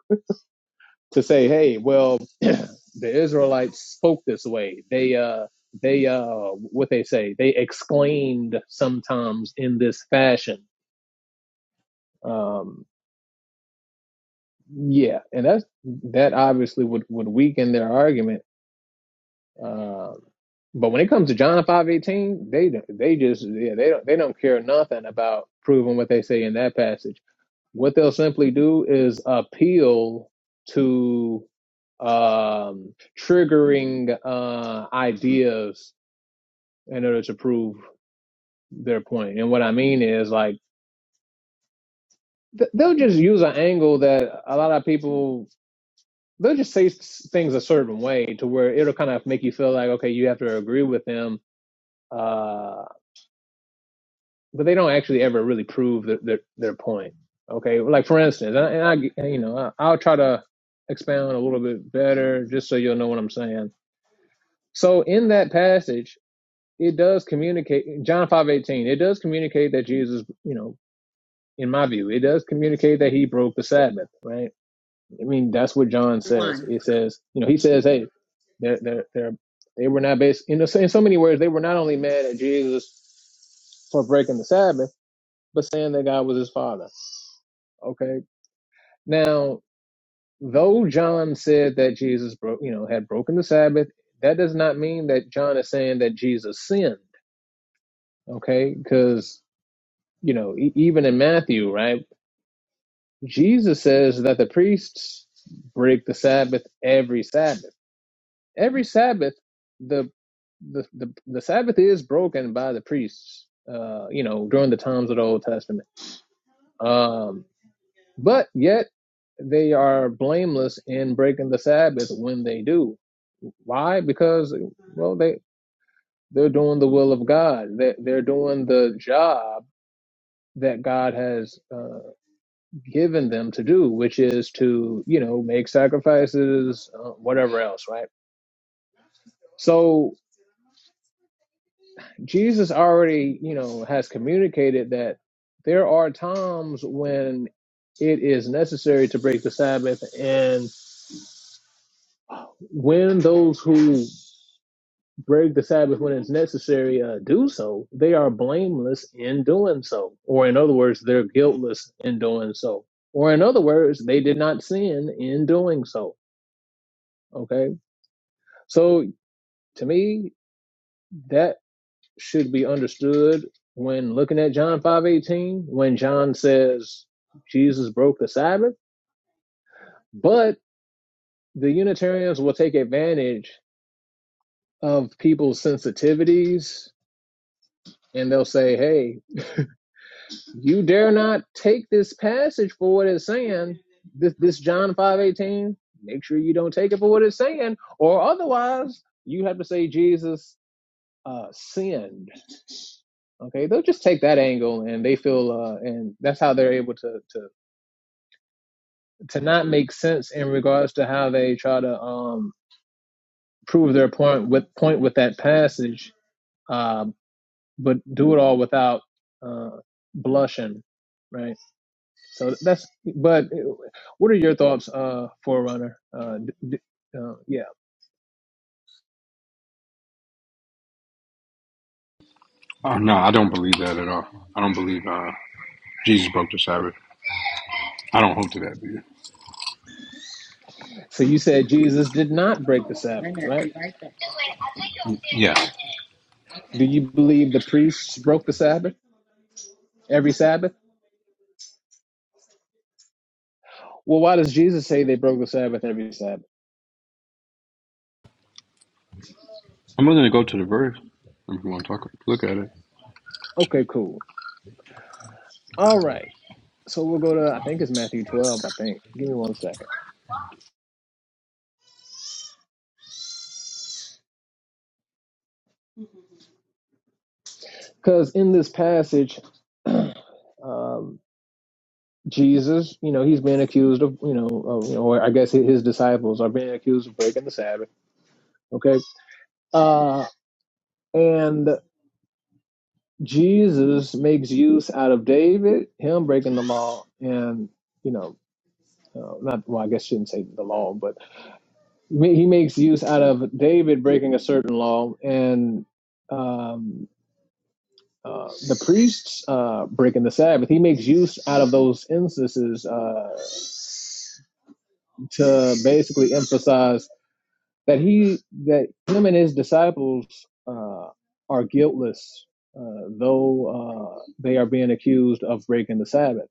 to say, "Hey, well, <clears throat> the Israelites spoke this way. They uh they uh what they say, they exclaimed sometimes in this fashion." Um yeah, and that's that obviously would would weaken their argument. Um but when it comes to John five eighteen, they they just yeah they don't they don't care nothing about proving what they say in that passage. What they'll simply do is appeal to um, triggering uh, ideas in order to prove their point. And what I mean is, like, th- they'll just use an angle that a lot of people they'll just say s- things a certain way to where it'll kind of make you feel like, okay, you have to agree with them. Uh, but they don't actually ever really prove their their, their point. Okay, like for instance, I, and I, you know I, I'll try to expound a little bit better just so you'll know what I'm saying. So in that passage, it does communicate John five eighteen. It does communicate that Jesus, you know, in my view, it does communicate that he broke the Sabbath. Right? I mean, that's what John says.
One.
It says, you know, he says, hey, they're they're, they're they were not based in, the, in so many words. They were not only mad at Jesus for breaking the Sabbath, but saying that God was his father Okay. Now, though John said that Jesus broke, you know, had broken the Sabbath, that does not mean that John is saying that Jesus sinned. Okay, because you know, e- even in Matthew, right, Jesus says that the priests break the Sabbath every Sabbath. Every Sabbath, the the the, the Sabbath is broken by the priests. Uh, you know, during the times of the Old Testament. Um, but yet they are blameless in breaking the Sabbath when they do. Why? Because well, they they're doing the will of God. They they're doing the job that God has uh, given them to do, which is to you know make sacrifices, uh, whatever else, right? So Jesus already you know has communicated that there are times when it is necessary to break the Sabbath, and. when those who break the Sabbath when it's necessary uh, do so, they are blameless in doing so. Or, in other words, they're guiltless in doing so. Or, in other words, they did not sin in doing so. Okay. So, to me, that should be understood when looking at John five eighteen, when John says Jesus broke the Sabbath. But the Unitarians will take advantage of people's sensitivities and they'll say, hey, You dare not take this passage for what it's saying. This, this John five eighteen. Make sure you don't take it for what it's saying, or otherwise you have to say Jesus uh, sinned. Okay, they'll just take that angle, and they feel, uh, and that's how they're able to to to not make sense in regards to how they try to um, prove their point with point with that passage, um, but do it all without uh, blushing, right? So that's. But what are your thoughts, uh, Forerunner? Uh, d- d- uh, yeah.
oh no, I don't believe that at all. I don't believe uh Jesus broke the Sabbath. I don't hold to that view.
So you said Jesus did not break the
Wait a
Sabbath,
minute,
right?
be right back. Yeah, Okay.
Do you believe the priests broke the Sabbath every Sabbath? Well, why does Jesus say they broke the Sabbath every Sabbath?
I'm going to go to the verse. If you want to talk, look at it.
Okay, cool. All right. So we'll go to I think it's Matthew 12. I think. Give me one second, because in this passage. <clears throat> um, Jesus, you know, he's being accused of, you know, of, you know, or I guess his disciples are being accused of breaking the Sabbath. Okay. Uh, And Jesus makes use out of David, him breaking the law, and you know, uh, not well, I guess I shouldn't say the law, but ma- he makes use out of David breaking a certain law and um, uh, the priests uh, breaking the Sabbath. He makes use out of those instances uh, to basically emphasize that he that him and his disciples uh, are guiltless, uh, though uh, they are being accused of breaking the Sabbath.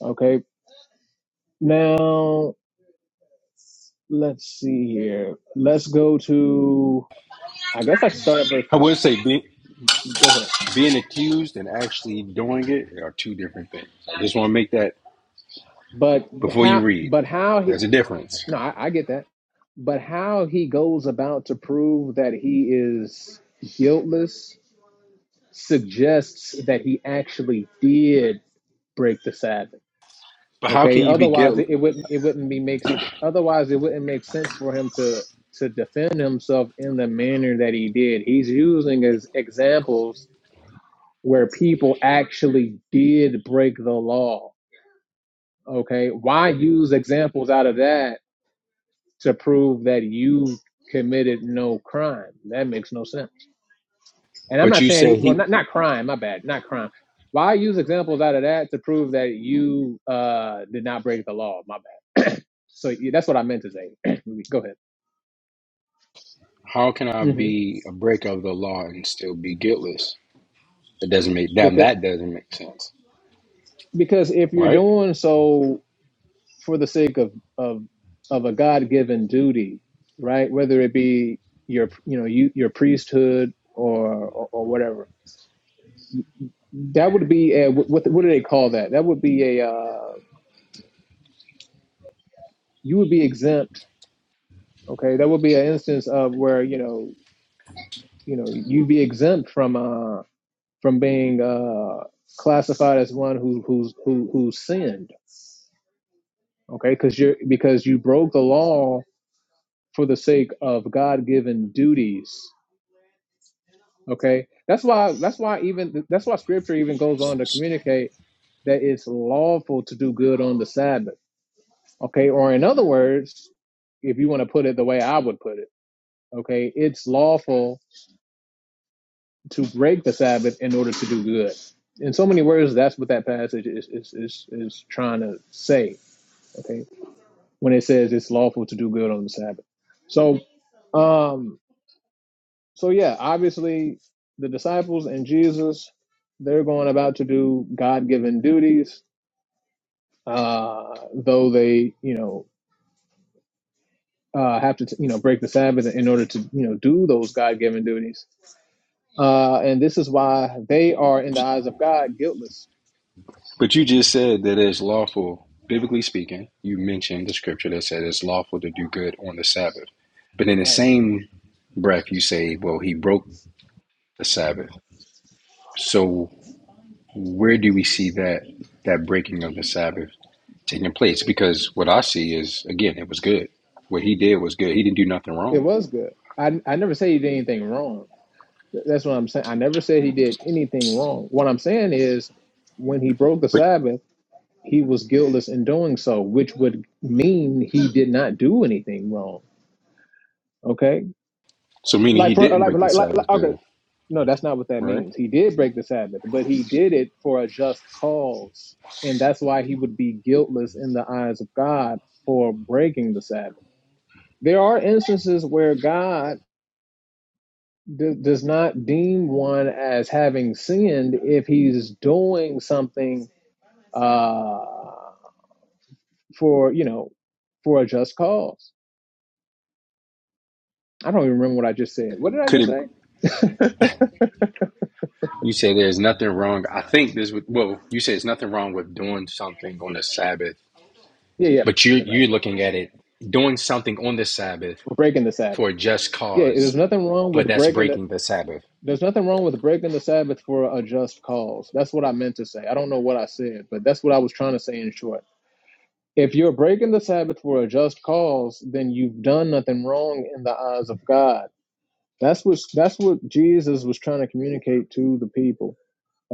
Okay, now let's see here. Let's go to. I guess I should start at verse
I
one.
would say be,
Go ahead.
being accused and actually doing it are two different things. I just want to make that
But
before you
how?
read.
But how he?
There's a difference.
No, I, I get that. But how he goes about to prove that he is guiltless suggests that he actually did break the Sabbath
But how can
Okay.
you be
Otherwise,
guilt?
it, it wouldn't it wouldn't be makes otherwise it wouldn't make sense for him to to defend himself in the manner that he did. He's using as examples where people actually did break the law. Okay. Why use examples out of that to prove that you committed no crime? That makes no sense. And I'm
But
not
you
saying
said
he, well,
he.
not not crime. My bad. Not crime. Why use examples out of that to prove that you uh, did not break the law? My bad. So yeah, that's what I meant to say. <clears throat> Go ahead.
How can I
hmm
be a break of the law and still be guiltless? It doesn't make that.
Because
that doesn't make sense,
because if you're
right?
doing so for the sake of of of a God given duty, right? Whether it be your you know you your priesthood or or, or whatever, that would be a, what what what do they call that? That would be a uh, you would be exempt. Okay, that would be an instance of where you know you know you'd be exempt from uh from being uh classified as one who who's who who sinned okay because you because you broke the law for the sake of god-given duties okay that's why that's why even that's why scripture even goes on to communicate that it's lawful to do good on the sabbath okay or in other words if you want to put it the way i would put it okay it's lawful to break the sabbath in order to do good in so many words that's what that passage is is is, is trying to say okay when it says it's lawful to do good on the sabbath so um so yeah, obviously the disciples and Jesus, they're going about to do God-given duties, uh, though they, you know, uh, have to, t- you know, break the Sabbath in order to, you know, do those God-given duties. Uh, and this is why they are, in the eyes of God, guiltless.
But you just said that it's lawful, biblically speaking. You mentioned the scripture that said it's lawful to do good on the Sabbath. But in the
Right?
same breath, you say, well, he broke the Sabbath. So where do we see that that breaking of the Sabbath taking place? Because what I see is again, it was good. What he did was good. He didn't do nothing
It
wrong.
was good. I I never say he did anything wrong. Th- That's what I'm saying. I never said he did anything wrong. What I'm saying is, when he broke the
but.
Sabbath. he was guiltless in doing so, which would mean he did not do anything wrong. Okay,
So meaning
like
he
for
didn't
like
break the
like like,
Sabbath
like okay,
then,
no, that's not what that
right?
means. He did break the Sabbath, but he did it for a just cause, and that's why he would be guiltless in the eyes of God for breaking the Sabbath. There are instances where God d- does not deem one as having sinned if he's doing something uh, for you know for a just cause I don't even remember what I just said. What did I
Could
just
it
say?
you say there's nothing wrong? I think this would well, you say it's nothing wrong with doing something on the Sabbath,
Yeah, yeah,
but you
yeah, right,
you're
right.
looking at it doing something on the Sabbath
Breaking the
for
Sabbath.
a just
Yeah, there's
cause,
nothing wrong
but
with
that's
breaking the.
breaking the Sabbath.
There's nothing wrong with breaking the Sabbath for a just cause. That's what I meant to say. I don't know what I said, but that's what I was trying to say in short. If you're breaking the Sabbath for a just cause, then you've done nothing wrong in the eyes of God. That's what that's what Jesus was trying to communicate to the people.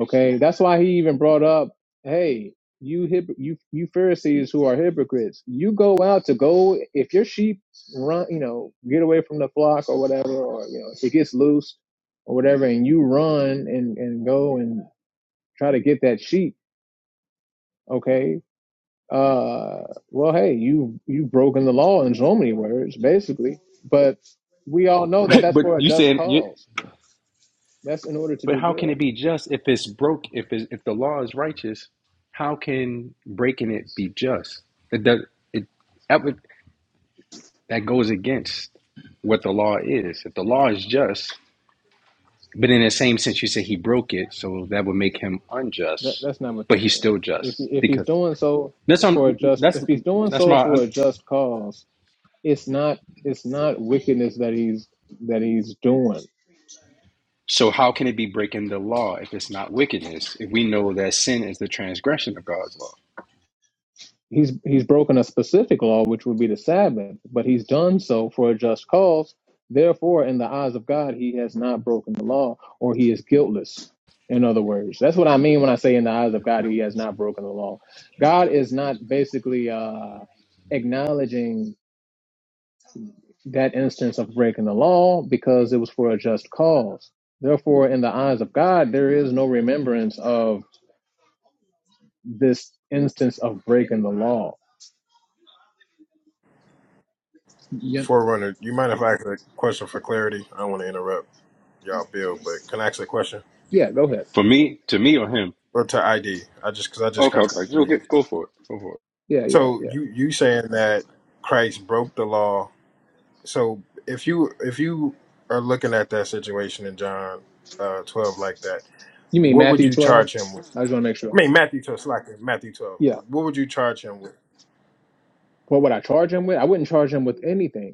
Okay, that's why he even brought up, "Hey, you hip, you you Pharisees who are hypocrites, you go out to go if your sheep run, you know, get away from the flock or whatever, or you know, if it gets loose or whatever, and you run and and go and try to get that sheep. Okay, uh, well, hey, you you've broken the law in so many words, basically, but we all know that
<laughs>
that's
but
for a
you
just
saying you
cause. That's in order to
but
do
how can
good.
it be just if it's broke if it's, if the law is righteous, how can breaking it be just? It does it that would that goes against what the law is. If the law is just, But in the same sense, you say he broke it, so that would make him
That
unjust,
that's not what
but
that
he's
means.
still
If
just
he- if he's
because
doing so
that's
for a
um,
just
that's
if he's doing
that's
so
my.
for a just cause, it's not it's not wickedness that he's that he's doing.
So how can it be breaking the law if it's not wickedness? If we know that sin is the transgression of God's law,
He's he's broken a specific law, which would be the Sabbath, but he's done so for a just cause. Therefore, in the eyes of God, he has not broken the law, or he is guiltless. In other words, that's what I mean when I say in the eyes of God, he has not broken the law. God is not basically uh, acknowledging that instance of breaking the law because it was for a just cause. Therefore, in the eyes of God, there is no remembrance of this instance of breaking the law. Yeah,
Forerunner, you mind if I ask a question for clarity? I don't want to interrupt y'all, Bill, but can I ask a question
yeah go ahead.
for me, to me or him.
or to ID? I just because I just
Okay,
kind of
okay,
came
go
in.
get go for it, go for
Yeah, yeah,
So
yeah.
you you saying that Christ broke the law? So if you if you are looking at that situation in John uh, twelve like that,
You mean
what would
Matthew
you
12? I
charge him with?
just want to make
I
sure.
mean Matthew twelve, it's like Matthew twelve.
Yeah.
What would you charge him with?
For What would I charge him with? I wouldn't charge him with anything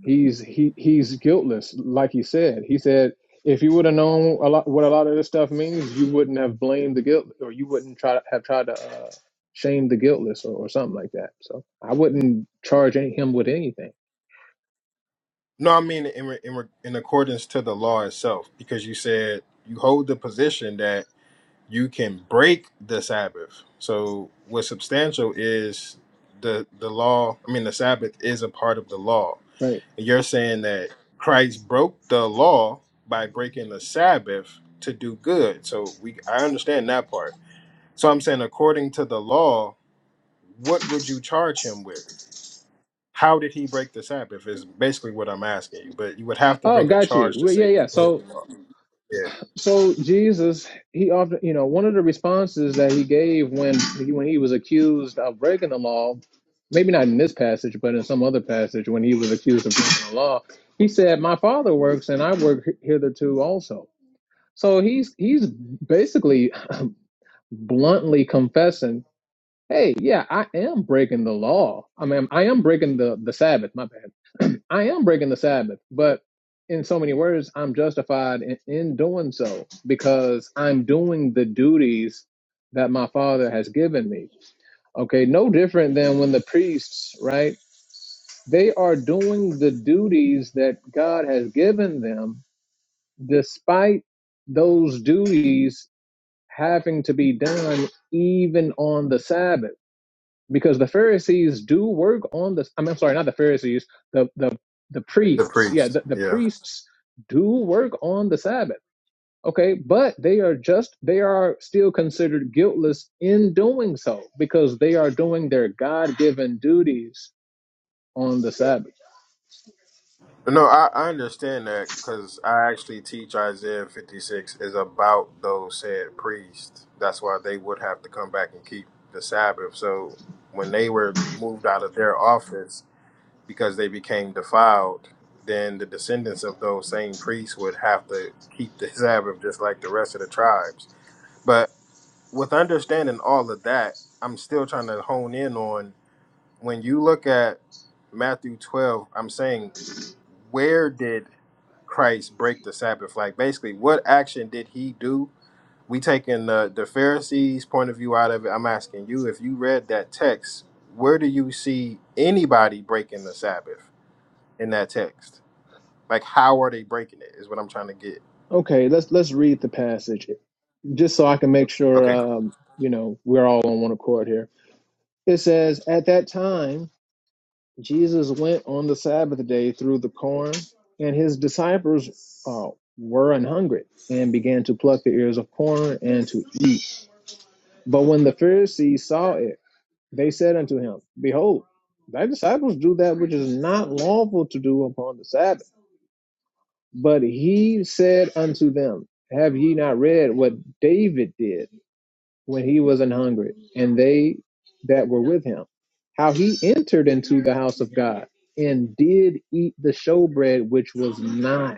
he's he he's guiltless like he said he said if you would have known a lot what a lot of this stuff means you wouldn't have blamed the guilt or you wouldn't try to have tried to uh, shame the guiltless or, or something like that so i wouldn't charge any, him with anything
No, I mean in re- in, re- in accordance to the law itself, because you said you hold the position that you can break the Sabbath. So what's substantial is the the law. I mean, the Sabbath is a part of the law.
right
And you're saying that Christ broke the law by breaking the Sabbath to do good. So we, I understand that part. So I'm saying, according to the law, what would you charge him with? How did he break the Sabbath? Is basically what I'm asking you. But you would have to
oh
bring a
got you
charge to
well, yeah
say he
yeah
broke
so
the law. Yeah,
So Jesus, he often, you know, one of the responses that he gave when he, when he was accused of breaking the law, maybe not in this passage, but in some other passage, when he was accused of breaking the law, he said, "My Father works, and I work hitherto also." So he's he's basically bluntly confessing hey, yeah, I am breaking the law. I mean, I am breaking the, the Sabbath, my bad. <clears throat> I am breaking the Sabbath, but in so many words, I'm justified in, in doing so because I'm doing the duties that my father has given me. Okay, no different than when the priests, right? They are doing the duties that God has given them despite those duties having to be done even on the Sabbath because the Pharisees do work on the. I mean, I'm sorry, not the Pharisees. The the the
the
priests, yeah,
priest.
the, the
Yeah.
priests do work on the Sabbath. Okay, but they are just they are still considered guiltless in doing so because they are doing their God given duties on the Sabbath.
No, I, I understand that because I actually teach Isaiah 56 is about those said priests. That's why they would have to come back and keep the Sabbath. So when they were moved out of their office because they became defiled, then the descendants of those same priests would have to keep the <laughs> Sabbath just like the rest of the tribes. But with understanding all of that, I'm still trying to hone in on when you look at Matthew 12, I'm saying, where did Christ break the Sabbath? Like, basically, what action did he do? We taking the, the Pharisees' point of view out of it. I'm asking you, if you read that text, where do you see anybody breaking the Sabbath in that text? Like, how are they breaking it? Is what I'm trying to get.
Okay, let's let's read the passage just so I can make sure
Okay, cool.
um, you know we're all on one accord here. It says, "At that time." Jesus went on the Sabbath day through the corn, and his disciples uh, were an hungry and began to pluck the ears of corn and to eat. But when the Pharisees saw it, they said unto him, Behold, thy disciples do that which is not lawful to do upon the Sabbath. But he said unto them, Have ye not read what David did? when he was an hungry, and they that were with him, how he entered into the house of God and did eat the showbread which was not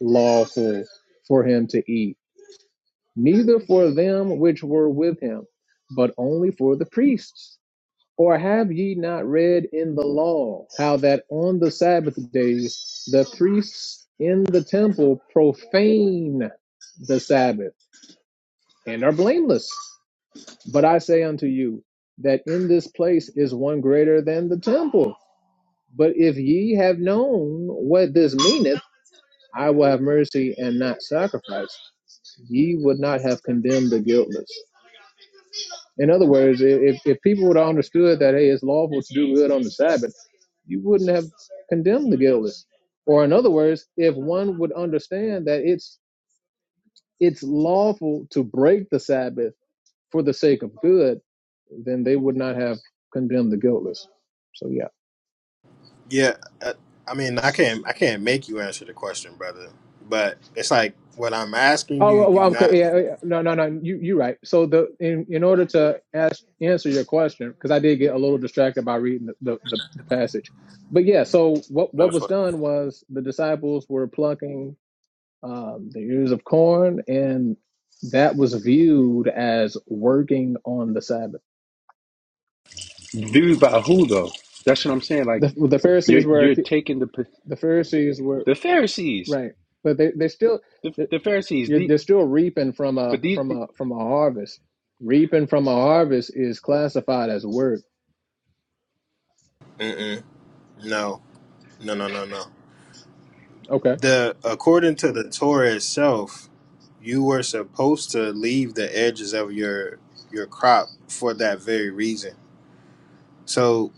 lawful for him to eat, neither for them which were with him, but only for the priests. Or have ye not read in the law how that on the Sabbath days the priests in the temple profane the Sabbath and are blameless? But I say unto you that in this place is one greater than the temple. But if ye have known what this meaneth, I will have mercy and not sacrifice, ye would not have condemned the guiltless. In other words, i- if, if people would have understood that, hey, it's lawful to do good on the Sabbath, you wouldn't have condemned the guiltless. Or in other words, if one would understand that it's it's lawful to break the Sabbath for the sake of good, then they would not have condemned the guiltless. So yeah.
Yeah, I, I mean, I can't, I can't make you answer the question, brother. But it's like what I'm asking
Oh
you,
well,
you
well,
not.
okay. Yeah, yeah. no, no, no. You you're right. So the in in order to ask answer your question, because I did get a little distracted by reading the, the, the, the passage, but yeah. So what
No
what was
sweat.
done was the disciples were plucking um, the ears of corn, and that was viewed as working on the Sabbath.
it. Dude, by who though? That's what I'm saying. Like
The the
you're
Pharisees were
you're taking the
the Pharisees were
the Pharisees,
right, but they they still.
the, the Pharisees.
You're,
The
they're still reaping from a
but these.
from a from a harvest. Reaping from a harvest is classified as work.
Mm-mm. No, no, no, no, no.
Okay.
The according to the Torah itself, you were supposed to leave the edges of your your crop for that very reason. So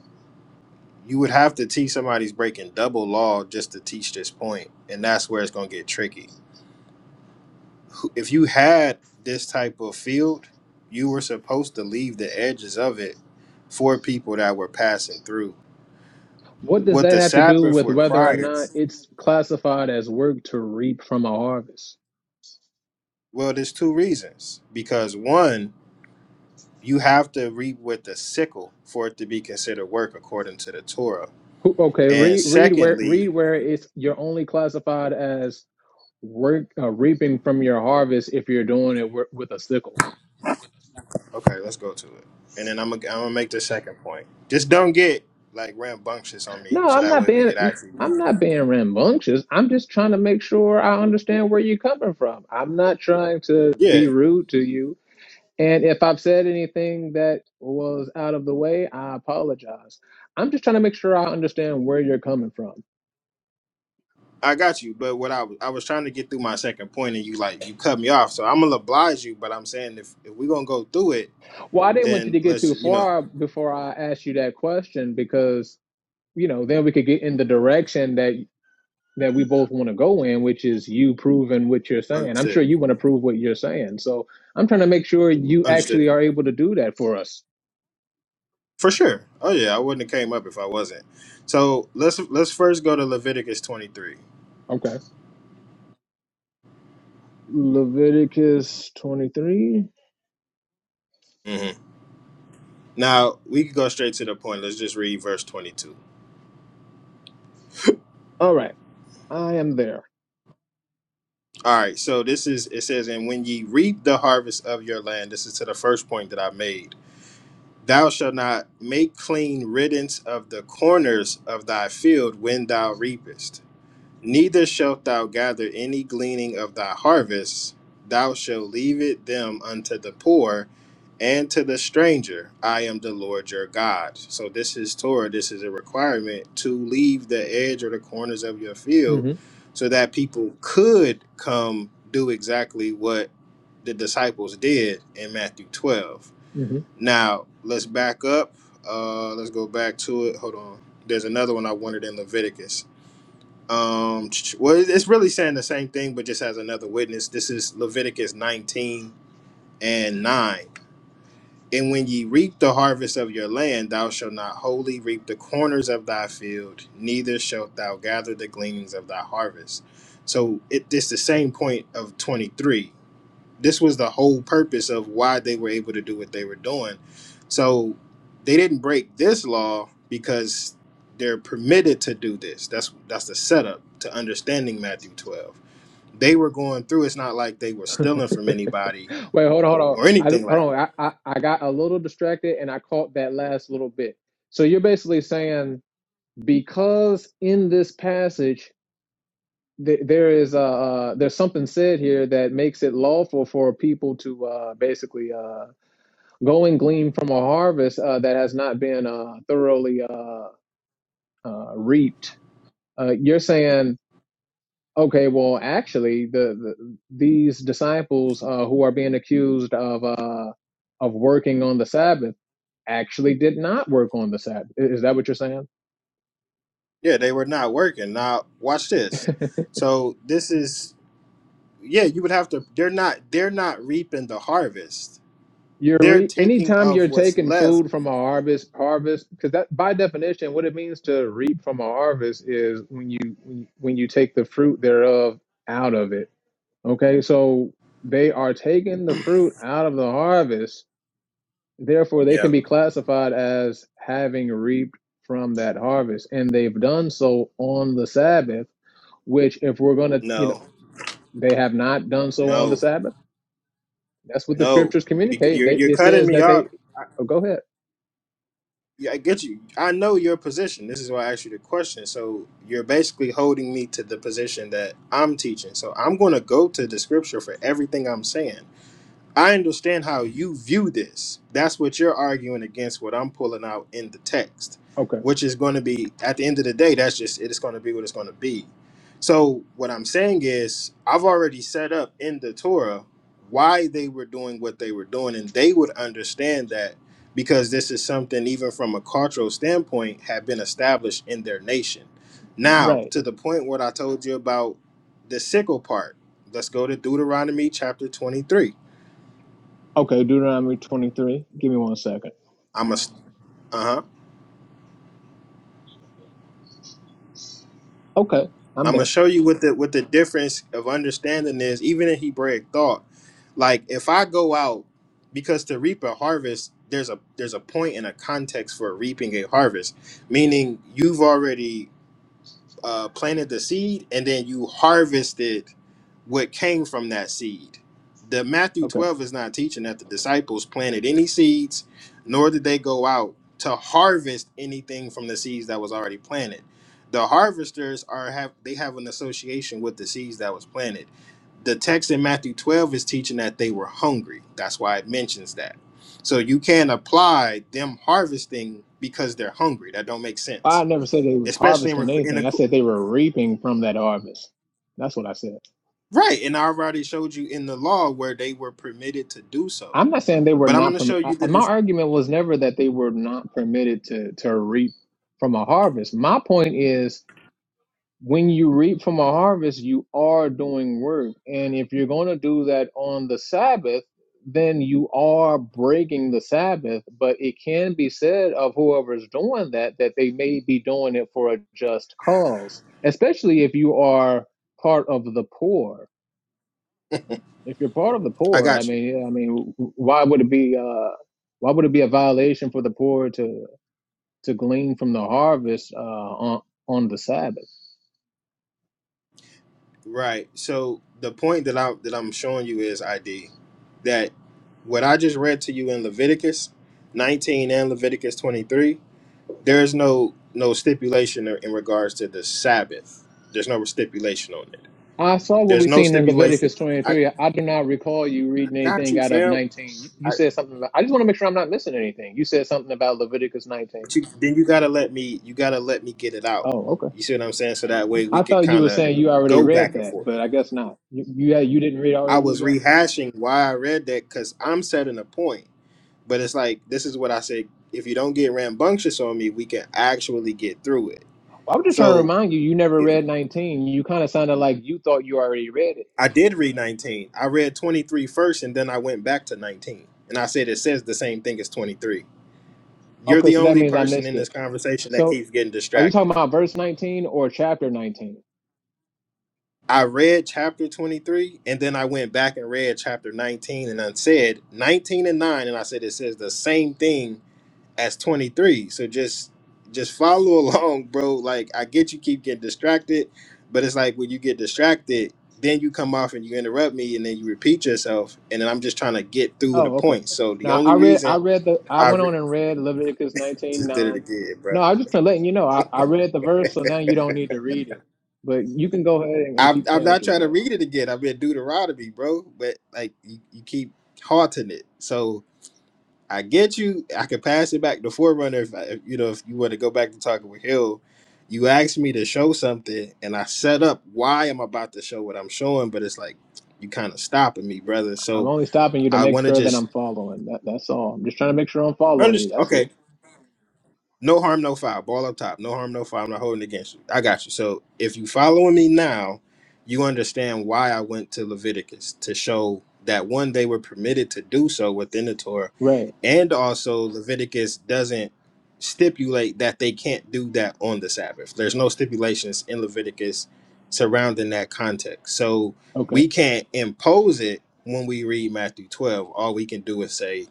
you would have to teach somebody's breaking double law just to teach this point, and that's where it's going to get tricky. If you had this type of field, you were supposed to leave the edges of it for people that were passing through.
What does
What
that
the
have to do
Sabbath
with whether or not
requires,
it's classified as work to reap from a harvest?
well, there's two reasons. Because one, You have to reap with the sickle for it to be considered work according to the Torah.
Who- Okay,
And
read read where
secondly,
read where it's you're only classified as work uh, reaping from your harvest if you're doing it wi- with a sickle.
okay, let's go to it. And then I'm gonna, I'm gonna make the second point. Just don't get like rambunctious on me,
No,
so
I'm
that
not
way we
being
could actually bring
I'm
it
not
up.
being rambunctious. I'm just trying to make sure I understand where you're coming from. I'm not trying to
Yeah,
be rude to you. And if I've said anything that was out of the way, I apologize. I'm just trying to make sure I understand where you're coming from.
I got you. But what I was I was trying to get through my second point, and you like you cut me off. So I'm gonna oblige you. But I'm saying if if we're gonna go through it,
Well, I didn't want you
then
to get
let's
too
you know
far before I asked you that question because, you know, then we could get in the direction that that we both want to go in, which is you proving what you're saying. I'm sure
understood
you want to prove what you're saying. So I'm trying to make sure you
understood.
actually are able to do that for us.
For sure. Oh yeah, I wouldn't have came up if I wasn't. So let's let's first go to Leviticus twenty three.
Okay. Leviticus 23.
Mm-hmm. Now we can go straight to the point. Let's just read verse twenty two.
All right. I am there.
All right. So this is it says, and when ye reap the harvest of your land, this is to the first point that I made. Thou shalt not make clean riddance of the corners of thy field when thou reapest Neither shalt thou gather any gleaning of thy harvest, thou shalt leave it them unto the poor and to the stranger. I am the Lord your God. So this is Torah, this is a requirement to leave the edge or the corners of your field
hmm
so that people could come do exactly what the disciples did in Matthew 12.
hmm
Now, let's back up. Uh, let's go back to it. Hold on. There's another one I wanted in Leviticus. Um, well, it's really saying the same thing, but just as another witness. This is Leviticus 19 and 9. And when ye reap the harvest of your land, thou shalt not wholly reap the corners of thy field, neither shalt thou gather the gleanings of thy harvest. So it, it's the same point of 23 this was the whole purpose of why they were able to do what they were doing. So they didn't break this law because they're permitted to do this. That's that's the setup to understanding Matthew 12. They were going through. It's not like they were stealing
<laughs>
from anybody
Wait, hold on, hold on.
or anything
I
like.
hold on. I, I, I got a little distracted and I caught that last little bit. So you're basically saying because in this passage th- there is uh, uh there's something said here that makes it lawful for people to uh basically uh go and glean from a harvest uh, that has not been uh thoroughly uh uh reaped. Uh, you're saying Okay, well, actually, the, the these disciples uh, who are being accused of uh, of working on the Sabbath actually did not work on the Sabbath. I- Is that what you're saying?
Yeah, they were not working. Now watch
<laughs>
this. So this is yeah. You would have to. They're not. They're not reaping the harvest.
You're
They're
re-
taking
anytime
of
you're
what's
taking
left.
food from a harvest, harvest because that by definition, what it means to reap from a harvest is when you when you when you take the fruit thereof out of it. Okay, so they are taking the fruit out of the harvest Therefore, they
Yeah.
can be classified as having reaped from that harvest, and they've done so on the Sabbath, which, if we're going to, you know,
No.
they have not done so on the
No.
Sabbath. That's what the
No,
scriptures
because
communicate.
you're
They,
you're
it
cutting
says
me
that
off.
they, oh, go ahead.
Yeah, I get you. I know your position. This is why I asked you the question. So you're basically holding me to the position that I'm teaching. So I'm going to go to the scripture for everything I'm saying. I understand how you view this. That's what you're arguing against what I'm pulling out in the text,
Okay.
which is going to be at the end of the day, that's just it's going to be what it's going to be. So what I'm saying is I've already set up in the Torah why they were doing what they were doing and they would understand that because this is something even from a cultural standpoint had been established in their nation. Now,
Right.
to the point what I told you about the sickle part. Let's go to Deuteronomy chapter 23
Okay. Deuteronomy 23. Give me one second.
I'm a uh huh.
Okay. I'm
I'm gonna
there.
show you what the what the difference of understanding is, even in Hebraic thought. Like if I go out because to reap a harvest, there's a there's a point and a context for reaping a harvest, meaning you've already uh, planted the seed and then you harvested what came from that seed. The Matthew
Okay.
12 is not teaching that the disciples planted any seeds, nor did they go out to harvest anything from the seeds that was already planted. The harvesters are have they have an association with the seeds that was planted. The text in Matthew 12 is teaching that they were hungry. That's why it mentions that. So you can apply them harvesting because they're hungry. That don't make
I
sense,
never said they was
especially in,
harvesting
in,
anything.
a,
I said they were reaping from that harvest. That's what I said.
Right, and I already showed you in the law where they were permitted to do so.
I'm not saying they were
But I'm going
not.
to
Perm-
show
I,
you that
my
this.
argument was never that they were not permitted to to reap from a harvest. My point is, when you reap from a harvest, you are doing work, and if you're going to do that on the Sabbath, then you are breaking the Sabbath. But it can be said of whoever's doing that that they may be doing it for a just cause, especially if you are part of the poor if you're part of the
I
poor, I
got you.
mean, I mean, why would it be uh, why would it be a violation for the poor to to glean from the harvest uh, on on the Sabbath?
Right. So the point that I that I'm showing you is ID that what I just read to you in Leviticus 19 and Leviticus 23, there is no no stipulation in regards to the Sabbath. There's no stipulation on it.
I saw what
There's
we
no
seen in
stipulation.
Leviticus
I,
23. I do not recall you
I
reading
got
anything
you,
out of
fam.
19. You said something. About, I just want to make sure I'm not missing anything. You said something about Leviticus 19.
But you, then you gotta let me. You gotta let me get it out.
Oh, okay.
You see what I'm saying? So that way we
I
could
thought you
kind
were
of
saying you already
go
read
back and
that,
forth.
but I guess not. You you, yeah, you didn't read
I
already read
was
that.
rehashing why I read that because I'm setting a point, but it's like this is what I said. If you don't get rambunctious on me, we can actually get through it.
Well, I was just trying to
So
remind you, you never
it,
read 19. You kind of sounded like you thought you already read it.
I did read 19. I read 23 first, and then I went back to 19, and I said it says the same thing as 23. You're
Okay,
the
so that
only
means I
person
missed
in this
it.
conversation that
So
keeps getting
are you
distracted.
talking about verse 19 or chapter 19?
I read chapter 23 and then I went back and read chapter 19 and I said 19 and 9 and I said it says the same thing as 23. So just just follow <laughs> along, bro. Like I get you keep getting distracted, but it's like when you get distracted, then you come off and you interrupt me and then you repeat yourself and then I'm just trying to get through the
Oh, okay.
point. So the
Now
only
I read I
reason
read the I
I
went
re-
on and read Leviticus 19
just did
9.
it again, bro.
No, I'm just letting you know. I, I read the verse, so now you don't need to read it. But you can go ahead and, and
I'm,
keep
I'm
saying what
not
you're
trying to
saying.
read it again. I'm in Deuteronomy, bro. But like you, you keep haunting it. So I get you. I could pass it back to Forerunner if, I, if you know if you were to go back to talking with Hill. You asked me to show something, and I set up why I'm about to show what I'm showing, but it's like you kind of stopping me, brother.
I'm
So
only stopping you to
I
make
want to
sure that
just
I'm following. That that's all. I'm just trying to make sure I'm following you.
understand.
That's
Okay.
it.
No harm, no foul. Ball up top. No harm, no foul. I'm not holding against you. I got you. So if you following me now, you understand why I went to Leviticus to show that one they were permitted to do so within the Torah,
Right.
and also Leviticus doesn't stipulate that they can't do that on the Sabbath. There's no stipulations in Leviticus surrounding that context. So we
Okay.
can't impose it when we read Matthew 12. All we can do is say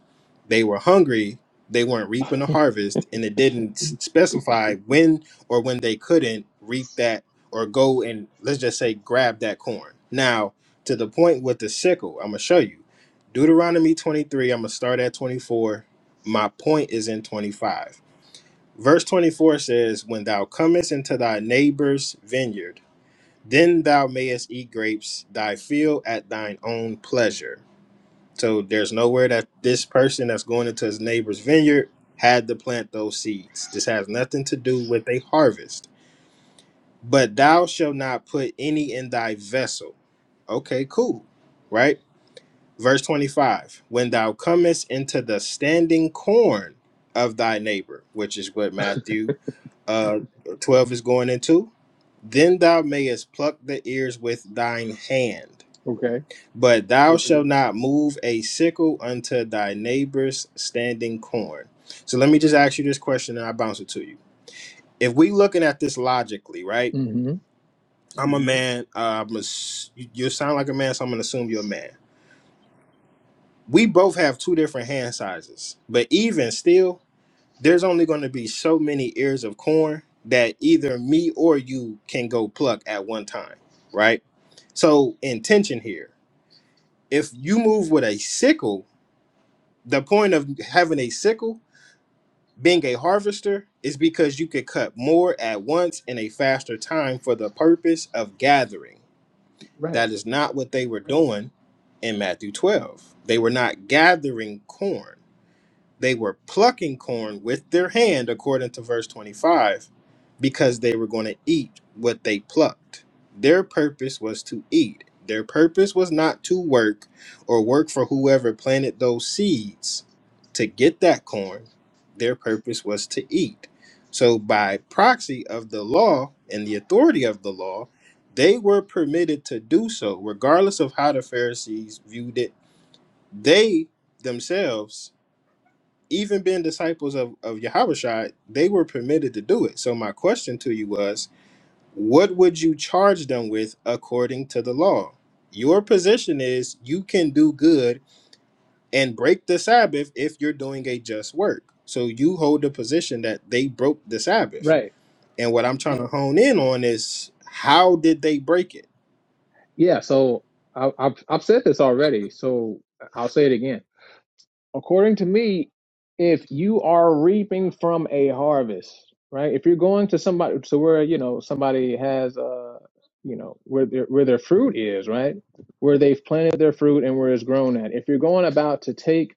they were hungry they weren't reaping a harvest and it didn't s- specify when or when they couldn't reap that or go and let's just say grab that corn now to the point with the sickle i'm gonna show you deuteronomy 23 i'm gonna start at 24 my point is in 25 verse 24 says when thou comest into thy neighbor's vineyard then thou mayest eat grapes thy field at thine own pleasure so there's nowhere that this person that's going into his neighbor's vineyard had to plant those seeds. This has nothing to do with a harvest. But thou shalt not put any in thy vessel. Okay, cool. Right? Verse 25 When thou comest into the standing corn of thy neighbor, which is what Matthew uh, 12 is going into, then thou mayest pluck the ears with thine hand.
Okay.
But thou shalt not move a sickle unto thy neighbor's standing corn. So let me just ask you this question and I bounce it to you. If we looking at this logically, right?
hmm
I'm a man. Uh, I'm a s- you you sound like a man, so I'm gonna assume you're a man. We both have two different hand sizes, but even still, there's only going to be so many ears of corn that either me or you can go pluck at one time, right? So intention here. If you move with a sickle, The point of having a sickle, being a harvester, is because you could cut more at once in a faster time for the purpose of gathering.
Right.
That is not what they were doing in Matthew 12. They were not gathering corn they were plucking corn with their hand, according to verse 25, because they were going to eat what they plucked. Their purpose was to eat. Their purpose was not to work or work for whoever planted those seeds to get that corn. Their purpose was to eat. So, by proxy of the law and the authority of the law, they were permitted to do so, regardless of how the Pharisees viewed it. They themselves even being disciples of, of Yahushua, they were permitted to do it. So my question to you was, what would you charge them with according to the law? Your position is you can do good and break the Sabbath if you're doing a just work. So you hold the position that they broke the Sabbath.
Right.
And what I'm trying to hone in on is how did they break it?
Yeah. So I, I've I've said this already. So I'll say it again according to me, if you are reaping from a harvest, right? If you're going to somebody to where you know somebody has uh you know where their where their fruit is, right? Where they've planted their fruit and where it's grown at. If you're going about to take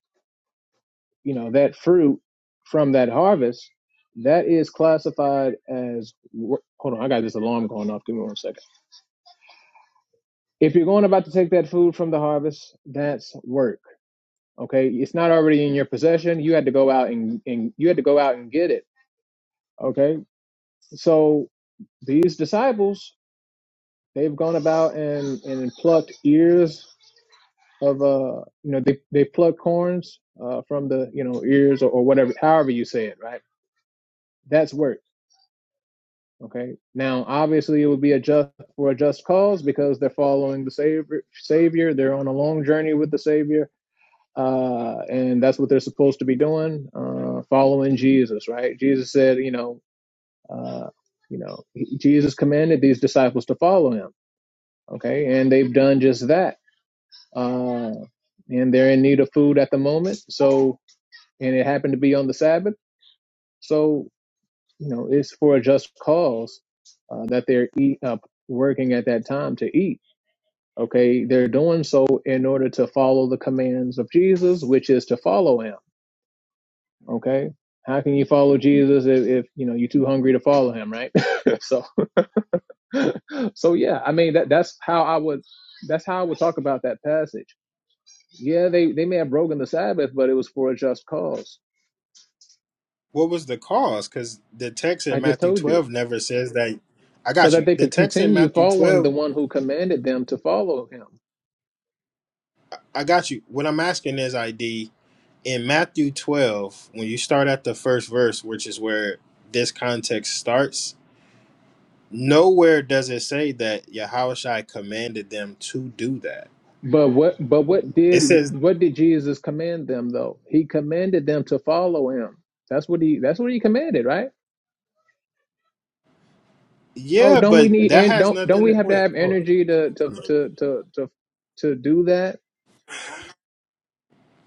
you know that fruit from that harvest, that is classified as wor- hold on, I got this alarm going off. Give me one second. If you're going about to take that food from the harvest, that's work okay it's not already in your possession you had to go out and, and you had to go out and get it okay so these disciples they've gone about and and plucked ears of uh you know they they plucked corns uh from the you know ears or, or whatever however you say it right that's work okay now obviously it would be a just for a just cause because they're following the savior savior they're on a long journey with the savior uh, and that's what they're supposed to be doing, uh, following Jesus, right? Jesus said, you know, uh, you know, he- Jesus commanded these disciples to follow him, okay, and they've done just that, uh, and they're in need of food at the moment. So, and it happened to be on the Sabbath, so you know, it's for a just cause uh, that they're eat, uh, working at that time to eat. Okay, they're doing so in order to follow the commands of Jesus, which is to follow him Okay. How can you follow Jesus if, if you know you're too hungry to follow him, right? <laughs> so so yeah, I mean that that's how I would that's how I would talk about that passage. Yeah, they, they may have broken the Sabbath, but it was for a just cause.
What was the cause? Because the text
I
in
just
Matthew
told you.
12 never says that. I
So
got
that
you.
they
The
could
text in
continue
Matthew
following
12
the one who commanded them to follow him.
I got you. What I'm asking is ID in Matthew 12, when you start at the first verse, which is where this context starts, nowhere does it say that Yahushua commanded them to do that.
But what but what
It
did
says,
what did Jesus command them though? He commanded them to follow him. That's what he that's what he commanded, right? Oh,
yeah,
don't we
but
need
that
and
has
don't don't
nothing
we
to
have to
wait,
have
hold on.
energy to to
hold on.
to to to, to do that?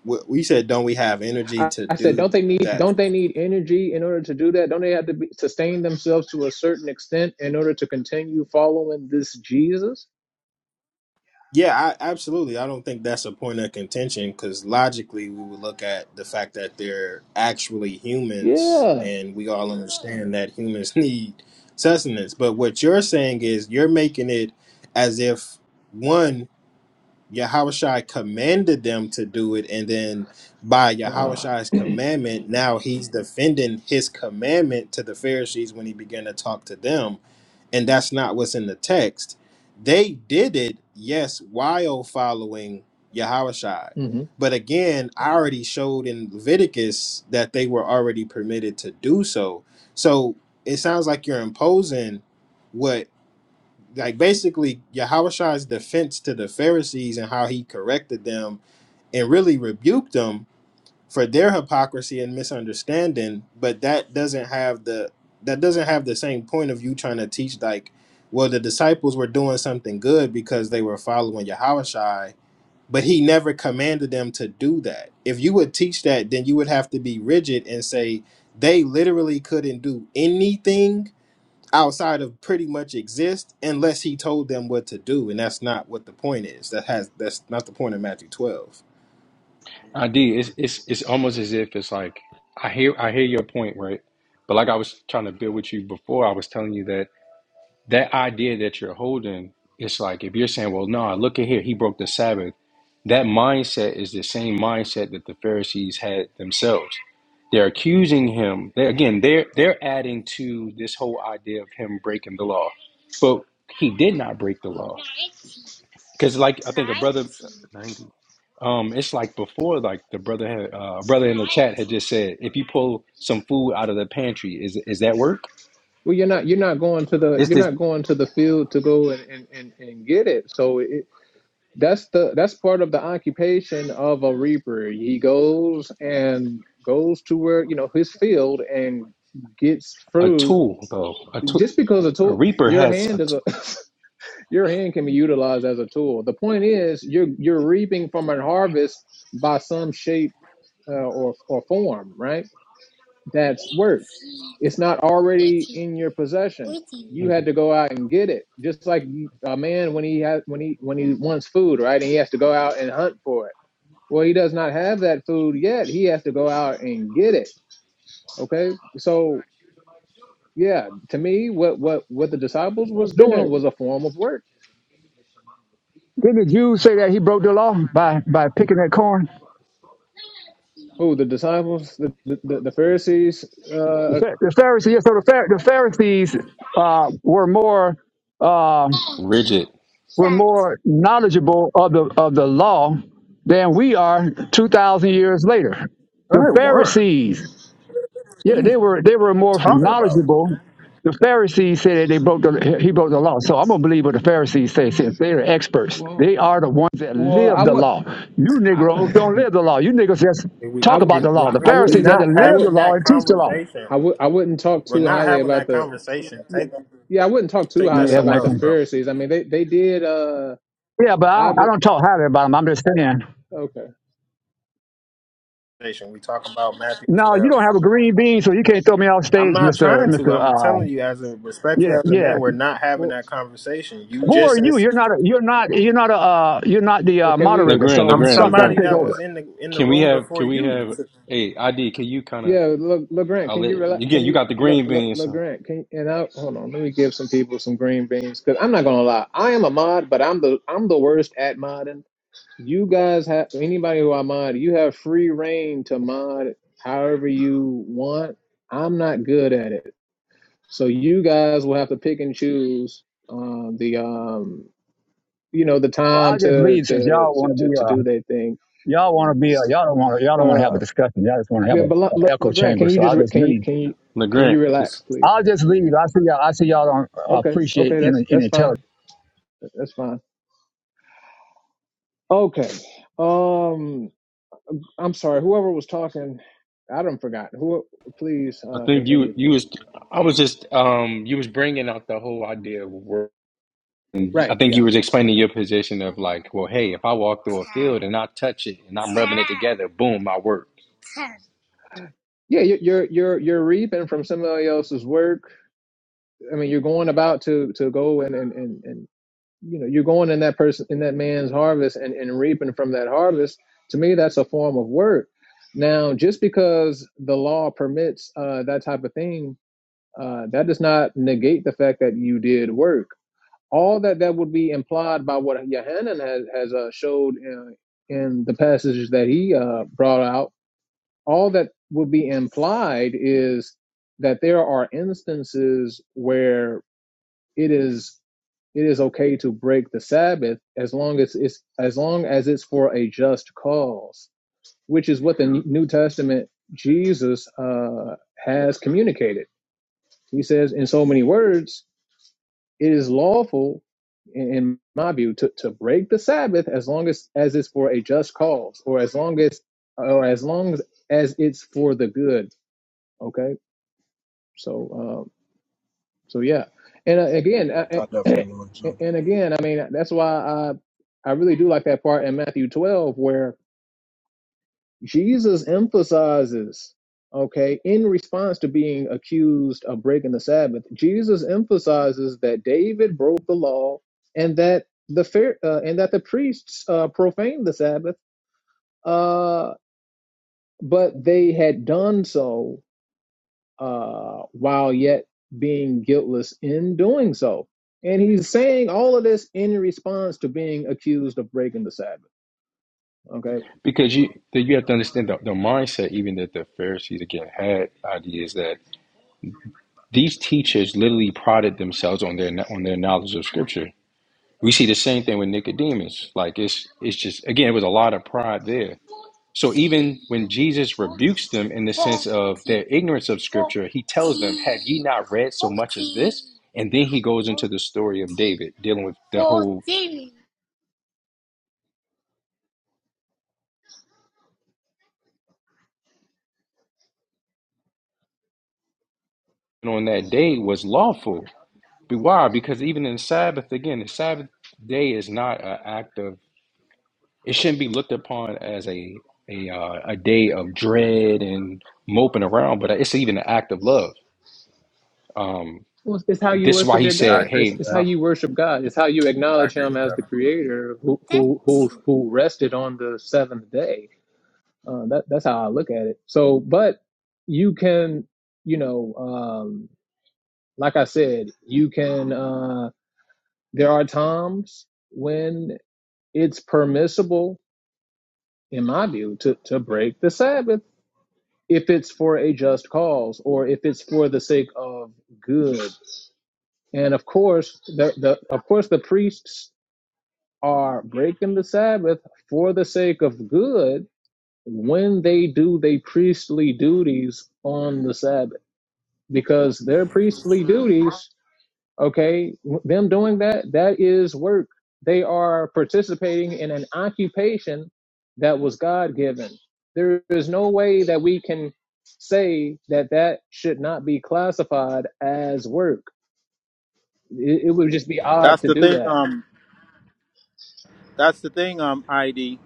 We we said, don't we have energy
I,
to
I said,
do
don't
th-
they need
that
don't they need energy in order to do that? Don't they have to be, sustain themselves to a certain extent in order to continue following this Jesus?
Yeah, I,
Yeah, I was
absolutely. I don't think that's a point of contention because logically we would look at the fact that they're actually humans
Yeah.
and we all understand that humans <laughs> need sustenance. But what you're saying is you're making it as if one, Yahushua commanded them to do it, and then by
Ah,
Yahushua's commandment, now he's defending his commandment to the Pharisees when he began to talk to them and that's not what's in the text. They did it, yes, while following Yahushai,
mhm.
But again, I already showed in Leviticus that they were already permitted to do so. So it sounds like you're imposing what, like basically Yahushai's defense to the Pharisees and how he corrected them and really rebuked them for their hypocrisy and misunderstanding but that doesn't have the that doesn't have the same point of you trying to teach like well the disciples were doing something good because they were following Yahushai but he never commanded them to do that if you would teach that then you would have to be rigid and say they literally couldn't do anything outside of pretty much exist unless he told them what to do and that's not what the point is that has that's not the point of Matthew 12
ID, it's it's it's almost as if it's like I hear I hear your point, right? But like I was trying to build with you before, I was telling you that that idea that you're holding, it's like if you're saying, "Well, no, look at here, he broke the Sabbath." That mindset is the same mindset that the Pharisees had themselves. They're accusing him. They, again, they're they're adding to this whole idea of him breaking the law, but he did not break the law. Because, like, I think a brother, 90. Um, it's like before, like the brother had, uh, brother in the chat had just said, if you pull some food out of the pantry, is is that work?
Well, you're not you're not going to the
Is
you're
this
not going to the field to go and and and, and get it. So it. That's the that's part of the occupation of a reaper. He goes and goes to where you know his field and gets
a
fruit.
tool though? A tool,
Just because a
a
tool,
reaper
your
has a
hand is a <laughs> your hand can be utilized as a tool. The point is you're you're reaping from an harvest by some shape uh, or or form, right? That's work. It's not already in your possession.
t-
You had to go out and get it, just like a man when he has when he when he wants food, right? And he has to go out and hunt for it well, he does not have that food yet. He has to go out and get it. Okay.
thinking
So
about it. That's
yeah, to me, what what what the disciples
it.
was
Didn't the,
doing was a form of work.
So,
didn't the
you broke
Jews
the
say
law
that he broke the
by,
law
by
by,
picking that
by picking
card.
that corn?
Who the disciples, the the, the Pharisees.
The
Uh,
Phar- the Pharisees, so the, Phar- the Pharisees uh, were more uh,
rigid.
were more knowledgeable of the of the law than we are two thousand years later.
What are
The Pharisees. Yeah, they were they were more
you talking about?
knowledgeable. The Pharisees said that they broke the he broke the law. So I'm gonna believe what the Pharisees say since they're experts.
well,
They are the ones that
well,
live
I
the
would,
law. You Negroes don't
I,
live the law. You niggas just
And we,
<laughs>
talk
I,
about
and
the law. The
I
Grant, we're
Pharisees had
wouldn't,
to
not
I
live
would,
the
having
law
that
and teach the law.
conversation.
I would, I wouldn't talk
We're
too
not
highly
having
about
that
the.
conversation. Take
Yeah, I wouldn't talk too
take
You
that
ain't
highly
having
somewhere
that
about the
else,
con-
bro.
Pharisees. I mean, they they did. Uh,
Yeah, but I
I
don't, I don't talk highly about them. I'm just saying.
okay.
Conversation. We talk about Matthew
No, you
twelve.
don't have a green bean, so you can't throw me off
I'm
stage,
not
Mister
trying to.
Mister. Uh,
I'm telling you, as a respectfully
yeah,
as a
yeah.
man, we're not having
Well,
that conversation. You
Who
okay,
are
just,
you?
ins-
You're not. A, you're not. You're not a. Uh, you're not the
well,
uh,
can we?
moderator.
Legrand,
So
I'm
Legrand,
stop trying
somebody
Legrand.
to take
that
over.
Yeah.
was in the in the
Can we
room
have?
before
Can we
you.
have?
I
Hey, ID. Can you kind of?
Yeah, look, LeGrant,
I'll
can
let
you relax? Can
again. You
you
got the
look,
green
look,
bean, so
LeGrant? Can and I hold on. Let me give some people some green beans because I'm not gonna lie. I am a mod, but I'm the I'm the worst at modding. You guys have anybody who I mod, you have free reign to mod however you want. I'm not good at it, so you guys will have to pick and choose um, the um you know the
Well, I'll
time
just
to
leave since
to
y'all
to
want to be
to, to do
uh
their thing.
y'all want to be uh
S-
y'all don't want to y'all don't want to have a
Uh,
discussion. Y'all just want to have
yeah,
a,
but Le, Le,
a echo
LeGrant,
chamber.
can you
So
just
I'll
re-
just
can you
leave.
can you can you
Legrand.
relax,
Just
please?
I'll just leave. I see y'all. I see y'all don't uh,
Okay.
appreciate
Okay. That's
any, any
that's
intelligence.
fine. That's fine. Okay. Um, I'm sorry. Whoever was talking, I don't forgot. Who? Please
I
uh,
think you
continue.
you was I was just um you was bringing out the whole idea of work. I
Right.
think
Yeah.
you was explaining your position of like, well, hey, if I walk through a field and I touch it and I'm rubbing it together, boom, I work.
Yeah. you- You're you're you're reaping from somebody else's work. I mean, you're going about to to go and and and, and you know you're going in that person in that man's harvest and and reaping from that harvest. To me, that's a form of work. Now, just because the law permits uh, that type of thing, uh, that does not negate the fact that you did work all that that would be implied by what Yohanan has, has uh, showed in, in the passages that he uh, brought out, all that would be implied is that there are instances where it is it is okay to break the Sabbath as long as it's as long as it's for a just cause, which is what the New Testament Jesus uh, has communicated. He says in so many words it is lawful in, my view to, to break the sabbath as long as as it's for a just cause or as long as or as long as, it's for the good okay so um so yeah and uh, again
I
uh,
definitely want to.
<clears throat> and again i mean that's why i i really do like that part in matthew 12 where Jesus emphasizes, okay, in response to being accused of breaking the Sabbath, Jesus emphasizes that David broke the law and that the fair, uh, and that the priests uh, profaned the Sabbath, uh, but they had done so uh, while yet being guiltless in doing so. And he's saying all of this in response to being accused of breaking the Sabbath. Okay
Because you that you have to understand the, the mindset even that the Pharisees again had ideas that these teachers literally prided themselves on their on their knowledge of scripture. We see the same thing with Nicodemus. Like it's it's just again, it was a lot of pride there. So even when Jesus rebukes them in the sense of their ignorance of scripture, he tells them, Have ye not read so much as this? And then he goes into the story of David, dealing with the whole and on that day was lawful. Be- Why? Because even in the Sabbath, again, the Sabbath day is not an act of it shouldn't be looked upon as a a uh, a day of dread and moping around, but it's even an act of love. Um,
Well, it's, it's how you
this is why
worship
he
your
said,
God.
agree.
It's,
"Hey,
it's how
my."
you worship God. It's how you
I
acknowledge
agree
Him
with
as
that.
the Creator who who who, who rested on the seventh day. Uh, that that's how I look at it. So, but you can, you know, um, like I said, you can. Uh, there are times when it's permissible, in my view, to to break the Sabbath if it's for a just cause or if it's for the sake of good And of course, the, the of course the priests are breaking the Sabbath for the sake of good when they do their priestly duties on the Sabbath because their priestly duties, okay, w- them doing that that is work. They are participating in an occupation that was God given. There is no way that we can say that that should not be classified as work. It, it would just be
That's
odd to
the
do
thing.
that
Um, that's the thing. Um, ID.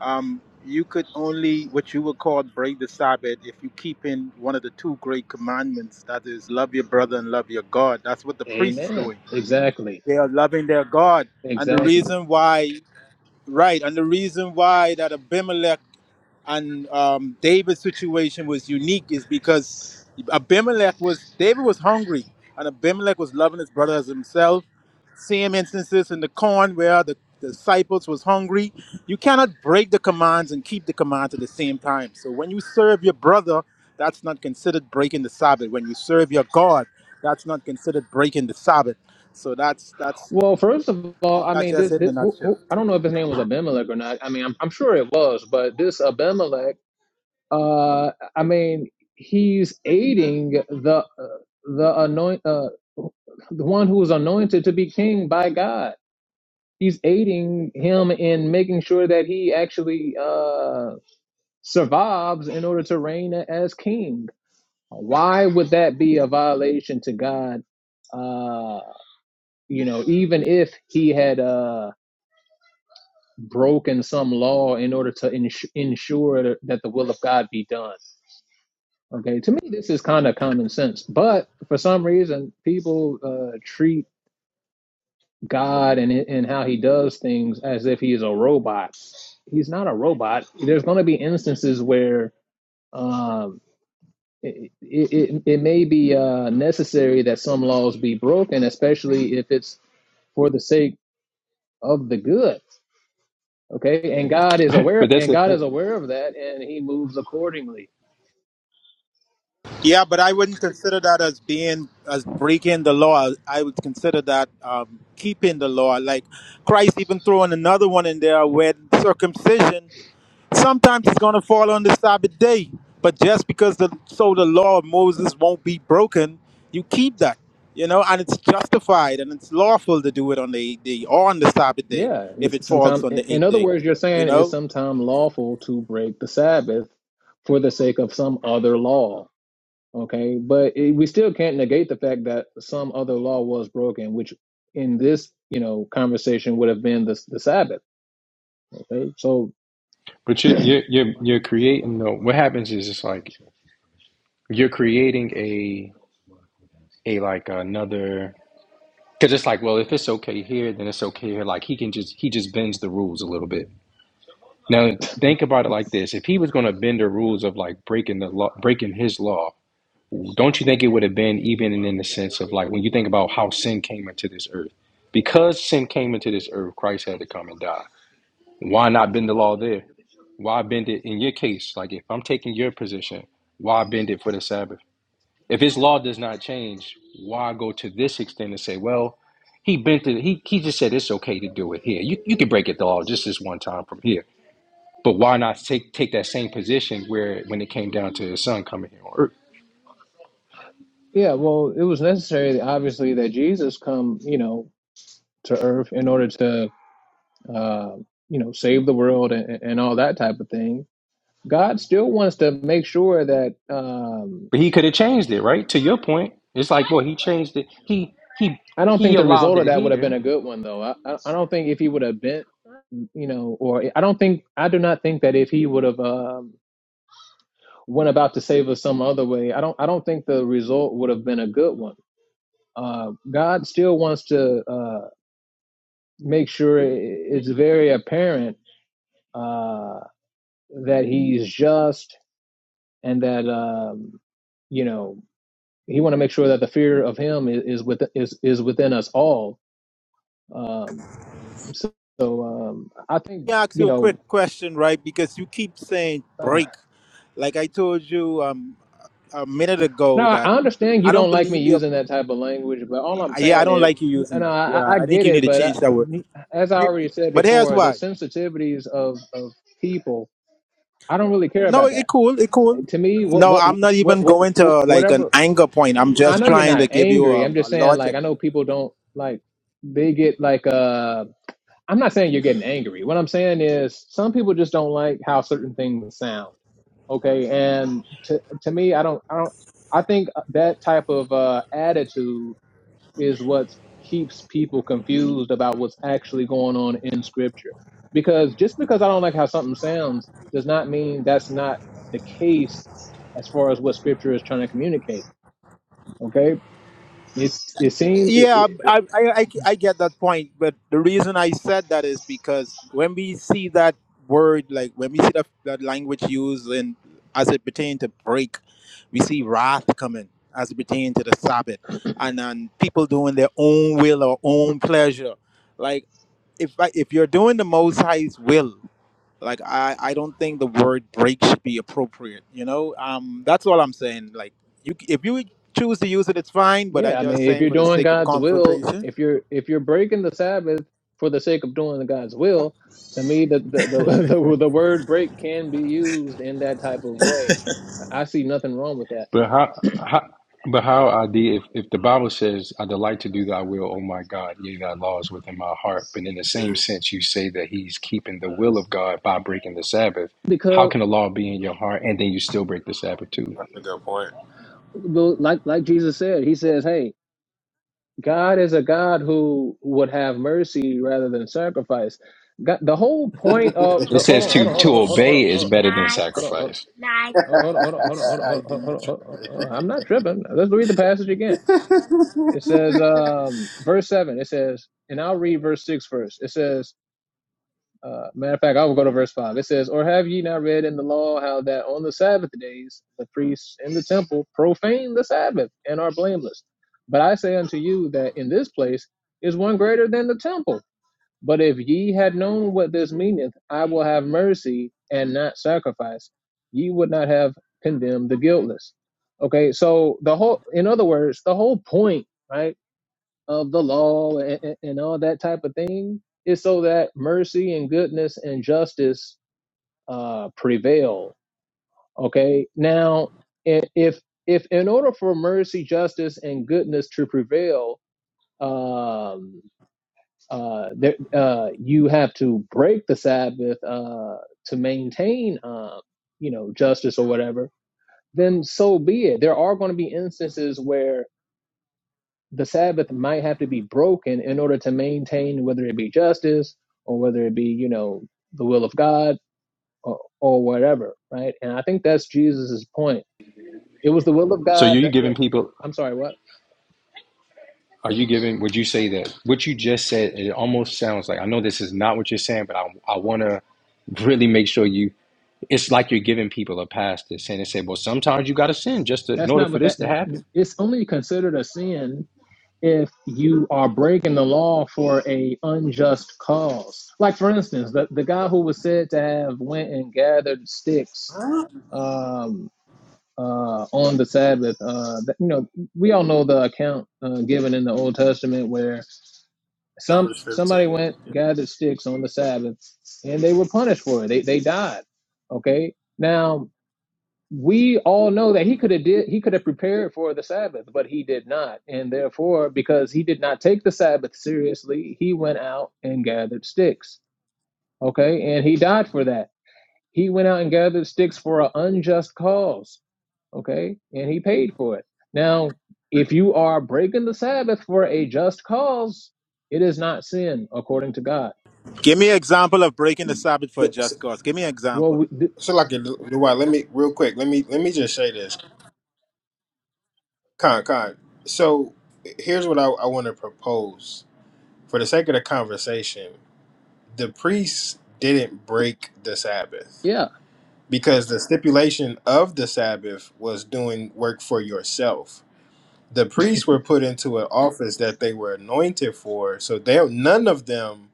Um, you could only what you would call break the Sabbath if you keep in one of the two great commandments. That is, love your brother and love your God. That's what the priest is
Amen.
doing.
Exactly.
They are loving their God, and the
Exactly.
reason why, right? And the reason why that Abimelech and um, David's situation was unique is because Abimelech was David was hungry, and Abimelech was loving his brother as himself. Same instances in the corn where the disciples was hungry. You cannot break the commands and keep the commands at the same time. So when you serve your brother, that's not considered breaking the Sabbath. When you serve your God, that's not considered breaking the Sabbath. So that's that's
Well, first of all, I
that's
mean,
just
this,
it in a
this who,
nutshell.
who, I don't know if his name was Abimelech or not. I mean, I'm, I'm sure it was, but this Abimelech, uh, I mean, he's aiding the uh, the anoint uh, the one who was anointed to be king by God. He's aiding him in making sure that he actually uh, survives in order to reign as king. Why would that be a violation to God? Uh, you know, even if he had uh, broken some law in order to ins- ensure that the will of God be done. Okay, to me, this is kind of common sense. But for some reason, people uh, treat God and and how He does things as if He is a robot. He's not a robot. There's going to be instances where um, it, it, it it may be uh, necessary that some laws be broken, especially if it's for the sake of the good Okay, and God is
<laughs>
aware,
but that's
and
the
God is
thing.
aware of that, and He moves accordingly.
Yeah, but I wouldn't consider that as being as breaking the law. I would consider that um, keeping the law. Like Christ even throwing another one in there where circumcision sometimes it's going to fall on the Sabbath day, but just because the so the law of Moses won't be broken, you keep that, you know, and it's justified and it's lawful to do it on the eighth day or on the Sabbath day
Yeah,
if it
it's
falls
sometimes.
on the
In
eighth
other
day,
words, you're
you
saying
know.
it's sometimes lawful to break the Sabbath for the sake of some other law. Okay, but it, we still can't negate the fact that some other law was broken, which in this you know conversation would have been the the Sabbath. Okay, so
But you you you you're creating though. What happens is it's like you're creating a a like another because it's like well if it's okay here then it's okay here. Like he can just he just bends the rules a little bit. Now think about it like this: if he was going to bend the rules of like breaking the law, breaking his law, don't you think it would have been even in the sense of like when you think about how sin came into this earth? Because sin came into this earth, Christ had to come and die. Why not bend the law there? Why bend it in your case? Like if I'm taking your position, why bend it for the Sabbath? If his law does not change, why go to this extent and say, well, he bent it. He, he just said it's okay to do it here. You, you can break it the law just this one time from here. But why not take take that same position where when it came down to his son coming here on earth?
yeah, well, it was necessary, obviously, that Jesus come you know to earth in order to. Uh, you know, save the world and, and all that type of thing God still wants to make sure that. Um,
But he could have changed it, right? To your point, it's like, well, he changed it. He he
I don't
he
think the
allowed
result of
it
that would have been
here
a good one, though. I, I I don't think if he would have bent, you know, or I don't think I do not think that if he would have um, went about to save us some other way, I don't I don't think the result would have been a good one. Uh, God still wants to uh, make sure i- it's very apparent uh, that He's just and that um, you know He want to make sure that the fear of Him is, is with is is within us all Um, so so, um, I think,
me ask
you
you a quick
know,
question, right? Because you keep saying
uh,
break. Like I told you um, a minute
no,
ago that
I understand you
I don't
don't like me
believe you.
using that type of language, but all I'm
Yeah, I
saying
don't
is,
like you using
and
that.
I, I
Yeah,
I
I think
get
you need
it,
to
but I,
change that word.
as I
Here-
already said
But here's
before, the
why.
sensitivities of, of people, I don't really care
No,
about that.
it cool. It cool.
To me, what,
No,
what,
I'm not
what,
even
what
going to like an
whatever,
anger point. I'm
no, I
just
know you're
trying to
not
give you
angry.
a,
I'm
a
just saying,
logic.
like, I know people don't like, they get like, uh I'm not saying you're getting angry. What I'm saying is some people just don't like how certain things sound. Okay, and to to me, I don't, I don't, I think that type of uh, attitude is what keeps people confused about what's actually going on in Scripture. Because just because I don't like how something sounds does not mean that's not the case as far as what Scripture is trying to communicate. Okay, it's it seems.
Yeah, I, I, I, I get that point. But the reason I said that is because when we see that word, like when we see that, that language used in, as it pertains to break, we see wrath coming as it pertains to the Sabbath and, and people doing their own will or own pleasure. Like if, I, if you're doing the Most High's will, like I, I don't think the word break should be appropriate you know um that's all i'm saying like you if you choose to use it it's fine but i
Yeah, I
just
mean, if
saying
you're
for the
doing
sake of
God's will,
confrontation
if you're if you're breaking the Sabbath for the sake of doing God's will, to me, the the the <laughs> the, the word break can be used in that type of way. I see nothing wrong with that
But how, how but how I did if, if the Bible says I delight to do thy will, O my God, yea thy laws within my heart, but in the same
Mm,
sense you say that he's keeping the will of God by breaking the Sabbath, how
because,
can the law be in your heart and then you still break the Sabbath too?
that's a good point.
well, like like Jesus said, he says, "Hey, God is a God who would have mercy rather than sacrifice." God, the whole point of
It
the hold
says
on, hold
to
on, hold on,
to
hold on, hold on, hold on,
obey is
hold on,
better than
hold on, hold
sacrifice.
<laughs>
on, hold on, hold on, hold on, hold on, hold
ID
on, hold
you
on, hold on. I'm not tripping. Let's read the passage again. It says, um, verse 7, it says, and I'll read verse 6 first. It says, uh, matter of fact, I will go to verse 5. It says, Or have ye not read in the law how that on the Sabbath days the priests in the temple profane the Sabbath and are blameless? But I say unto you that in this place is one greater than the temple. But if ye had known what this meaneth, I will have mercy and not sacrifice, ye would not have condemned the guiltless. Okay, so the whole, in other words, the whole point, right? of the law and, and and all that type of thing is so that mercy and goodness and justice uh, prevail. Okay. Now, i- if if in order for mercy, justice, and goodness to prevail, um, uh, there, uh, you have to break the Sabbath uh, to maintain, uh, you know, justice or whatever. Then so be it. There are going to be instances where the Sabbath might have to be broken in order to maintain whether it be justice or whether it be, you know, the will of God or, or whatever, right? And I think that's Jesus's point. It was the will of
So are
God
you
that, that
giving people
I'm sorry, what?
are you giving would you say that what you just said it almost sounds like I know this is not what you're saying, but I I wanna really make sure you it's like you're giving people a pass to sin. They say, well, sometimes you got to sin just to, in
That's
order
not
for
what
this
that
to happen.
it's only considered a sin if you are breaking the law for a unjust cause. Like for instance, the, the guy who was said to have went and gathered sticks
Huh?
um, uh, on the Sabbath. Uh, you know, we all know the account uh, given in the Old Testament where some
Numbers
somebody
fifteen.
went gathered sticks on the Sabbath, and they were punished for it. They they died. Okay, now we all know that he could have did he could have prepared for the Sabbath, but he did not, and therefore because he did not take the Sabbath seriously, he went out and gathered sticks. Okay, and he died for that. He went out and gathered sticks for an unjust cause, okay? And he paid for it. Now, if you are breaking the Sabbath for a just cause, it is not sin according to God.
give me an example of breaking the sabbath for a
So,
just cause give me an
Well,
example
we, th-
so like, do I? Let me real quick. Let me let me just say this. Con, con. So here's what I, I want to propose. For the sake of the conversation, the priests didn't break the Sabbath
yeah,
because the stipulation of the Sabbath was doing work for yourself the priests were put into an office that they were anointed for so they none of them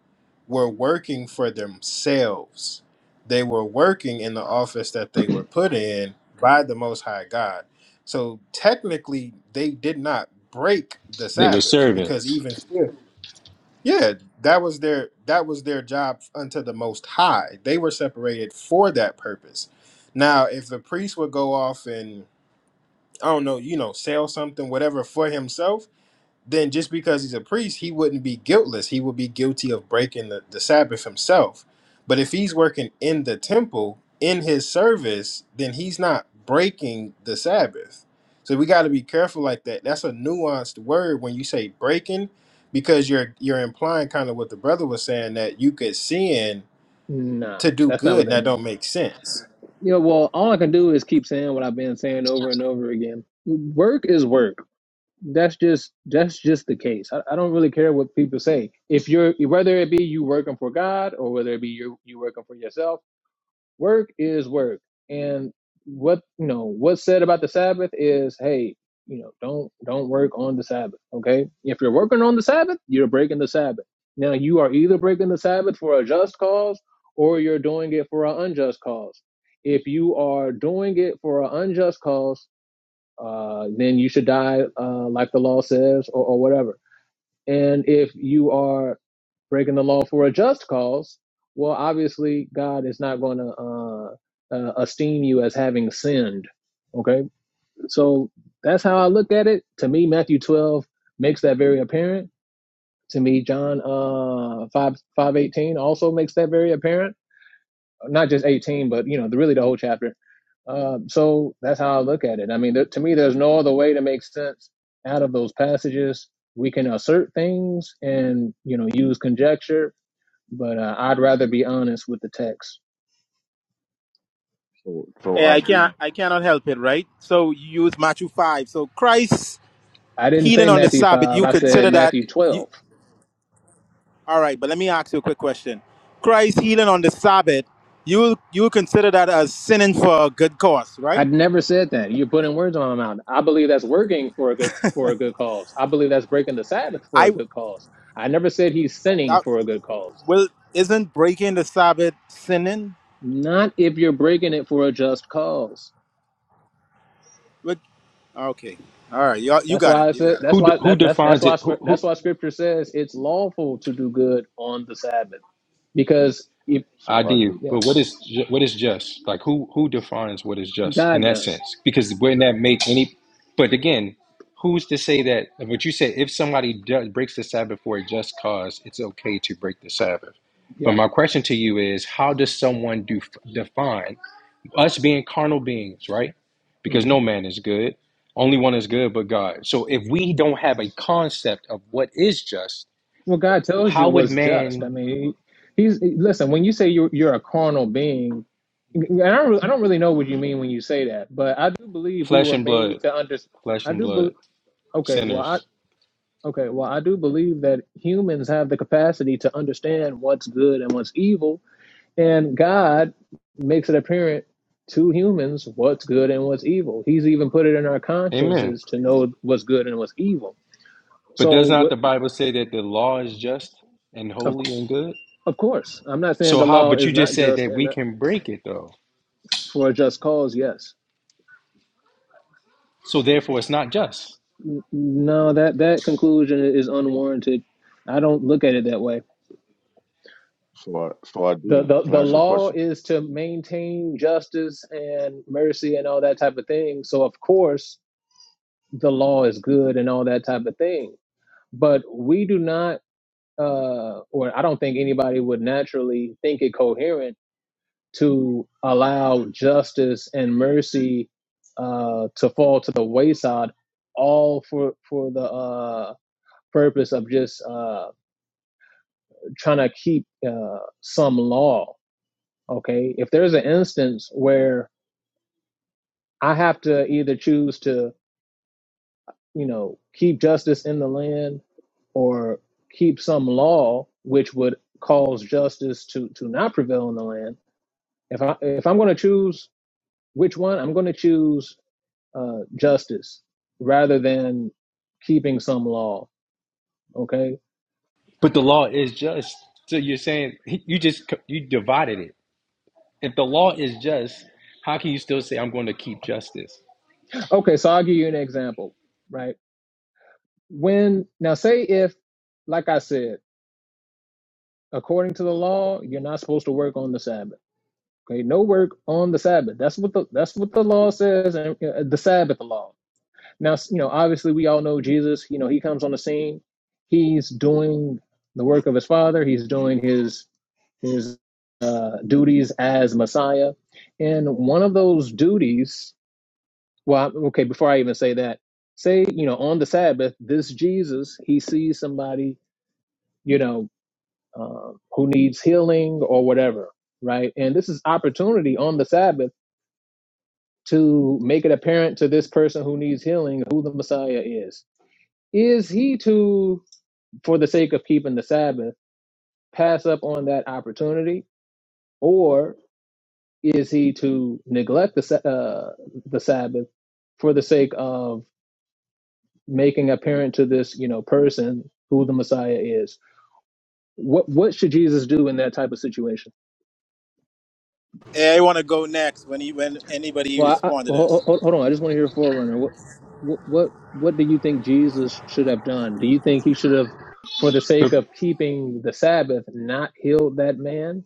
were working for themselves they were working in the office that they were put in by the most high god so technically they did not break the
They were
sabbath because
servants.
even still yeah that was their that was their job unto the most high they were separated for that purpose now if the priest would go off and i don't know you know sell something whatever for himself then just because he's a priest, he wouldn't be guiltless. He would be guilty of breaking the, the Sabbath himself. But if he's working in the temple, in his service, then he's not breaking the Sabbath. So we got to be careful like that. That's a nuanced word when you say breaking, because you're you're implying kind of what the brother was saying that you could sin
nah,
to do
that's not
good,
what
and
that
that
means.
don't make sense.
You know, well, all I can do is keep saying what I've been saying over and over again. Work is work. That's just that's just the case. I, I don't really care what people say. If you're whether it be you working for God or whether it be you you working for yourself work is work and what you know what's said about the sabbath is hey you know don't don't work on the sabbath okay if you're working on the sabbath you're breaking the sabbath now you are either breaking the sabbath for a just cause or you're doing it for an unjust cause if you are doing it for an unjust cause uh, then you should die uh, like the law says or, or whatever and if you are breaking the law for a just cause, well, obviously God is not going to uh, uh, esteem you as having sinned. Okay, so that's how I look at it. To me, Matthew twelve makes that very apparent. To me, John uh, five five eighteen also makes that very apparent not just 18, but you know, the, really the whole chapter. Um, so that's how I look at it. I mean, there, to me, there's no other way to make sense out of those passages. We can assert things and you know use conjecture, but uh, I'd rather be honest with the text.
So, so
yeah i can't
ID,
i cannot help it right so you use matthew 5 so christ
I didn't
healing
say
on the
Matthew
sabbath
five.
you
I
consider
said
that
Matthew
you,
twelve.
all right but let me ask you a quick question christ healing on the sabbath you you consider that as sinning for a good cause right
I'd never said that. You're putting words on my mouth. I believe that's working for a good for a good cause. I believe that's breaking the Sabbath for
i
a good cause. I never said he's
that.
sinning for a good cause.
Well, isn't breaking the Sabbath sinning?
Not if you're breaking it for a just cause.
What? Okay. All right. Y'all, you
That's
got it.
why I
You
said.
got it.
That's
Who de-
why
who
that, that's that's
defines
why
it? Who
scrip-
who?
that's why scripture says it's lawful to do good on the Sabbath because if
I
so
do,
ID,
yeah,
but what is ju- what is just? Like who who defines what is just in
God
that
does.
sense? Because wouldn't that make any? But again, who's to say that? What you said, if somebody does, breaks the Sabbath for a just cause, it's okay to break the Sabbath. But
Yeah.
my question to you is, how does someone do define? us being carnal beings, right? Because
hmm
no man is good. Only one is good but God. So if we don't have a concept of what is just,
What God tells
how
you
would
was just. I
man,
mean, he, he's listen. When you say you're you're a carnal being, and I don't really, I don't really know what you mean when you say that, but I do believe we
flesh
were
and
made
blood,
to understand.
flesh
I
and
do believe.
blood,
Okay. Well,
sinners?
I okay. Well, I do believe that humans have the capacity to understand what's good and what's evil And God makes it apparent to humans what's good and what's evil. He's even put it in our
Amen.
consciences to know what's good and what's evil.
But
So,
does not the Bible say that the law is just and
of,
holy and good?
of course, I'm not saying
So
the
how,
law
but you
is
just
not
said
just
that
and
we
not
can break it though.
for a just cause, yes.
So therefore
so
it's not just.
No, that, that conclusion is unwarranted. I don't look at it that way.
so I- so
The,
ID.
the,
Can
the
I ask you a
law
question?
is to maintain justice and mercy and all that type of thing. So, of course, the law is good and all that type of thing. But we do not uh, or I don't think anybody would naturally think it coherent to allow justice and mercy uh, to fall to the wayside, all for for the uh, purpose of just uh, trying to keep uh, some law. Okay, if there's an instance where I have to either choose to you know keep justice in the land or keep some law which would cause justice to to not prevail in the land If I if I'm going to choose which one, I'm going to choose uh, justice rather than keeping some law. Okay.
But the law is just. So you're saying you just you divided it. If the law is just, how can you still say I'm going to keep justice?
Okay. So I'll give you an example. Right. When now say if, like I said, according to the law, you're not supposed to work on the Sabbath. Okay. No work on the Sabbath. That's what the that's what the law says, and uh, uh, the Sabbath law. Now you know obviously we all know Jesus. You know he comes on the scene. He's doing the work of his father. He's doing his his uh, duties as Messiah. And one of those duties, well, okay, before I even say that, say, you know, on the Sabbath, this Jesus, he sees somebody, you know, uh, who needs healing or whatever, right? And this is opportunity on the Sabbath to make it apparent to this person who needs healing who the Messiah is. Is he to, for the sake of keeping the Sabbath, pass up on that opportunity? or? is he to neglect the uh, the Sabbath for the sake of making apparent to this you know person who the Messiah is? What what should Jesus do in that type of situation?
Hey, I want to go next when he, when anybody
Well, I, I,
responded to
hold,
this.
hold hold on, I just want to hear a forerunner. What what what what do you think Jesus should have done? Do you think he should have, for the sake of
Repenting
keeping the Sabbath, not healed that man?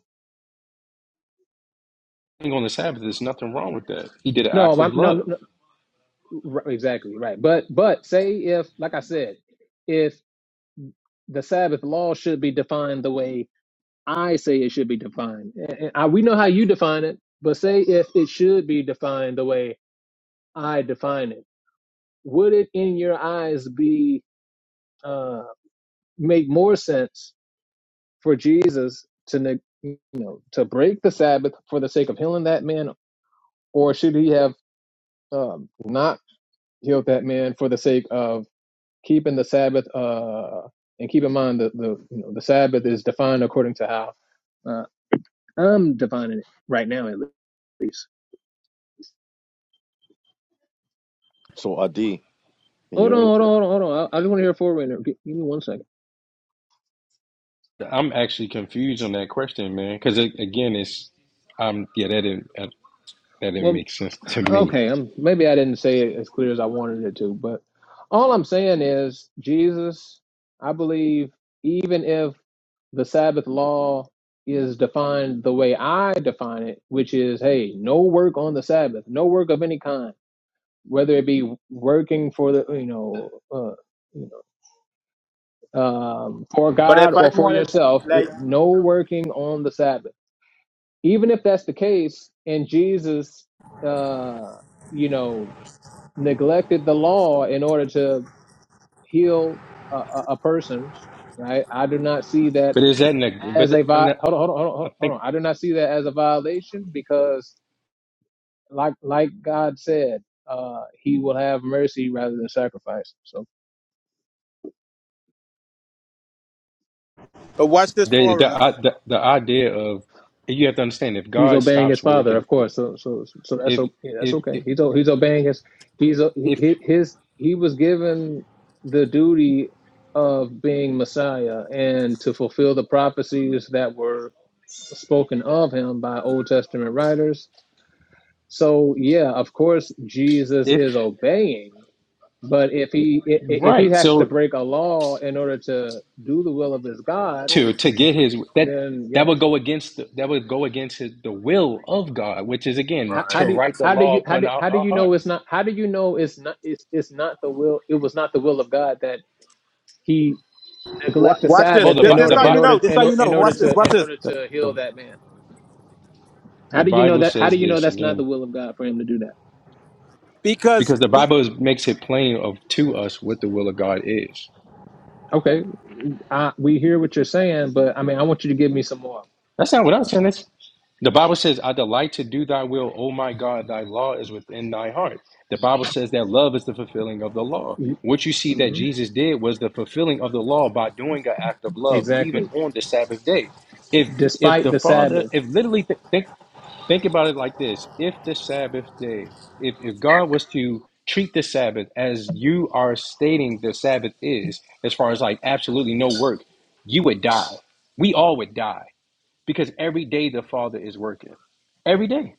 on the Sabbath, there's nothing wrong with that. He did an act
No,
of
I'm, no, no,
love.
no, right, exactly right. But but say if, like I said, if. the Sabbath law should be defined the way I say it should be defined. And- and I, we know how you define it, but say if it should be defined the way I define it, would it in your eyes be uh, make more sense for Jesus to neg- you know to break the Sabbath for the sake of healing that man, or should he have um, not healed that man for the sake of keeping the Sabbath? Uh, and keep in mind that the you know the Sabbath is defined according to how. uh, I'm defining it right now, at least.
So ID, can you
Hold
hear
on,
me?
hold on, hold on, hold on. I, I just want to hear four winner. Give, give me one second.
I'm actually confused on that question, man, because it, again, it's um yeah that didn't that, didn't
Well,
make sense to me.
okay. I'm maybe I didn't say it as clear as I wanted it to, but all I'm saying is, Jesus, I believe, even if the Sabbath law is defined the way I define it, which is, hey, no work on the Sabbath, no work of any kind, whether it be working for the, you know, uh, um, for
But
God
if I
or for
wanted,
yourself, it,
like,
no working on the Sabbath. Even if that's the case, and Jesus, uh, you know, neglected the law in order to heal a, a, a person, right? I do not see that
But is that in a,
as
but
a
and
vi- hold on,
I
hold on, hold on, hold
think
on. I do not see that as a violation because, like, like God said, uh, He will have mercy rather than sacrifice. So.
but watch this
the the,
forerunner.
the the idea of you have to understand if
he's
God
obeying
stops
his father,
working,
of course. So so so that's
if
okay. That's
if
okay.
if
He's o- he's obeying his he's o-
if,
he- his he was given the duty of being Messiah and to fulfill the prophecies that were spoken of him by Old Testament writers. So yeah, of course Jesus
if
is obeying, but if he i- i- if he
right,
has to
so
break a law in order to do the will of his God,
to
Mm.
to get his that
then
that
yes.
would go against the, that would go against his, the will of God, which is again
How, how
to
do
Right.
write the
how do
law
you how
upon
do
our,
how do
our
you know it's
hearts.
not how do you know it's not it's it's not the will it was not the will of God that he
Wa-
neglect the
Watch this.
Oh,
Sabbath
the
This
in
Bi-
this
order
the,
how
in
Bi-
you know.
order
This how
in,
you
or-
know.
in
Watch
order
this.
to
Watch
in
this.
order
the
to
the
heal that man?
the
How do you know
Bible
that? How
says
do you know
this
that's not the
again
will of God for him to do that?
Because
because the
be,
Bible is, makes it plain of to us what the will of God is.
Okay, I, we hear what you're saying, but I mean, I want you to give me some more.
That's not what I'm saying. That's, the Bible says, I delight to do thy will, O my God, thy law is within thy heart. The Bible says that love is the fulfilling of the law. What you see that
hmm
Jesus did was the fulfilling of the law by doing an act of love, even
Exactly.
on the Sabbath day. If if
Despite
the
the
Father,
Sabbath,
if literally th- think think about it like this, if the Sabbath day, if, if God was to treat the Sabbath as you are stating the Sabbath is, as far as like absolutely no work, you would die. We all would die because every day the Father is working. Every day,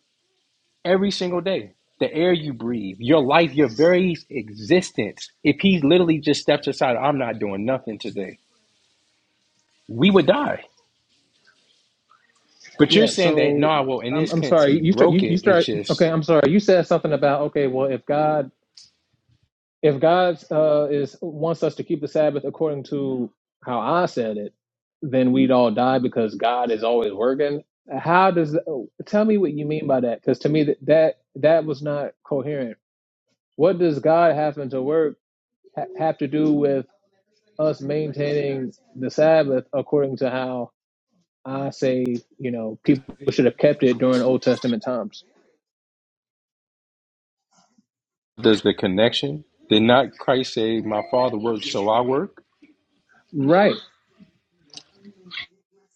every single day. The air you breathe, your life, your very existence. If He literally just steps aside, I'm not doing nothing today, we would die. But you're
yeah.
saying that,
So
nah, well, in
I'm
this
I'm
sense,
sorry.
He
You start.
broke
You, you
it. It's
start. Okay.
just,
I'm sorry. You said something about okay. Well, if God if God uh, is wants us to keep the Sabbath according to how I said it, then we'd all die because God is always working. How does tell me what you mean by that? Because to me that, that that was not coherent. What does God having to work ha- have to do with us maintaining the Sabbath according to how I say you know people should have kept it during Old Testament times?
there's the connection. Did not Christ say, My Father works, so I work?
Right,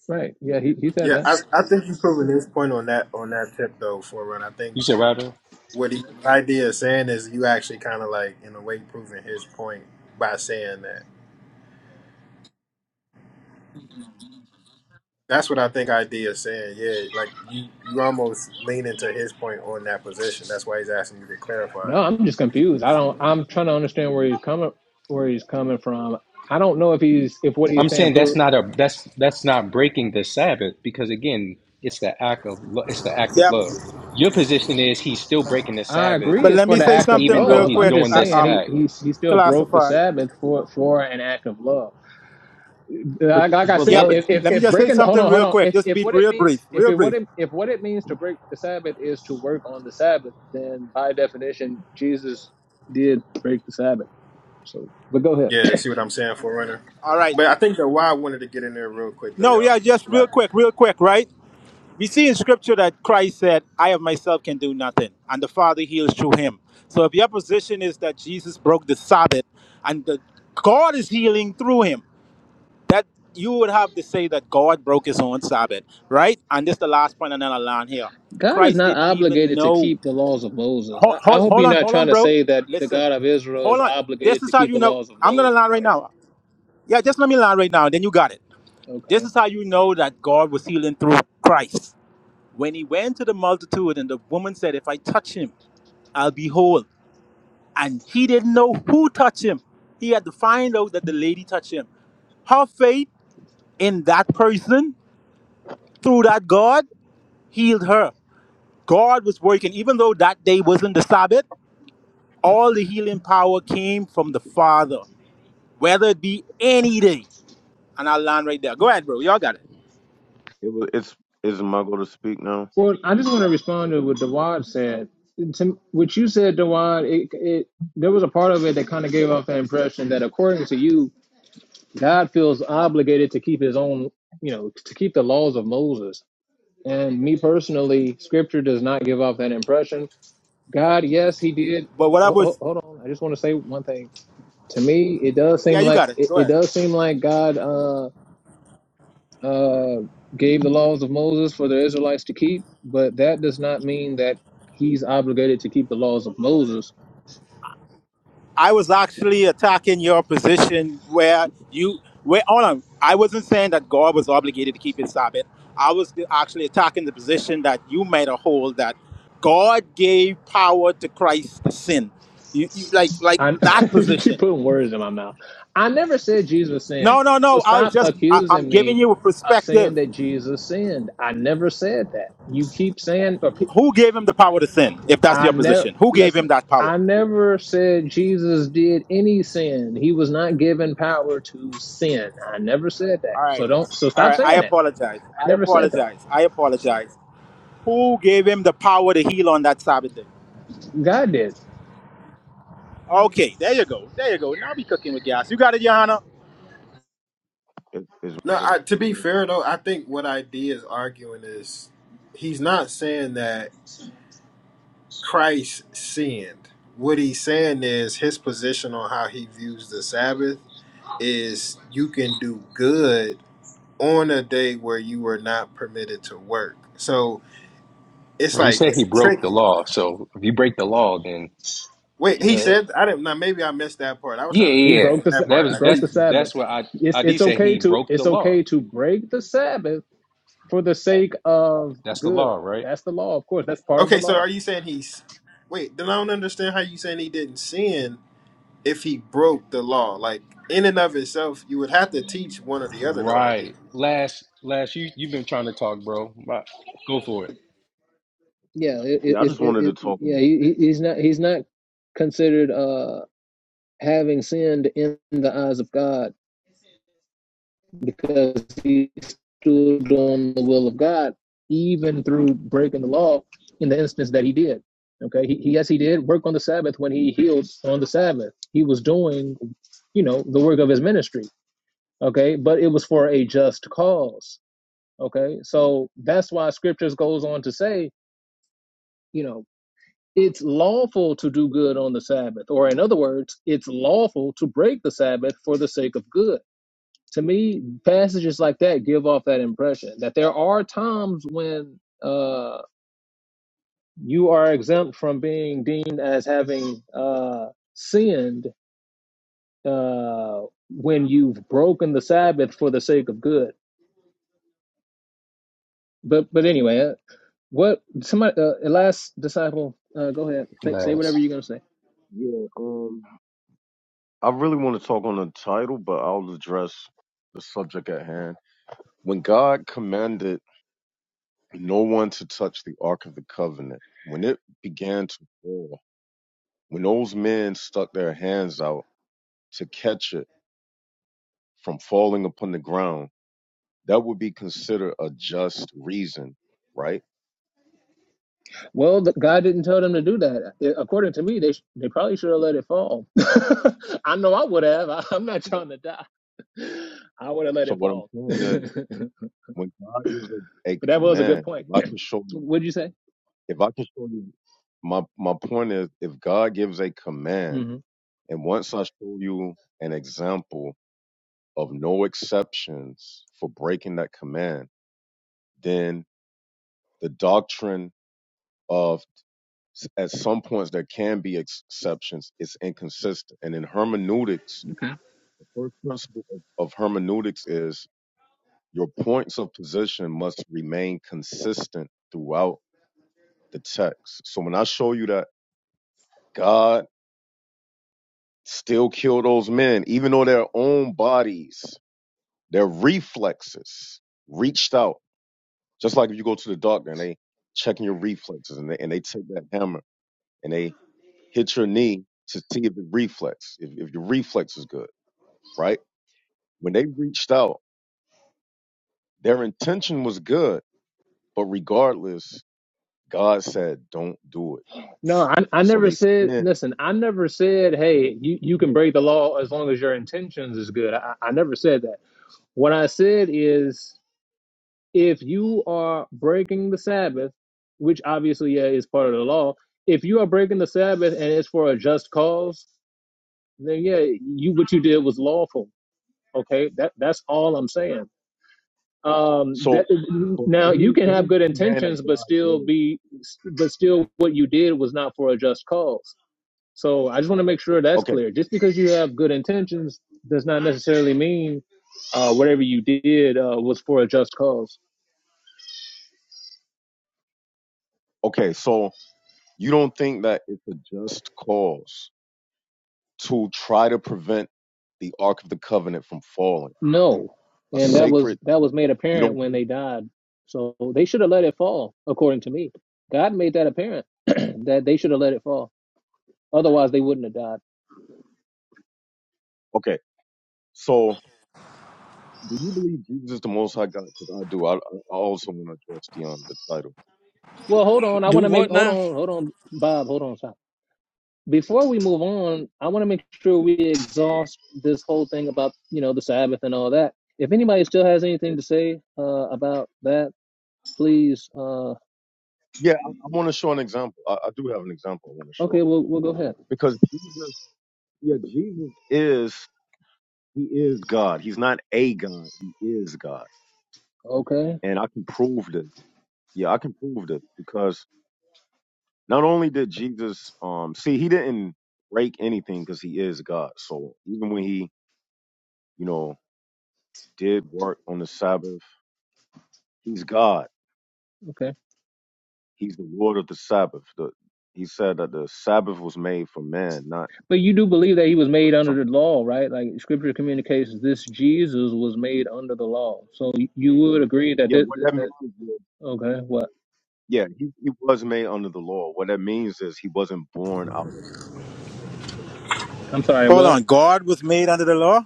right. Yeah, he he said
Yeah,
that.
I, I think you've proven this point on that on that tip though, for run. I think
You said, rather.
what he, the idea of saying is you actually kind of like in a way proving his point by saying that that's what i think idea is saying yeah like you you almost lean into his point on that position that's why he's asking you to
No,
clarify it
I'm just confused. I don't. I'm trying to understand where he's coming where he's coming from. I don't know if he's if what he's
I'm
saying
saying that's
proves.
not a that's that's not breaking the Sabbath because again, it's the act of lo- it's the act of
yeah.
love. Your position is he's still
I
breaking the
I
Sabbath
But
agree. It's
let
for
me
the
say
act of
something
even though
real
love.
he's
I'm
quick.
just
doing
Uh,
this
saying he
um,
act.
he he still broke the
classify.
Sabbath for for an act of love.
But
Like, like I
Yeah,
said,
but
beloved,
if, if
let me
if
just say
breaking hold
something
on hold
real
on
quick.
if
Just
if
be
what it
real
means
brief.
if
Real
it what
brief.
it if what it means
It
to break the Sabbath is to work on the Sabbath, then by definition Jesus did break the Sabbath. So, but go ahead.
yeah see what i'm saying for runner
All right.
but i think that why i wanted to get in there real quick though
No,
y'all
yeah, just
right.
real quick. Real quick. Right We see in scripture that Christ said, I of myself can do nothing, and the Father heals through him. So if your position is that Jesus broke the Sabbath and that God is healing through him, that you would have to say that God broke his own Sabbath, right? And this is the last point, and then I'll land here.
God is
Christ
not
didn't even
obligated to
know.
keep the laws of Moses.
Hold,
I, I
hold,
hope
hold
you're
on,
not
hold on,
trying to
bro.
say that the
Listen,
God of Israel is
hold on. This
obligated to
is how
keep
you
the
know.
laws of
I'm going to
Moses,
land right
are you?
now. Yeah, just let me land right now, then you got it. This
Okay.
is how you know that God was healing through Christ when he went to the multitude, and the woman said, If I touch him, I'll be whole. And he didn't know who touched him. He had to find out that the lady touched him. Her faith in that person, through that God, healed her. God was working, even though that day wasn't the Sabbath, all the healing power came from the Father, whether it be any day. And I'll land right there. Go ahead, bro. Y'all got it.
was. It's. Is my go to speak now?
Well, I just want to respond to what Dawad said. To what you said, Dawad, it, it there was a part of it that kind of gave off the impression that, according to you, God feels obligated to keep His own, you know, to keep the laws of Moses. And me personally, Scripture does not give off that impression. God, yes, He did.
But what I
ho- ho-
was,
Hold on, I just want to say one thing. to me it does seem
yeah, you
like
got it.
it,
Go
it
ahead.
does seem like god uh uh gave the laws of moses for the israelites to keep but that does not mean that he's obligated to keep the laws of moses
I was actually attacking your position where you where hold on. I wasn't saying that God was obligated to keep his Sabbath. I was actually attacking the position that you made a hold that God gave power to Christ to sin. You, you like like
i <laughs>
that
you keep
position.
putting words in my mouth i never said jesus
No,
sinned
no,
so
no. I was
stop
just I, I'm
accusing
giving
me
you a
of
perspective.
saying that jesus sinned i never said that you keep saying or pe-
Who gave him the power to sin? If that's
I
your
never
position, who gave him
listen.
that power?
I never said Jesus did any sin. He was not given power to sin. I never said that.
All
So
right,
don't. So
all
stop
right. I
saying it.
apologize.
I
I
never said that.
apologize. I apologize. Who gave him the power to heal on that Sabbath day?
God did.
Okay, there you go. There you go. Now be cooking with gas. You got it, Johanna.
Is, is my
no
go to
I, to
speak
be
now?
fair though i think what idea is arguing is he's not saying that christ sinned what he's saying is his position on how he views the sabbath is you can do good on a day where you were not permitted to work. So it's
well, he
like
said he
it's
broke the
tricky.
law. So if you break the law, then
Wait, he
yeah,
said I didn't. Now maybe I missed that part. I was
yeah,
trying to
He
defend
yeah.
broke the. Sa-
that
That
part.
He
was
I
broke
that's
think.
the Sabbath.
that's what I
It's
ID
it's
said.
okay
He
to
broke the
it's
law.
okay to break the Sabbath for the sake of
That's the
good.
law, right?
That's the law, of course. That's part of the
Okay, so are
law.
you saying he's? Wait, then I don't understand how you saying he didn't sin if he broke the law. Like in and of itself, you would have to teach one or the other, though. I
Right. Last, last, you you've been trying to talk, bro. Go for it.
Yeah. It, it,
Yeah, I
it,
just
it,
wanted to
it-
talk on.
yeah.
The,
He, he- he's not. He's not considered uh having sinned in the eyes of God because he stood on the will of God, even through breaking the law in the instance that he did. Okay, he, yes, he did work on the Sabbath when he healed on the Sabbath. He was doing, you know, the work of his ministry. Okay, but it was for a just cause. Okay, so that's why scriptures goes on to say, you know, it's lawful to do good on the Sabbath, or in other words, it's lawful to break the Sabbath for the sake of good to me, passages like that give off that impression that there are times when uh, you are exempt from being deemed as having uh, sinned uh, when you've broken the Sabbath for the sake of good. But but anyway, uh, what somebody uh, last disciple, uh, go ahead, say, say whatever
Last.
you're gonna say.
yeah. Um. I really want to talk on the title, but I'll address the subject at hand. When God commanded no one to touch the Ark of the Covenant, when it began to fall, when those men stuck their hands out to catch it from falling upon the ground That would be considered a just reason, right?
Well, the, God didn't tell them to do that. I- According to me, they sh- they probably should have let it fall. <laughs> I know I would have. I, I'm not trying to die. I would have let
So
it
what I'm
fall. <laughs> but
saying is when God gives a, a
that was a good
command,
point.
if I can show you
What'd you say?
if I can show you my my point is if God gives a command
hmm
and once I show you an example of no exceptions for breaking that command, then the doctrine of at some points there can be ex- exceptions is inconsistent. And in hermeneutics,
Okay.
the first principle of, of hermeneutics is Your points of position must remain consistent throughout the text. So when I show you that God still killed those men, even though their own bodies, their reflexes reached out, just like if you go to the doctor and they checking your reflexes and they, and they take that hammer and they hit your knee to see if it reflex, if, if your reflex is good, right? When they reached out, their intention was good, but regardless, God said, don't do it.
No, I, I
So
never
they sinned
said. Listen, I never said,
and
"Hey, you,
you
you can
killed
break
them.
the law as long as your intentions is good." I, I never said that. What I said is if you are breaking the Sabbath, which obviously yeah is part of the law, if you are breaking the Sabbath and it's for a just cause, then yeah, you what you did was lawful. Okay, that that's all I'm saying. Um, that,
So, but
now you
any
can
any
have good
man
intentions,
that
but
God
still
did.
be, but still what you did was not for a just cause. So I just want to make sure that's
okay,
clear. Just because you have good intentions does not necessarily mean uh, whatever you did uh, was for a just cause.
okay. So you don't think that it's a just cause to try to prevent the Ark of the Covenant from falling,
No,
a
and that was
sacred?
that was made
You
apparent
don't
when
think?
they died. So they should have let it fall, according to me. God made that apparent <clears throat> that they should have let it fall. Otherwise, they wouldn't have died.
Okay, so do you believe Jesus is the Most High God? Because I do. I, I I also want to address the um, the title.
Well, hold on. I want
Do
to make
what
hold
now?
on, hold on, Bob. Hold on, stop. Before we move on, I want to make sure we exhaust this whole thing about you know the Sabbath and all that. If anybody still has anything to say uh, about that, please. Uh,
Yeah, I, I want to show an example. I, I do have an example I want to show
okay, we'll we'll go ahead.
because Jesus, yeah, Jesus is he is God. He's not a God. He is God.
Okay,
and I can prove that. Yeah, I can prove that because not only did Jesus, um, see, he didn't break anything because he is God. So even when he, you know, did work on the Sabbath, he's God.
okay.
He's the Lord of the Sabbath. The, he said that the Sabbath was made for man, not
But you do believe that he was
the
made under
son.
the law, right? Like Scripture communicates, this Jesus was made under the law. So you would agree that
Yeah,
that,
what that
that,
means is,
okay, what?
yeah, he, he was made under the law. What that means is he wasn't born out of uh, fornication.
I'm sorry,
Hold
what?
on. God was made under the law?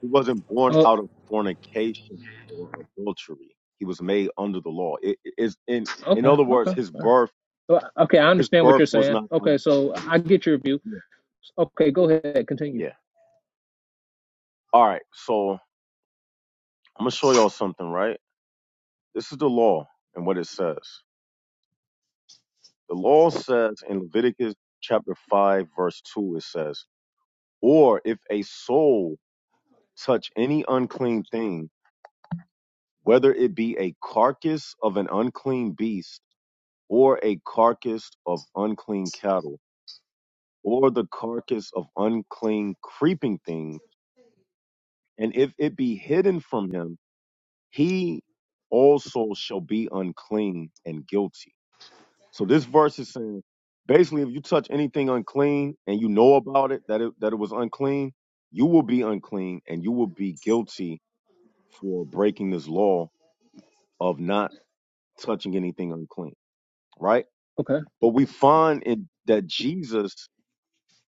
He wasn't born
Oh,
out of fornication or adultery. He was made under the law. It it is in in
okay,
other
okay,
words,
all
his
right.
birth
Well, okay. I
his
understand what you're
birth was
saying.
not out
Okay,
of
so
sin.
I get your view.
Yeah.
Okay, go ahead, continue.
Yeah. All right. So I'm gonna show y'all something, right? This is the law and what it says. The law says in Leviticus chapter five, verse two, it says, Or if a soul touch any unclean thing, whether it be a carcass of an unclean beast or a carcass of unclean cattle or the carcass of unclean creeping thing, and if it be hidden from him, he also shall be unclean and guilty. So this verse is saying basically if you touch anything unclean and you know about it that it that it was unclean, you will be unclean and you will be guilty for breaking this law of not touching anything unclean, right?
Okay,
But we find in that Jesus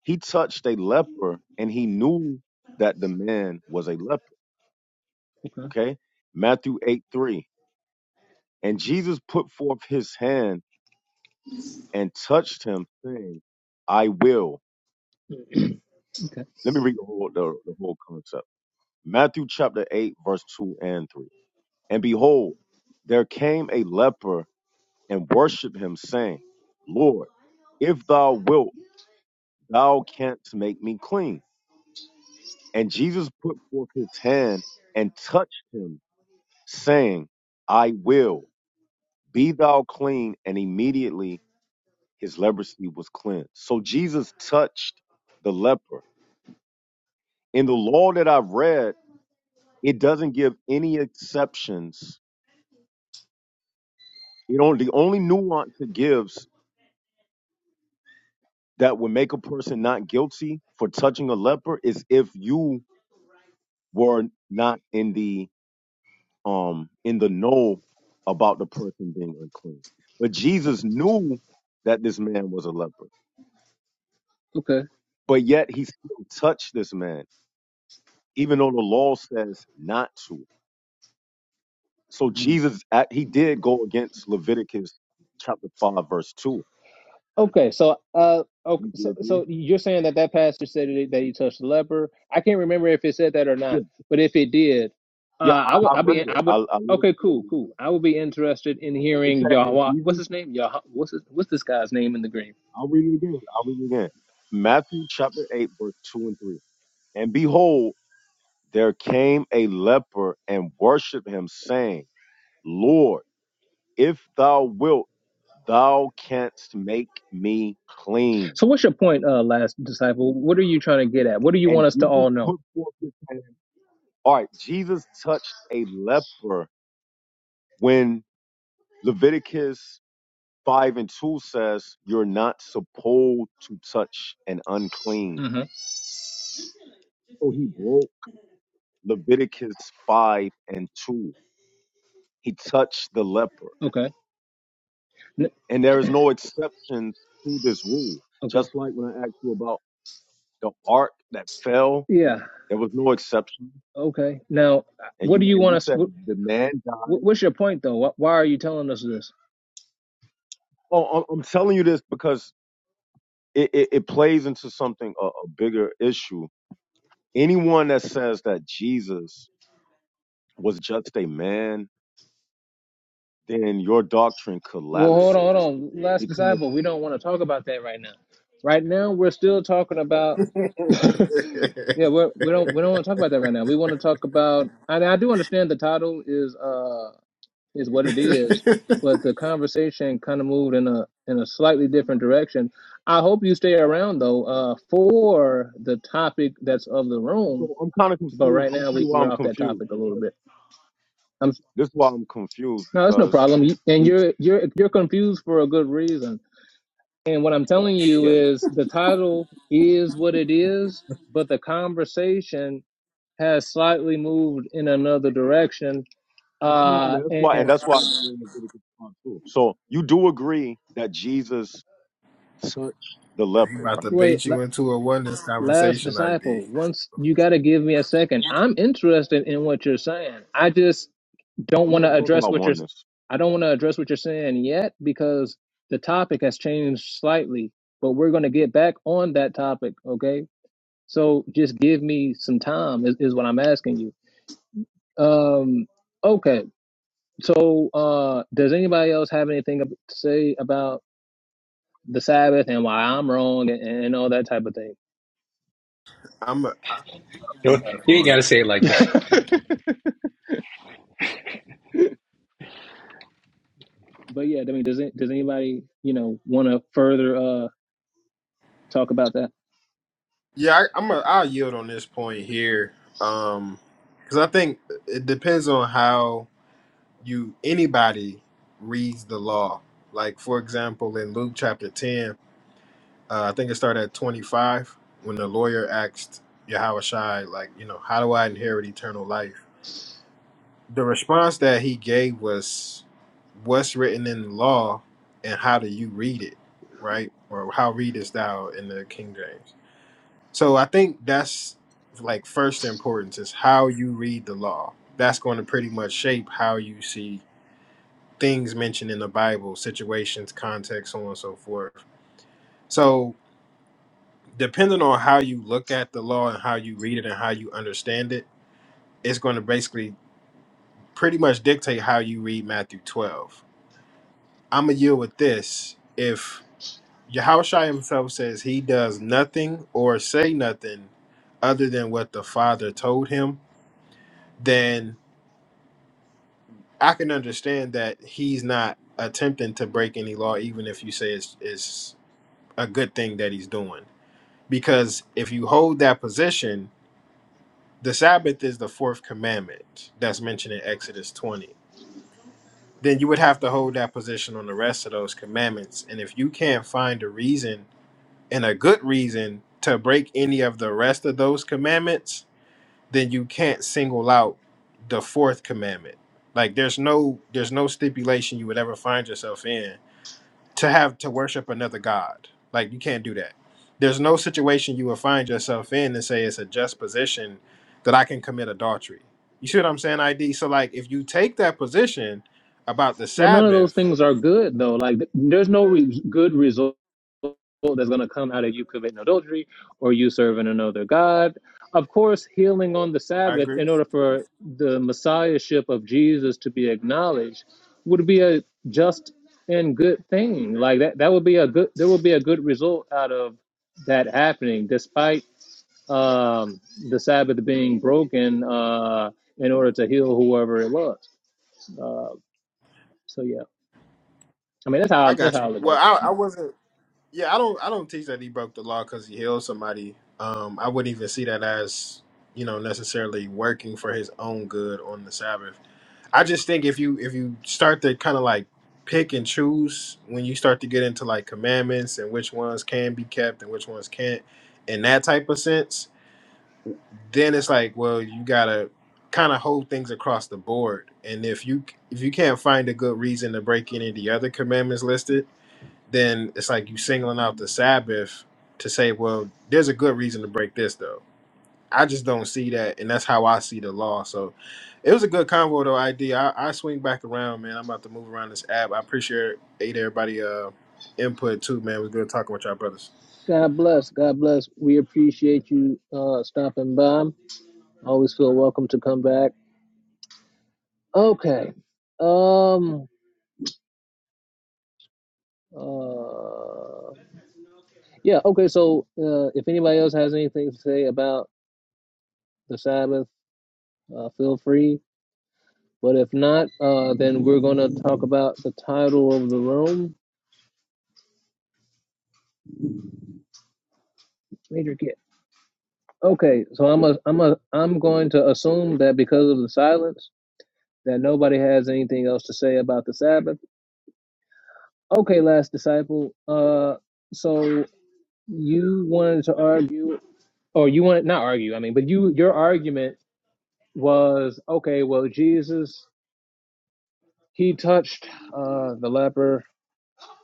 He touched a leper and he knew that the man was a leper.
okay,
Okay. Matthew 8 3. And Jesus put forth his hand and touched him, saying, I will.
okay,
Let me read the whole, the, the whole concept. Matthew chapter 8, verse 2 and 3. And behold, there came a leper and worshiped him, saying, Lord, if thou wilt, thou canst make me clean. And Jesus put forth his hand and touched him saying, I will be thou clean. And immediately his leprosy was cleansed. So Jesus touched the leper. In the law that I've read, it doesn't give any exceptions. It only, the only nuance it gives that would make a person not guilty for touching a leper is if you were not in the um in the know about the person being unclean. But Jesus knew that this man was a leper.
okay.
but yet he still touched this man, even though the law says not to. So
Mm.
Jesus, act- he did go against Leviticus chapter five, verse two.
Okay, so uh, okay,
Do
so
you agree?
so you're saying that that pastor said that he, that he touched the leper. I can't remember if it said that or not,
Yeah,
but if it did, uh,
yeah,
I
I,
would
I
I be
read it.
I
I,
would
I read it.
okay,
I
cool,
read it
cool.
again.
I would be interested in
It said,
hearing
and
Yahweh. What's
Jesus,
his name? Yah. What's his, what's this guy's name in the green?
I'll read it again. I'll read it again. Matthew chapter eight, verse two and three. And behold, there came a leper and worshipped him, saying, Lord, if thou wilt, thou canst make me clean.
So what's your point, uh, last disciple? What are you trying to get at? What do you
And
want us to
Jesus
all know?
put forth his hand. All right, Jesus touched a leper when Leviticus 5 and 2 says you're not supposed to touch an unclean.
hmm
So he broke Leviticus 5 and 2. He touched the leper.
Okay. N-
And there is no exceptions to this rule.
Okay.
Just like when I asked you about the ark that fell,
Yeah.
there was no exception.
Okay. Now,
And
what do
you
you
and
want
you
us?
said
What,
the man died.
what's your point though? Wh- Why are you telling us this?
Oh, I'm I'm telling you this because it, it, it plays into something a, a bigger issue. Anyone that says that Jesus was just a man, then your doctrine
Well, hold on, hold
collapses.
on. Last
Because
disciple, we don't want to talk about that right now. Right now, we're still talking about. <laughs> yeah, we're, we don't we don't want to talk about that right now. We want to talk about. And I do understand the title is uh is what it is, but the conversation kind of moved in a in a slightly different direction. I hope you stay around though uh for the topic that's of the room.
so I'm kind of
But
confused.
right
I'm gonna
now,
tell
we
you why
we're
I'm
off that
confused.
topic a little
Because
bit. I'm
this is why I'm confused
no, that's no
because
problem. You- And
we
you're you're you're confused for a good reason And what I'm telling you
yeah.
is the title is what it is, but the conversation has slightly moved in another direction.
You know, and
Uh,
that's why and
and
that's why I don't want to get it wrong, too. So you do agree that Jesus touched the leper,
am <laughs> about
right?
to bait
wait, la-
you into a oneness
last
conversation, ID.
disciple, once you got to give me a second. I'm interested in what you're saying. I just don't
I'm
want
not
to
talking
address
about
what you're.
oneness.
I I don't want to address what you're saying yet because the topic has changed slightly. But we're going to get back on that topic, okay? So just give me some time is, is what I'm asking you. Um, okay. So, uh, does anybody else have anything to say about the Sabbath and why I'm wrong and, and all that type of thing?
I'm
You
a
ain't gotta say it like that.
<laughs> but yeah, I mean, does it, does anybody you know want to further uh talk about that?
yeah, I, I'm a, I'll yield on this point here, um, because I think it depends on how you anybody reads the law. Like for example, in Luke chapter ten, uh, I think it started at twenty five when the lawyer asked Yahushai, like, you know, how do I inherit eternal life? The response that he gave was, "What's written in the law, and how do you read it, right? Or how readest thou in the King James?" So I think that's like first importance is how you read the law. That's going to pretty much shape how you see things mentioned in the Bible, situations, context, so on and so forth. So depending on how you look at the law and how you read it and how you understand it, it's going to basically pretty much dictate how you read Matthew 12. I'm going to yield with this. If Yahushua himself says he does nothing or say nothing other than what the Father told him, then I can understand that he's not attempting to break any law, even if you say it's, it's a good thing that he's doing. Because if you hold that position, the Sabbath is the fourth commandment that's mentioned in Exodus 20. Then you would have to hold that position on the rest of those commandments. And if you can't find a reason and a good reason to break any of the rest of those commandments, then you can't single out the fourth commandment. Like there's no there's no stipulation you would ever find yourself in to have to worship another god. Like you can't do that. There's no situation you will find yourself in and say it's a just position that I can commit adultery. You see what I'm saying, ID? So like if you take that position about the
Well, none of those
Sabbath,
things are good though. Like th- there's no re- good result that's going to come out of you committing adultery or you serving another god. Of course, healing on the
I
Sabbath
agree.
in order for the messiahship of Jesus to be acknowledged would be a just and good thing. Like that that would be a good there would be a good result out of that happening despite um the Sabbath being broken uh in order to heal whoever it was. Uh so yeah. I mean, that's
I
how that's
got
how I
you.
look at
Well,
it.
I, I wasn't. Yeah, I don't. I don't teach that he broke the law because he healed somebody. Um, I wouldn't even see that as you know necessarily working for his own good on the Sabbath. I just think if you if you start to kind of like pick and choose when you start to get into like commandments and which ones can be kept and which ones can't in that type of sense, then it's like, well, you gotta kind of hold things across the board. And if you if you can't find a good reason to break any of the other commandments listed, then it's like you singling out the Sabbath to say, well, there's a good reason to break this though I just don't see that, and that's how I see the law. So it was a good convo though, ID. I, I swing back around, man. I'm about to move around this app. I appreciate everybody uh input too, man. It was good talking with y'all brothers.
God bless. God bless. We appreciate you uh stopping by. Always feel welcome to come back. Okay. Um uh yeah, okay, so uh if anybody else has anything to say about the Sabbath, uh feel free. But if not, uh then we're gonna talk about the title of the room. Major kid. Okay, so I'm a I'm a I'm going to assume that because of the silence that nobody has anything else to say about the Sabbath. Okay, last disciple. Uh, so you wanted to argue, or you wanted not argue. I mean, but you your argument was okay. Well, Jesus he touched uh, the leper,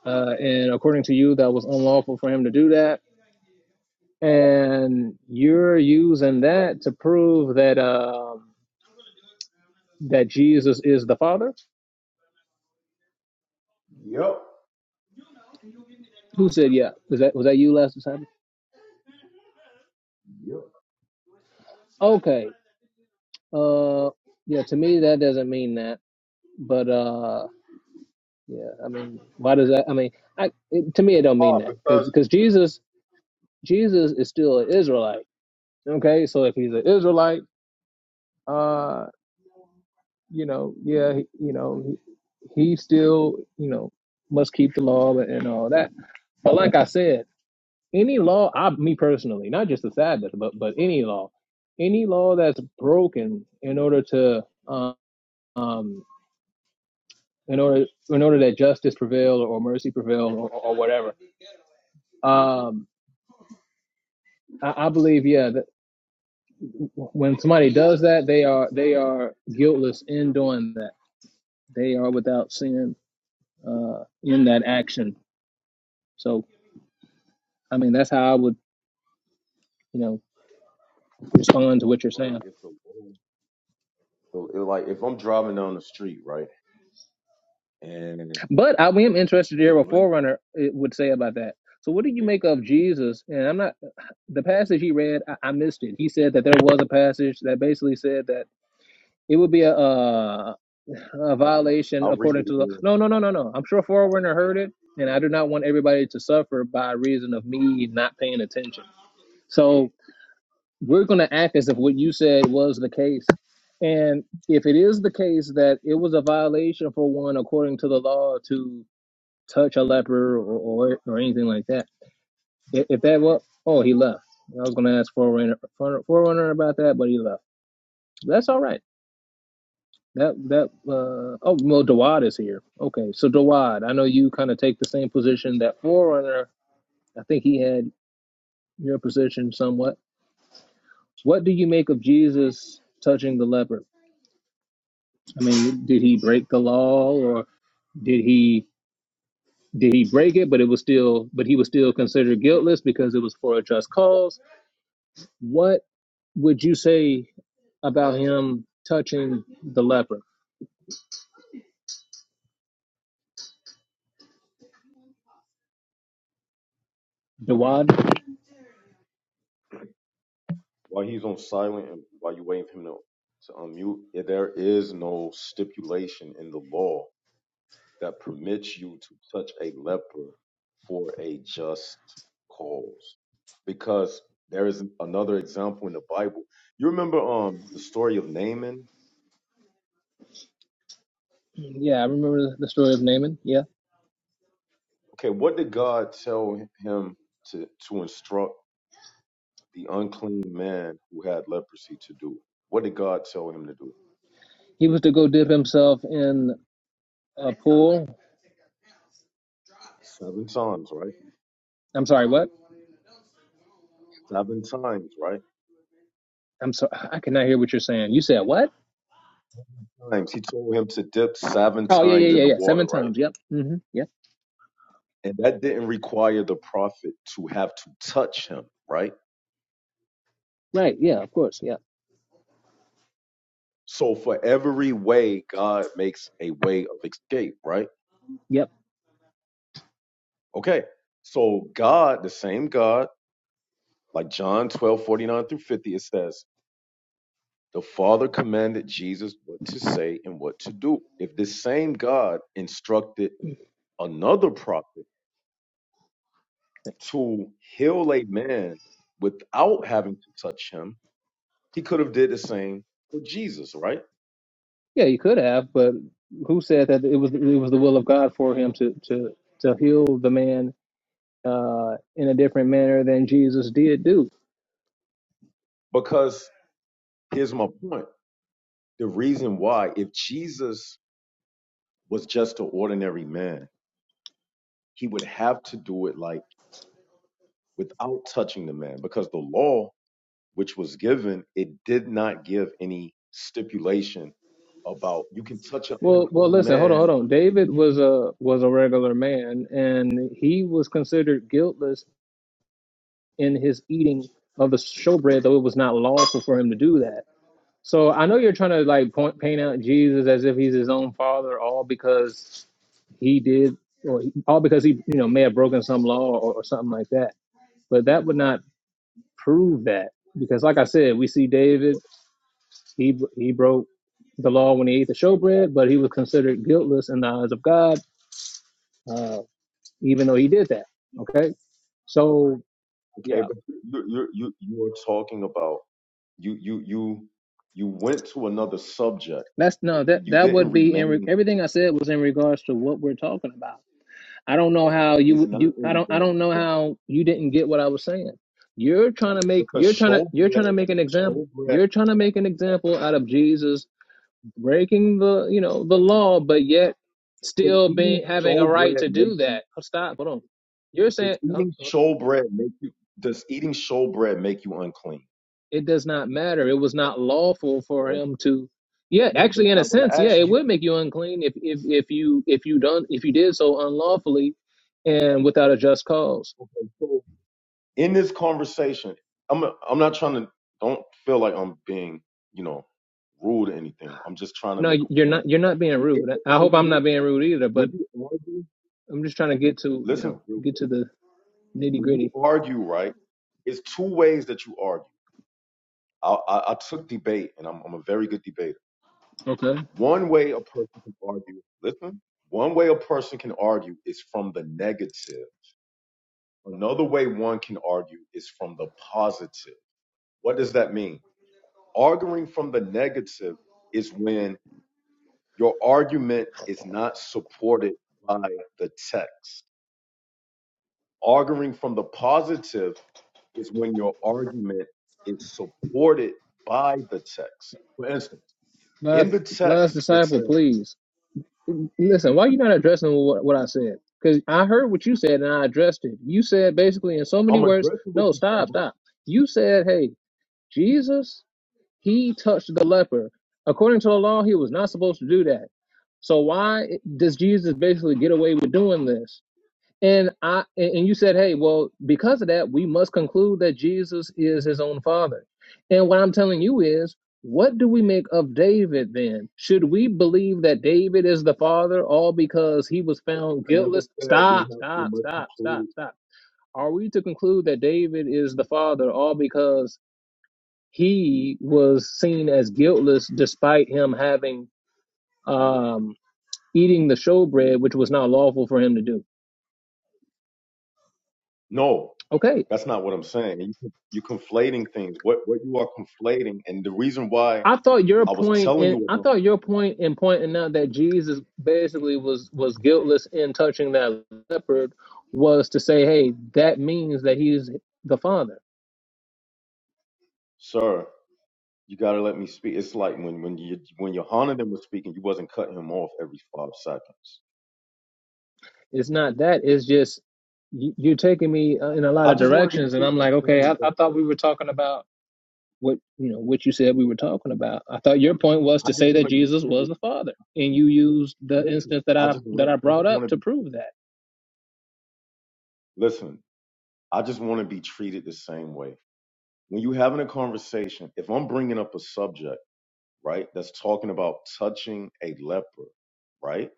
uh, and according to you, that was unlawful for him to do that. And you're using that to prove that um, that Jesus is the Father.
Yep.
Who said yeah? Was that was that you last disciple?
Yep.
Okay. Uh, yeah. To me, that doesn't mean that, but uh. Yeah, I mean, why does that? I mean, I it, to me it don't mean
Why?
that because
Because
because Jesus Jesus is still an Israelite. Okay, so if he's an Israelite, uh, you know, yeah, he, you know, he, he still you know must keep the law and, and all that. But like I said, any law, I me personally, not just the Sabbath, but but any law, any law that's broken in order to um. um in order, in order that justice prevail or mercy prevail or, or whatever, um, I, I believe, yeah, that when somebody does that, they are they are guiltless in doing that. They are without sin uh, in that action. So, I mean, that's how I would, you know, respond to what you're
but
saying.
it's a word. So it, like if I'm driving down the street, right, and
But I am interested to
the
hear what
light,
Forerunner eh, would say about that. So, what do you make of Jesus? And I'm not the passage he read. I, I missed it. He said that there was a passage that basically said that it would be a, a a violation
I'll read
according
it
to the
again
no no no no no i'm sure forerunner heard it and i do not want everybody to suffer by reason of me not paying attention so we're going to act as if what you said was the case and if it is the case that it was a violation for one according to the law to touch a leper or or, or anything like that if, if that was oh he left i was going to ask forerunner forerunner about that but he left that's all right That that uh oh well Dawad is here. Okay, so Dawad, I know you kind of take the same position that Forerunner. I think he had your position somewhat. What do you make of Jesus touching the leper? I mean, did he break the law or did he did he break it? But it was still but he was still considered guiltless because it was for a just cause. What would you say about him touching the leper, Dawad?
while he's on silent and while you're waiting for him to, to unmute. If There is no stipulation in the law that permits you to touch a leper for a just cause, because there is another example in the Bible. You remember um the story of Naaman?
Yeah, I remember the story of Naaman. Yeah,
Okay, what did God tell him to to instruct? the unclean man who had leprosy to do? What did God tell him to do?
he was to go dip himself in. a pool.
Seven times, right?
I'm sorry, what?
Seven times, right?
I'm sorry, I cannot hear what you're saying. You said what?
Times. He told him to dip seven
Oh yeah, yeah,
times
yeah,
in the
yeah.
water,
Seven
right?
times. Yep. Mm-hmm. Yep.
And that didn't require the prophet to have to touch him, right?
Right. Yeah. Of course. Yep.
So for every way, God makes a way of escape, right?
Yep.
Okay. So God, the same God, like John 12 49 through 50, it says, The Father commanded Jesus what to say and what to do. If this same God instructed another prophet
Thanks.
to heal a man without having to touch him, he could have did the same for Jesus, right?
Yeah, you could have, but who said that it was it was the will of God for him to to to heal the man uh, in a different manner than Jesus did do?
Because here's my point. The reason why if Jesus was just an ordinary man, he would have to do it like without touching the man because the law which was given, it did not give any stipulation about you can touch an
Well, well,
unclean
listen, hold on, hold
man,
on. David was a was a regular man, and he was considered guiltless in his eating of the showbread, though it was not lawful for him to do that. So I know you're trying to like point paint out Jesus as if he's his own father, all because he did, or he, all because he you know may have broken some law or, or something like that. But that would not prove that because, like I said, we see David he he broke the law when he ate the showbread, but he was considered guiltless in the eyes of God, uh, even though he did that. Okay, so
okay?
yeah.
But you you you you are talking about you you you you went to another subject.
That's no that
You
that
didn't
would be in re,
remain.
everything I said was in regards to what we're talking about. I don't know how
It's
you
not
you
in
I don't I
regard
don't know how you didn't get what I was saying. You're trying to make
because
you're trying to you're trying
showbread
to make an example
showbread
you're trying to make an example out of Jesus breaking the you know the law, but yet
does
still
eating
being having a right
showbread
to
make
do
you
that. Oh, Stop, hold on. You're
does
saying, uh,
eating
uh,
showbread make you does eating showbread make you unclean?
it does not matter. It was not lawful for him to. Yeah,
No,
actually,
that's
in a
not what
sense,
I
yeah,
asked
it
you.
would make you unclean if if if you if you done if you did so unlawfully and without a just cause.
Okay, so in this conversation, I'm I'm not trying to don't feel like I'm being, you know, rude or anything. I'm just trying to
No,
make
you're
a point.
not. You're not being
If-
rude. I hope I'm not being rude either.
When
But
you argue,
I'm just trying to get to you
listen
know
real
get
quick.
to the nitty
When you
gritty.
argue, right, it's two ways that you argue. I, I, I took debate, and I'm, I'm a very good debater.
Okay.
One way a person can argue, listen, one way a person can argue is from the negative. Another way one can argue is from the positive. What does that mean? arguing from the negative is when your argument is not supported by the text. Arguing from the positive is when your argument is supported by the text. For instance, in
Last
the
last
text, it
disciple,
says,
please listen. Why you not addressing what what I said? Because I heard what you said and I addressed it. You said basically in so many
I'm
words.
addressing what
No,
you said,
stop,
but I
stop. You said, hey. Jesus, he touched the leper. According to the law, he was not supposed to do that. So why does Jesus basically get away with doing this? And I and you said, hey, well, because of that, we must conclude that Jesus is his own father. And what I'm telling you is, what do we make of David then? Should we believe that David is the father all because he was found
never
guiltless?
said we
Stop,
have we
stop,
must
stop, stop,
conclude.
stop. Are we to conclude that David is the father all because he was seen as guiltless despite him having um, eating the showbread, which was not lawful for him to do.
No,
Okay,
that's not what I'm saying. You, you're conflating things. What what you are conflating, and the reason why
I thought your
I was
point
telling
in
you
I
about,
thought your point in pointing out that Jesus basically was was guiltless in touching that leopard was to say, hey, that means that he's the father.
sir. You gotta let me speak. It's like when when you when Yohanan was speaking, you wasn't cutting him off every five seconds.
It's not that. It's just you- you're taking me uh, in a lot
I
of
just want to be
directions, and I'm
treated the
like, okay,
same
I, I
both
thought we
ways.
were talking about what you know what you said we were talking about. I thought your point was
I
to
just
say
want
that
to be
Jesus was
treated.
the Father, and you used the
Listen,
instance that
I
I
just
that
want
I
I
brought
just want
up
to
to
be
prove that.
listen. I just want to be treated the same way. When you having a conversation, if I'm bringing up a subject right that's talking about touching a leper, right,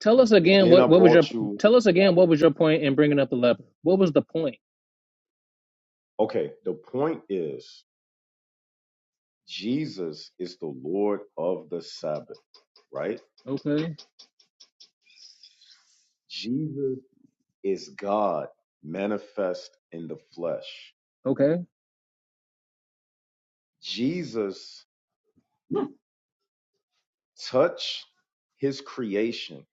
Tell us
and
again
then
what
I
what was your
brought you.
tell us again what was your point in bringing up the leper? What was the point?
Okay, the point is Jesus is the Lord of the Sabbath, right?
Okay,
Jesus is God manifest in the flesh.
okay,
Jesus touched his creation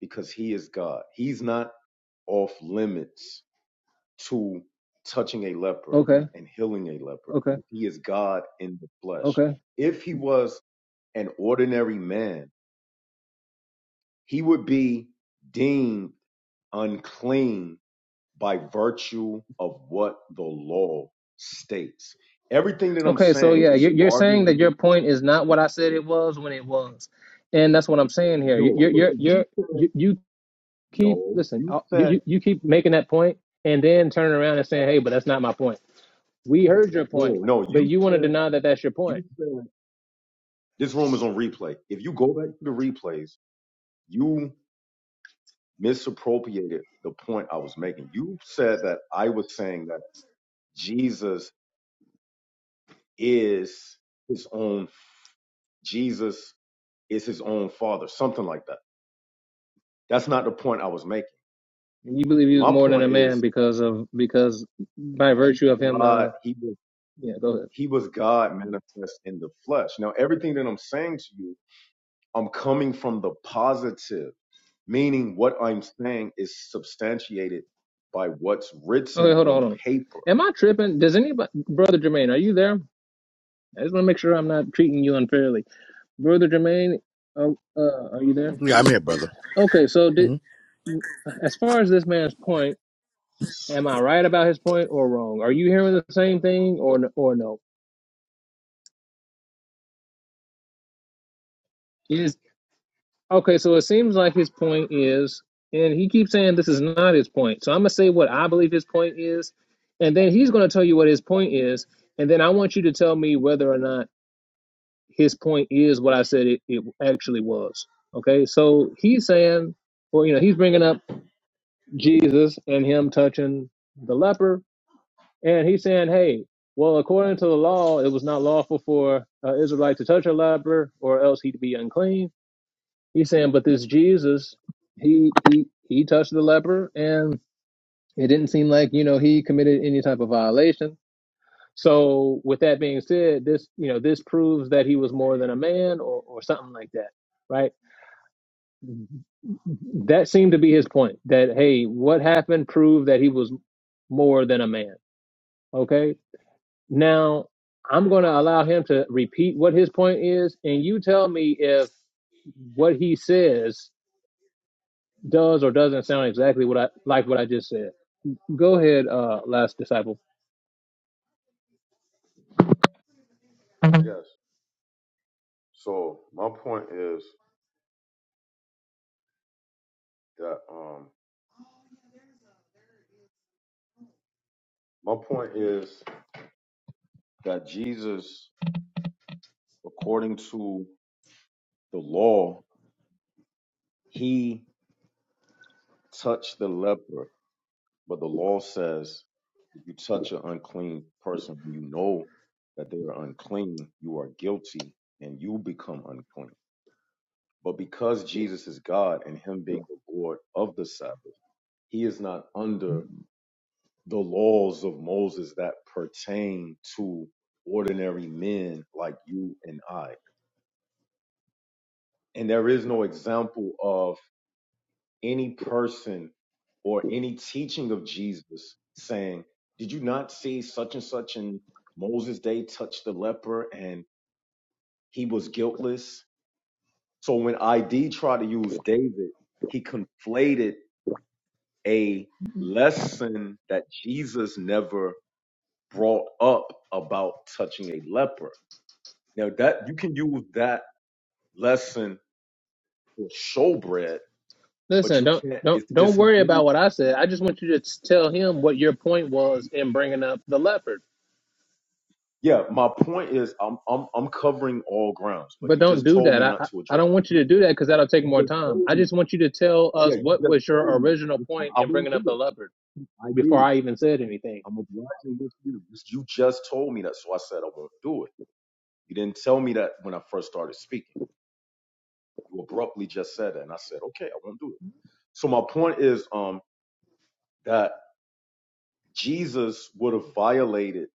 because he is God. He's not off limits to touching a leper
okay,
and healing a leper
okay,
because he is God in the flesh.
okay,
If he was an ordinary man, he would be deemed unclean by virtue of what the law states. Everything that I'm
okay. So
saying
yeah,
is
you're you're saying that
arguing
your point is not what I said it was when it was, and that's what I'm saying here. You
No,
you you
because you
you
said
you you keep
no.
listen.
You
uh, You
said
you you keep making that point and then turning around and saying, hey, but that's not my point. We heard your point,
no. No,
but
you
you want to
said
deny that that's your point.
you said this room is on replay. If you go back to the replays, you misappropriated the point I was making. You said that I was saying that Jesus is his own. Jesus is his own father, something like that. That's not the point I was making.
And you believe he was
My
more than a
point
man
is
because of because by
he
virtue of him.
God.
Uh,
He was
yeah, go ahead.
he was God manifest in the flesh. Now everything that I'm saying to you I'm coming from the positive, meaning what I'm saying is substantiated by what's
Okay,
written
hold on,
on
hold on.
paper.
Am I tripping? Does anybody, brother Jermaine, are you there? I just want to make sure I'm not treating you unfairly, brother Jermaine. Uh, uh, are you there?
Yeah, I'm here, brother.
Okay, so
Mhm.
did, as far as this man's point, am I right about his point or wrong? Are you hearing the same thing or or no? Okay, so it seems like his point is, and he keeps saying this is not his point. So I'm gonna say what I believe his point is, and then he's gonna tell you what his point is, and then I want you to tell me whether or not his point is what I said it, it actually was. Okay, so he's saying, or you know, he's bringing up Jesus and him touching the leper, and he's saying, hey, well, according to the law, it was not lawful for uh, Israelite to touch a leper, or else he'd be unclean He's saying, but this Jesus, he he he touched the leper, and it didn't seem like you know he committed any type of violation. So, with that being said, this you know this proves that he was more than a man, or or something like that, right? That seemed to be his point. That hey, what happened proved that he was more than a man. Okay, now I'm going to allow him to repeat what his point is, and you tell me if what he says does or doesn't sound exactly what I like what I just said. Go ahead, uh, last disciple.
Yes. So my point is that um my point is that Jesus, according to the law, he touched the leper, but the law says if you touch an unclean person, you know that they are unclean, you are guilty, and you become unclean. But because Jesus is God and him being the Lord of the Sabbath, he is not under the laws of Moses that pertain to ordinary men like you and I. And there is no example of any person or any teaching of Jesus saying, Did you not see such and such in Moses' day touch the leper and he was guiltless? So when ID tried to use David, he conflated a lesson that Jesus never brought up about touching a leper. Now that you can use that lesson for showbread, but
Listen,
you
don't
can't.
don't
It's
don't worry about
disingenuous.
what I said. I just want you to s- tell him what your point was in bringing up the leopard.
Yeah, my point is I'm I'm I'm covering all grounds, but
But
you
don't
just
do
told
that.
me
I
not
I,
to
I
address.
don't want you
You
to do that because that'll take more
just
time.
told
I
me.
just want you to tell
Yeah,
us
you
what
just
was your
told me.
original
You-
point
I
in
won't
bringing
do
up the
it.
leopard
I
before
did.
I even said anything.
I'm obliging with you. You just told me that, so I said I won't do it. You didn't tell me that when I first started speaking. You abruptly just said it. And I said, okay, I won't do it. So my point is um, that Jesus would have violated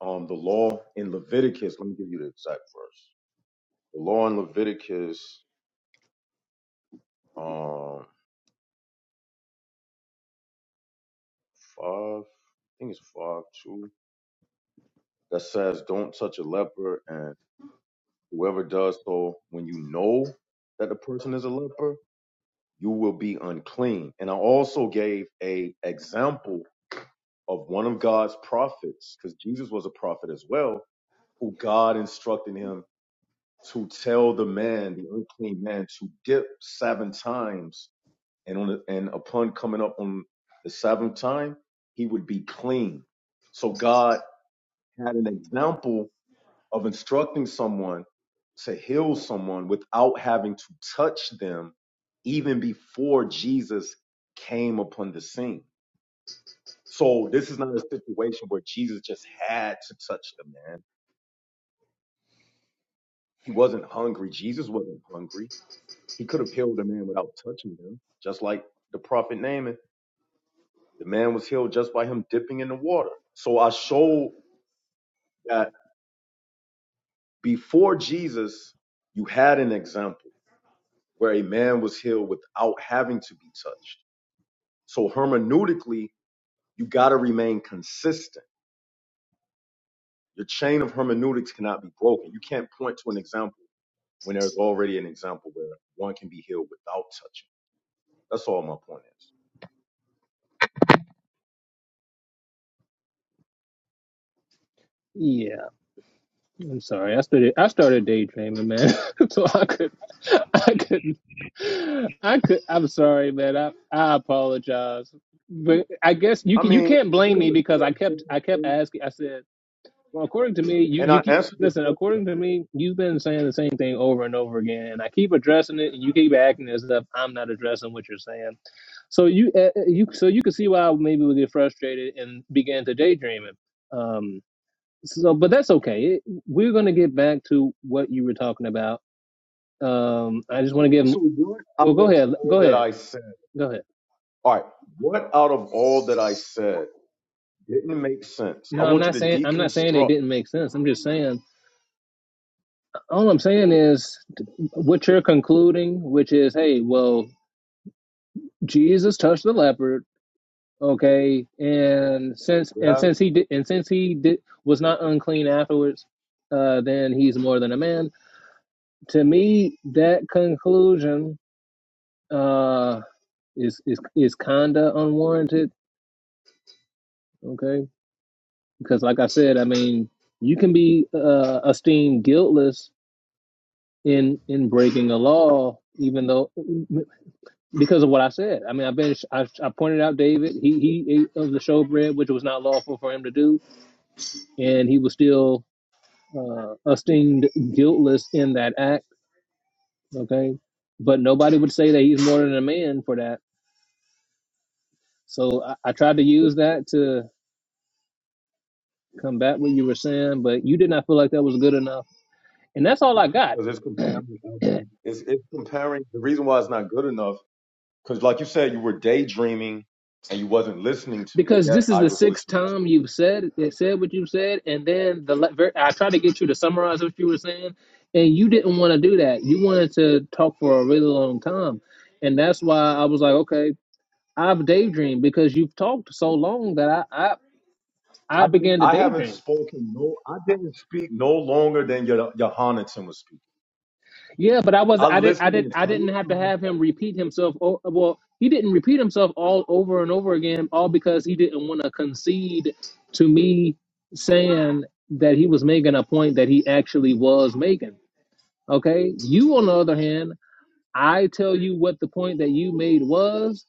um, the law in Leviticus. Let me give you the exact verse. The law in Leviticus um, 5, I think it's 5 2, that says, don't touch a leper. And whoever does so, when you know that the person is a leper, you will be unclean. And I also gave a example of one of God's prophets, because Jesus was a prophet as well who God instructed him to tell the man, the unclean man, to dip seven times, and on the, and upon coming up on the seventh time, he would be clean. So God had an example of instructing someone to heal someone without having to touch them, even before Jesus came upon the scene. So this is not a situation where Jesus just had to touch the man. He wasn't hungry. Jesus wasn't hungry He could have healed a man without touching him, just like the prophet Naaman. The man was healed just by him dipping in the water. So I showed that before Jesus, you had an example where a man was healed without having to be touched. So hermeneutically, you got to remain consistent. Your chain of hermeneutics cannot be broken. You can't point to an example when there's already an example where one can be healed without touching. That's all my point is.
Yeah. I'm sorry. I started I started daydreaming, man. <laughs> so I could I could not I could I'm sorry, man. I I apologize. But I guess you
I
can you
mean,
can't
you
blame
got
me
to
because
start
I
a
kept I
business
kept
thing.
asking I said, Well according to me, you,
And I
you keep
answered your
listen,
question.
according to me, you've been saying the same thing over and over again and I keep addressing it and you keep acting as if I'm not addressing what you're saying. So you uh, you so you can see why I maybe would get frustrated and began to daydreaming so but that's okay we're going to get back to what you were talking about um i just want to give them.
So what out
well
of
go ahead
all
go
that
ahead
I said?
go ahead
All right, what out of all that I said didn't make sense? I
no i'm
want you
not
to
saying i'm not saying it
deconstruct,
didn't make sense i'm just saying all i'm saying is what you're concluding which is hey well jesus touched the leopard okay and since and
yeah,
since he did and since he did was not unclean afterwards uh then he's more than a man to me that conclusion uh is is is kinda unwarranted, okay? Because like I said, I mean, you can be uh, esteemed guiltless in in breaking a law, even though because of what I said. I mean, I've been I, I pointed out David. He he ate of the showbread, which was not lawful for him to do, and he was still uh, esteemed guiltless in that act, okay? But nobody would say that he's more than a man for that. So I, I tried to use that to. combat what you were saying, but you did not feel like that was good enough. And that's all I got
because it's comparing. apples and- It's it's comparing. The reason why it's not good enough, because like you said, you were daydreaming and you wasn't listening to me.
because
Yet
this is
I
the
was
sixth
listening to
time
you.
you've said it said what you said, and then the I tried to get you to summarize what you were saying, and you didn't want to do that. You wanted to talk for a really long time, and that's why I was like, okay, I've daydreamed because you've talked so long that I I, I
I didn't.
began to
I haven't
daydream.
spoken. No, I didn't speak no longer than your Johannaton was speaking.
Yeah, but I was
I
I did I
listened the
did I didn't
entire
have to
time.
have him repeat himself. Oh, well, he didn't repeat himself all over and over again, all because he didn't want to concede to me saying that he was making a point that he actually was making. Okay, you on the other hand, I tell you what the point that you made was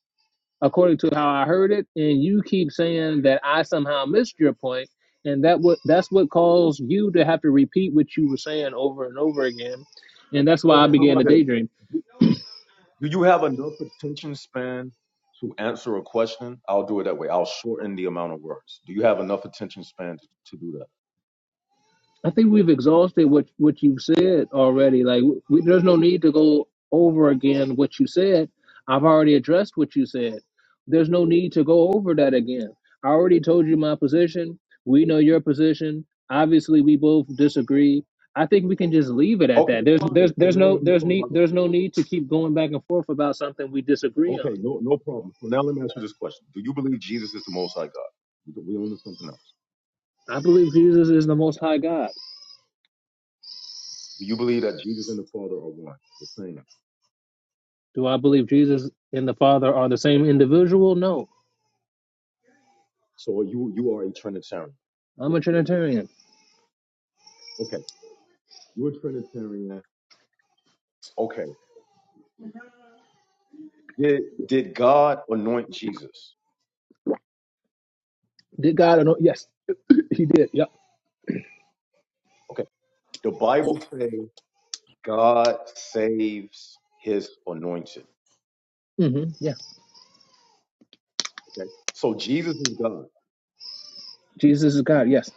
according to how I heard it, and you keep saying that I somehow missed your point, and that what that's what caused you to have to repeat what you were saying over and over again. And that's why I
Okay, how
began to
about
daydream.
this? Do you have enough attention span to answer a question? I'll do it that way. I'll shorten the amount of words. Do you have enough attention span to, to do that?
I think we've exhausted what what you've said already. Like, we, there's no need to go over again what you said. I've already addressed what you said. There's no need to go over that again. I already told you my position. We know your position. Obviously, we both disagree. I think we can just leave it at
Okay,
that. There's
fine.
there's
then. So
there's
now
no
let me
there's
talk
need
about it.
there's no need to keep going back and forth about something we disagree on.
Okay, no, no problem. So now let me ask you this question. Do you believe Jesus is the Most High God? We own to something else.
I believe Jesus is the Most High God.
Do you believe that Jesus and the Father are one, the same?
Do I believe Jesus and the Father are the same individual? No.
So you you are a Trinitarian.
I'm a Trinitarian.
Okay, you're a Trinitarian. Okay, did did God anoint Jesus?
Did God anoint? Yes, <clears throat> <laughs> He did. Yep.
Okay, the
Well,
Bible says. God saves his anointed.
hmm Yeah.
Okay. So Jesus is God.
Jesus is God. Yes.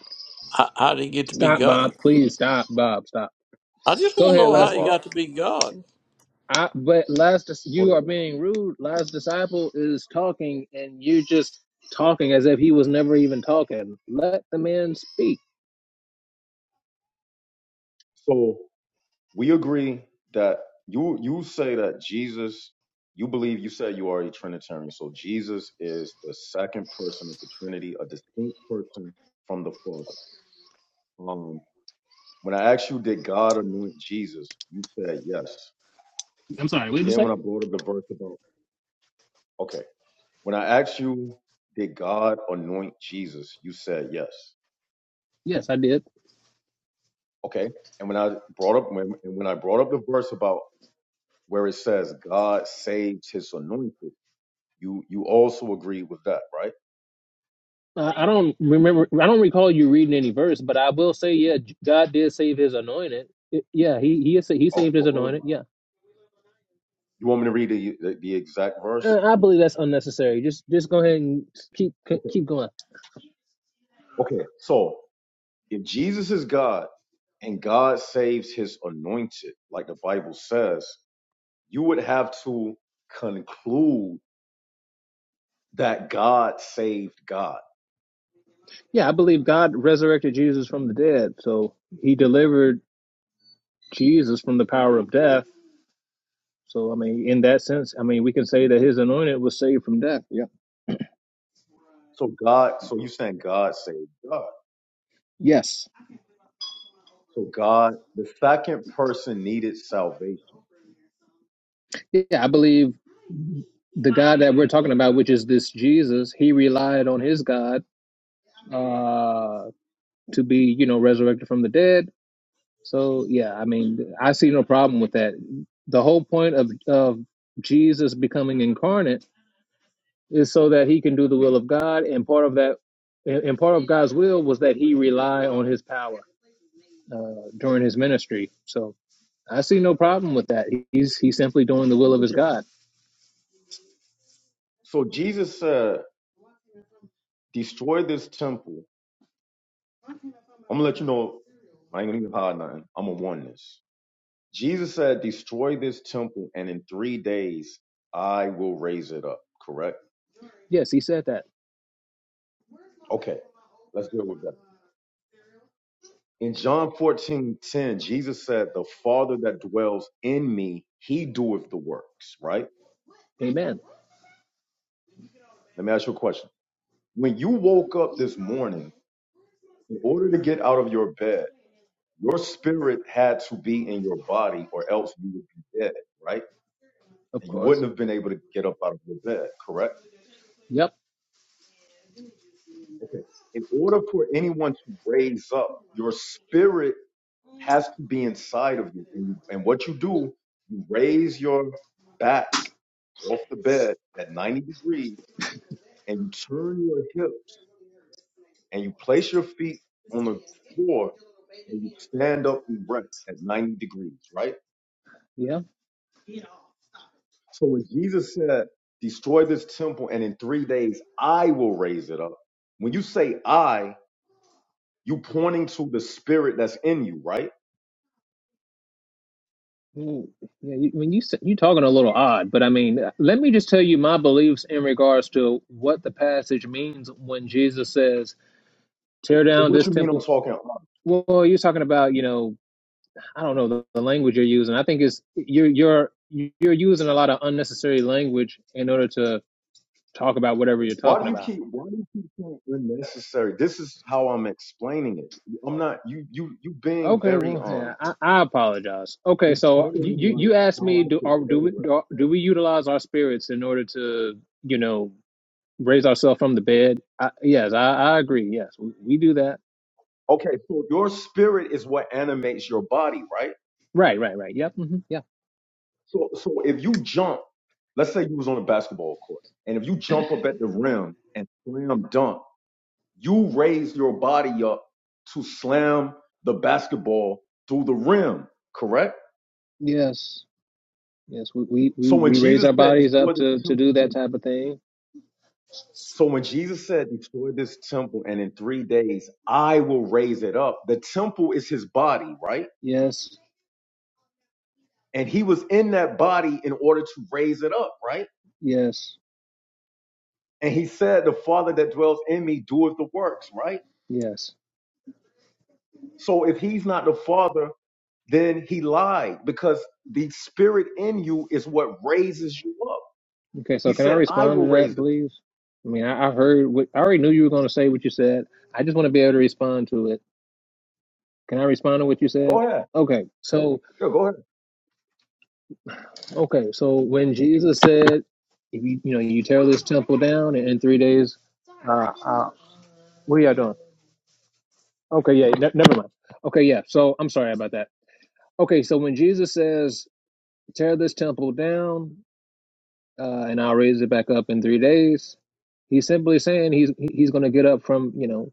How, how did he get to be
Stop, Bob.
God?
Please stop, Bob. Stop.
I just
Go
want to
ahead,
know
Hold
how
up,
last.
he
Bob.
got to be God.
I, but last,
hold
you
up,
are
Bob.
being rude. Last disciple is talking, and you just talking as if he was never even talking. Let the man speak.
So we agree that you you say that Jesus, you believe you said you are a Trinitarian. So Jesus is the second person of the Trinity, a distinct person from the Father. Um when I asked you, did God anoint Jesus? You said yes.
I'm sorry. What did you
Then
say?
when I brought up the verse about okay, when I asked you, did God anoint Jesus? You said yes.
Yes, I did.
Okay. And when I brought up when and when I brought up the verse about where it says God saves his anointed, you you also agree with that, right?
I, I don't remember. I don't recall you reading any verse, but I will say, yeah, God did save His anointed. It, Yeah, he he he
Okay.
saved His
well, hold on.
anointed. Yeah
You want me to read the, the, the exact verse?
Uh, I believe that's unnecessary. Just just go ahead and keep
Okay.
keep going.
Okay. So if Jesus is God and God saves his anointed, like the Bible says, you would have to conclude that God saved God.
Yeah, I believe God resurrected Jesus from the dead, so He delivered Jesus from the power of death. So I mean, in that sense, I mean, we can say that His anointed was saved from death. Yeah.
So God, so you're saying God saved God.
Yes.
So God, the second person needed salvation.
Yeah, I believe the God that we're talking about, which is this Jesus, He relied on His God uh, to be, you know, resurrected from the dead So yeah, I mean, I see no problem with that. The whole point of of Jesus becoming incarnate is so that he can do the will of God, and part of that, and and part of God's will was that he rely on his power uh, during his ministry. So I see no problem with that. He's he's simply doing the will of his
Okay.
God.
So Jesus said, destroy this temple. I'm gonna let you know, I ain't gonna even hide nothing. I'm gonna warn this. Jesus said, destroy this temple, and in three days I will raise it up. Correct?
Yes, he said that.
Okay, let's deal with that. In John 14:10, Jesus said, The Father that dwells in me, he doeth the works, right?
Amen.
Let me ask you a question. When you woke up this morning, in order to get out of your bed, your spirit had to be in your body, or else you would be dead, right?
Of
and you
course.
wouldn't have been able to get up out of your bed, correct?
Yep.
Okay. In order for anyone to raise up, your spirit has to be inside of you. And, you, and what you do, you raise your back off the bed at 90 degrees and you turn your hips and you place your feet on the floor and you stand up erect at 90 degrees, right?
Yeah.
So when Jesus said, destroy this temple and in three days I will raise it up, when you say I, You pointing to the spirit that's in you, right?
Mm, Yeah, you, when you s- you talking a little odd, but I mean, uh, let me just tell you my beliefs in regards to what the passage means when Jesus says, "Tear
But
down
what
this
you mean I'm
temple."
talking about?
Well, you're talking about, you know, I don't know the, the language you're using. I think it's you're you're you're using a lot of unnecessary language in order to talk about whatever you're
Why
talking
do you
about.
keep why do you keep saying unnecessary? This is how I'm explaining it. I'm not you you you being
Okay,
very
well,
um
yeah, I, I apologize. Okay, so uh, you
determining
you
like
you asked
how
me,
I
do
should
are,
say
do we
what
do,
I said.
do we utilize our spirits in order to, you know? raise ourselves from the bed. I, yes, I, I agree. Yes, we, we do that.
Okay, so your spirit is what animates your body, right?
Right, right, right. Yep. hmm yeah.
So so if you jump, let's say you was on a basketball court, and if you jump up at the rim and slam dunk You raise your body up to slam the basketball through the rim, correct?
Yes. Yes. We, we
So
we
when
we raise
Jesus
our
said,
bodies
destroy
up
this
to to
temple,
do
and
that
in,
type of thing.
so when Jesus said, destroy this temple, and in three days I will raise it up, the temple is his body, right?
Yes.
And he was in that body in order to raise it up, right?
Yes.
And he said, the Father that dwells in me doeth the works, right?
Yes.
So if he's not the Father, then he lied because the spirit in you is what raises you up.
Okay. So
He
can I
said, I
respond to
will
that,
raise it.
please? I mean, I, I heard. What, I already knew you were going to say what you said. I just want to be able to respond to it. Can I respond to what you
Go
said?
ahead.
Okay. So
Yeah, go ahead.
okay. So when Jesus said, "If you you know you tear this temple down and in three days," uh, uh, what are y'all doing? Okay, yeah, ne- never mind. Okay, yeah. So I'm sorry about that. Okay, so when Jesus says, "Tear this temple down, uh, and I'll raise it back up in three days," he's simply saying he's he's going to get up from you know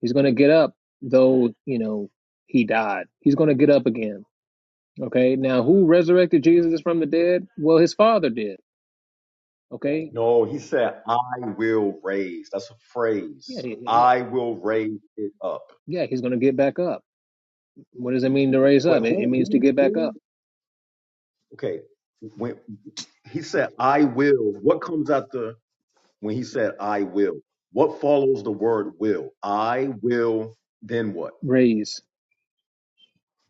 he's going to get up though you know he died. He's going to get up again. Okay, now who resurrected Jesus from the dead? Well, his Father did. Okay,
No, he said, I will raise. That's a
yeah,
phrase.
yeah, yeah. Yeah,
I will raise it up.
yeah, he's going to get back up. What does it mean to raise
But
up? It, it
who,
means to
who,
get back
who?
up,
Okay. When he said, I will, what comes after when he said, I will? What follows the word will? I will, then what?
raise.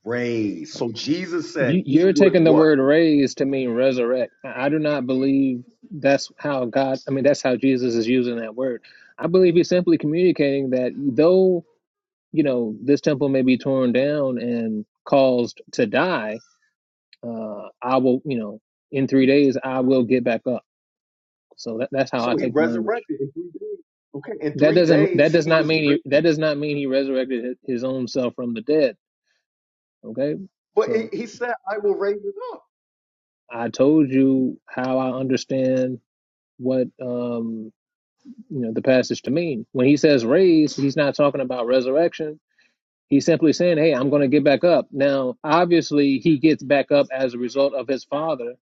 Raise. So Jesus said
You,
he
you're
would
taking the
what?
word raise to mean resurrect. I I do not believe that's how God, I mean, that's how Jesus is using that word. I believe he's simply communicating that though, you know, this temple may be torn down and caused to die, uh, I will, you know, in three days, I will get back up. So that, that's how I
So he
take the language.
resurrected in three days. Okay. In
That
three
doesn't, that
days,
does
he
not
was
mean, he,
risen.
that does not mean he resurrected his his own self from the dead. Okay.
But he
So
he said, I will raise it up.
I told you how I understand what um, you know the passage to mean. When he says raised, he's not talking about resurrection. He's simply saying, "Hey, I'm going to get back up." Now, obviously, he gets back up as a result of his father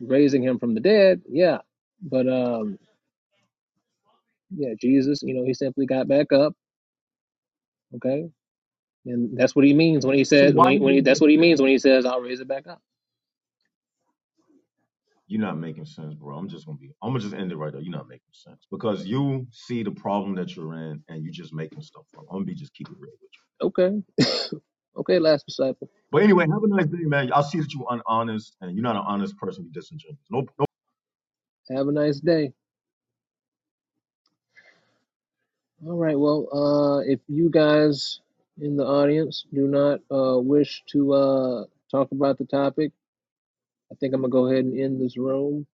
raising him from the dead. Yeah, but um, yeah, Jesus, you know, he simply got back up. Okay, and that's what he means when he
So
said when
why
he,
he
when he
didn't
that's
just
what he
say,
means when he says, "I'll raise it back up."
You're not making sense, bro. I'm just gonna be. I'm gonna just end it right there. You're not making sense because you see the problem that you're in, and you're just making stuff up. I'm gonna be just keep it real with you.
Okay, okay, last disciple.
But anyway, have a nice day, man. I see that you're honest, and you're not an honest person. You're disingenuous. No, no
Have a nice day. All right. Well, uh, if you guys in the audience do not uh, wish to uh, talk about the topic, I think I'm gonna go ahead and end this room.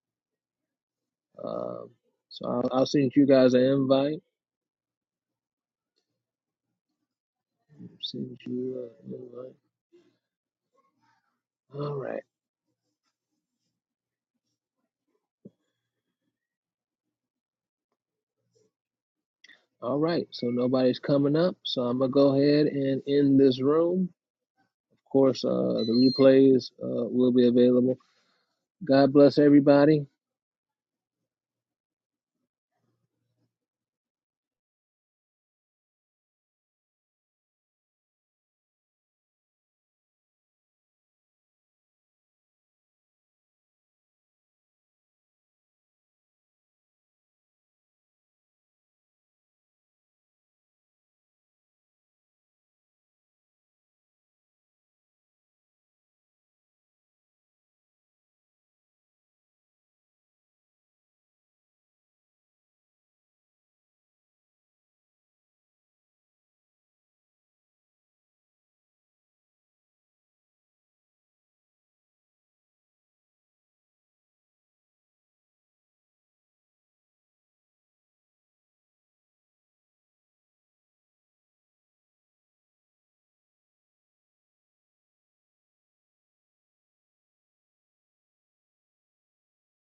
Uh, so I'll, I'll send you guys an invite. Send you uh, an invite. All right. All right. So nobody's coming up. So I'm gonna go ahead and end this room. Of course, uh, the replays uh, will be available. God bless everybody.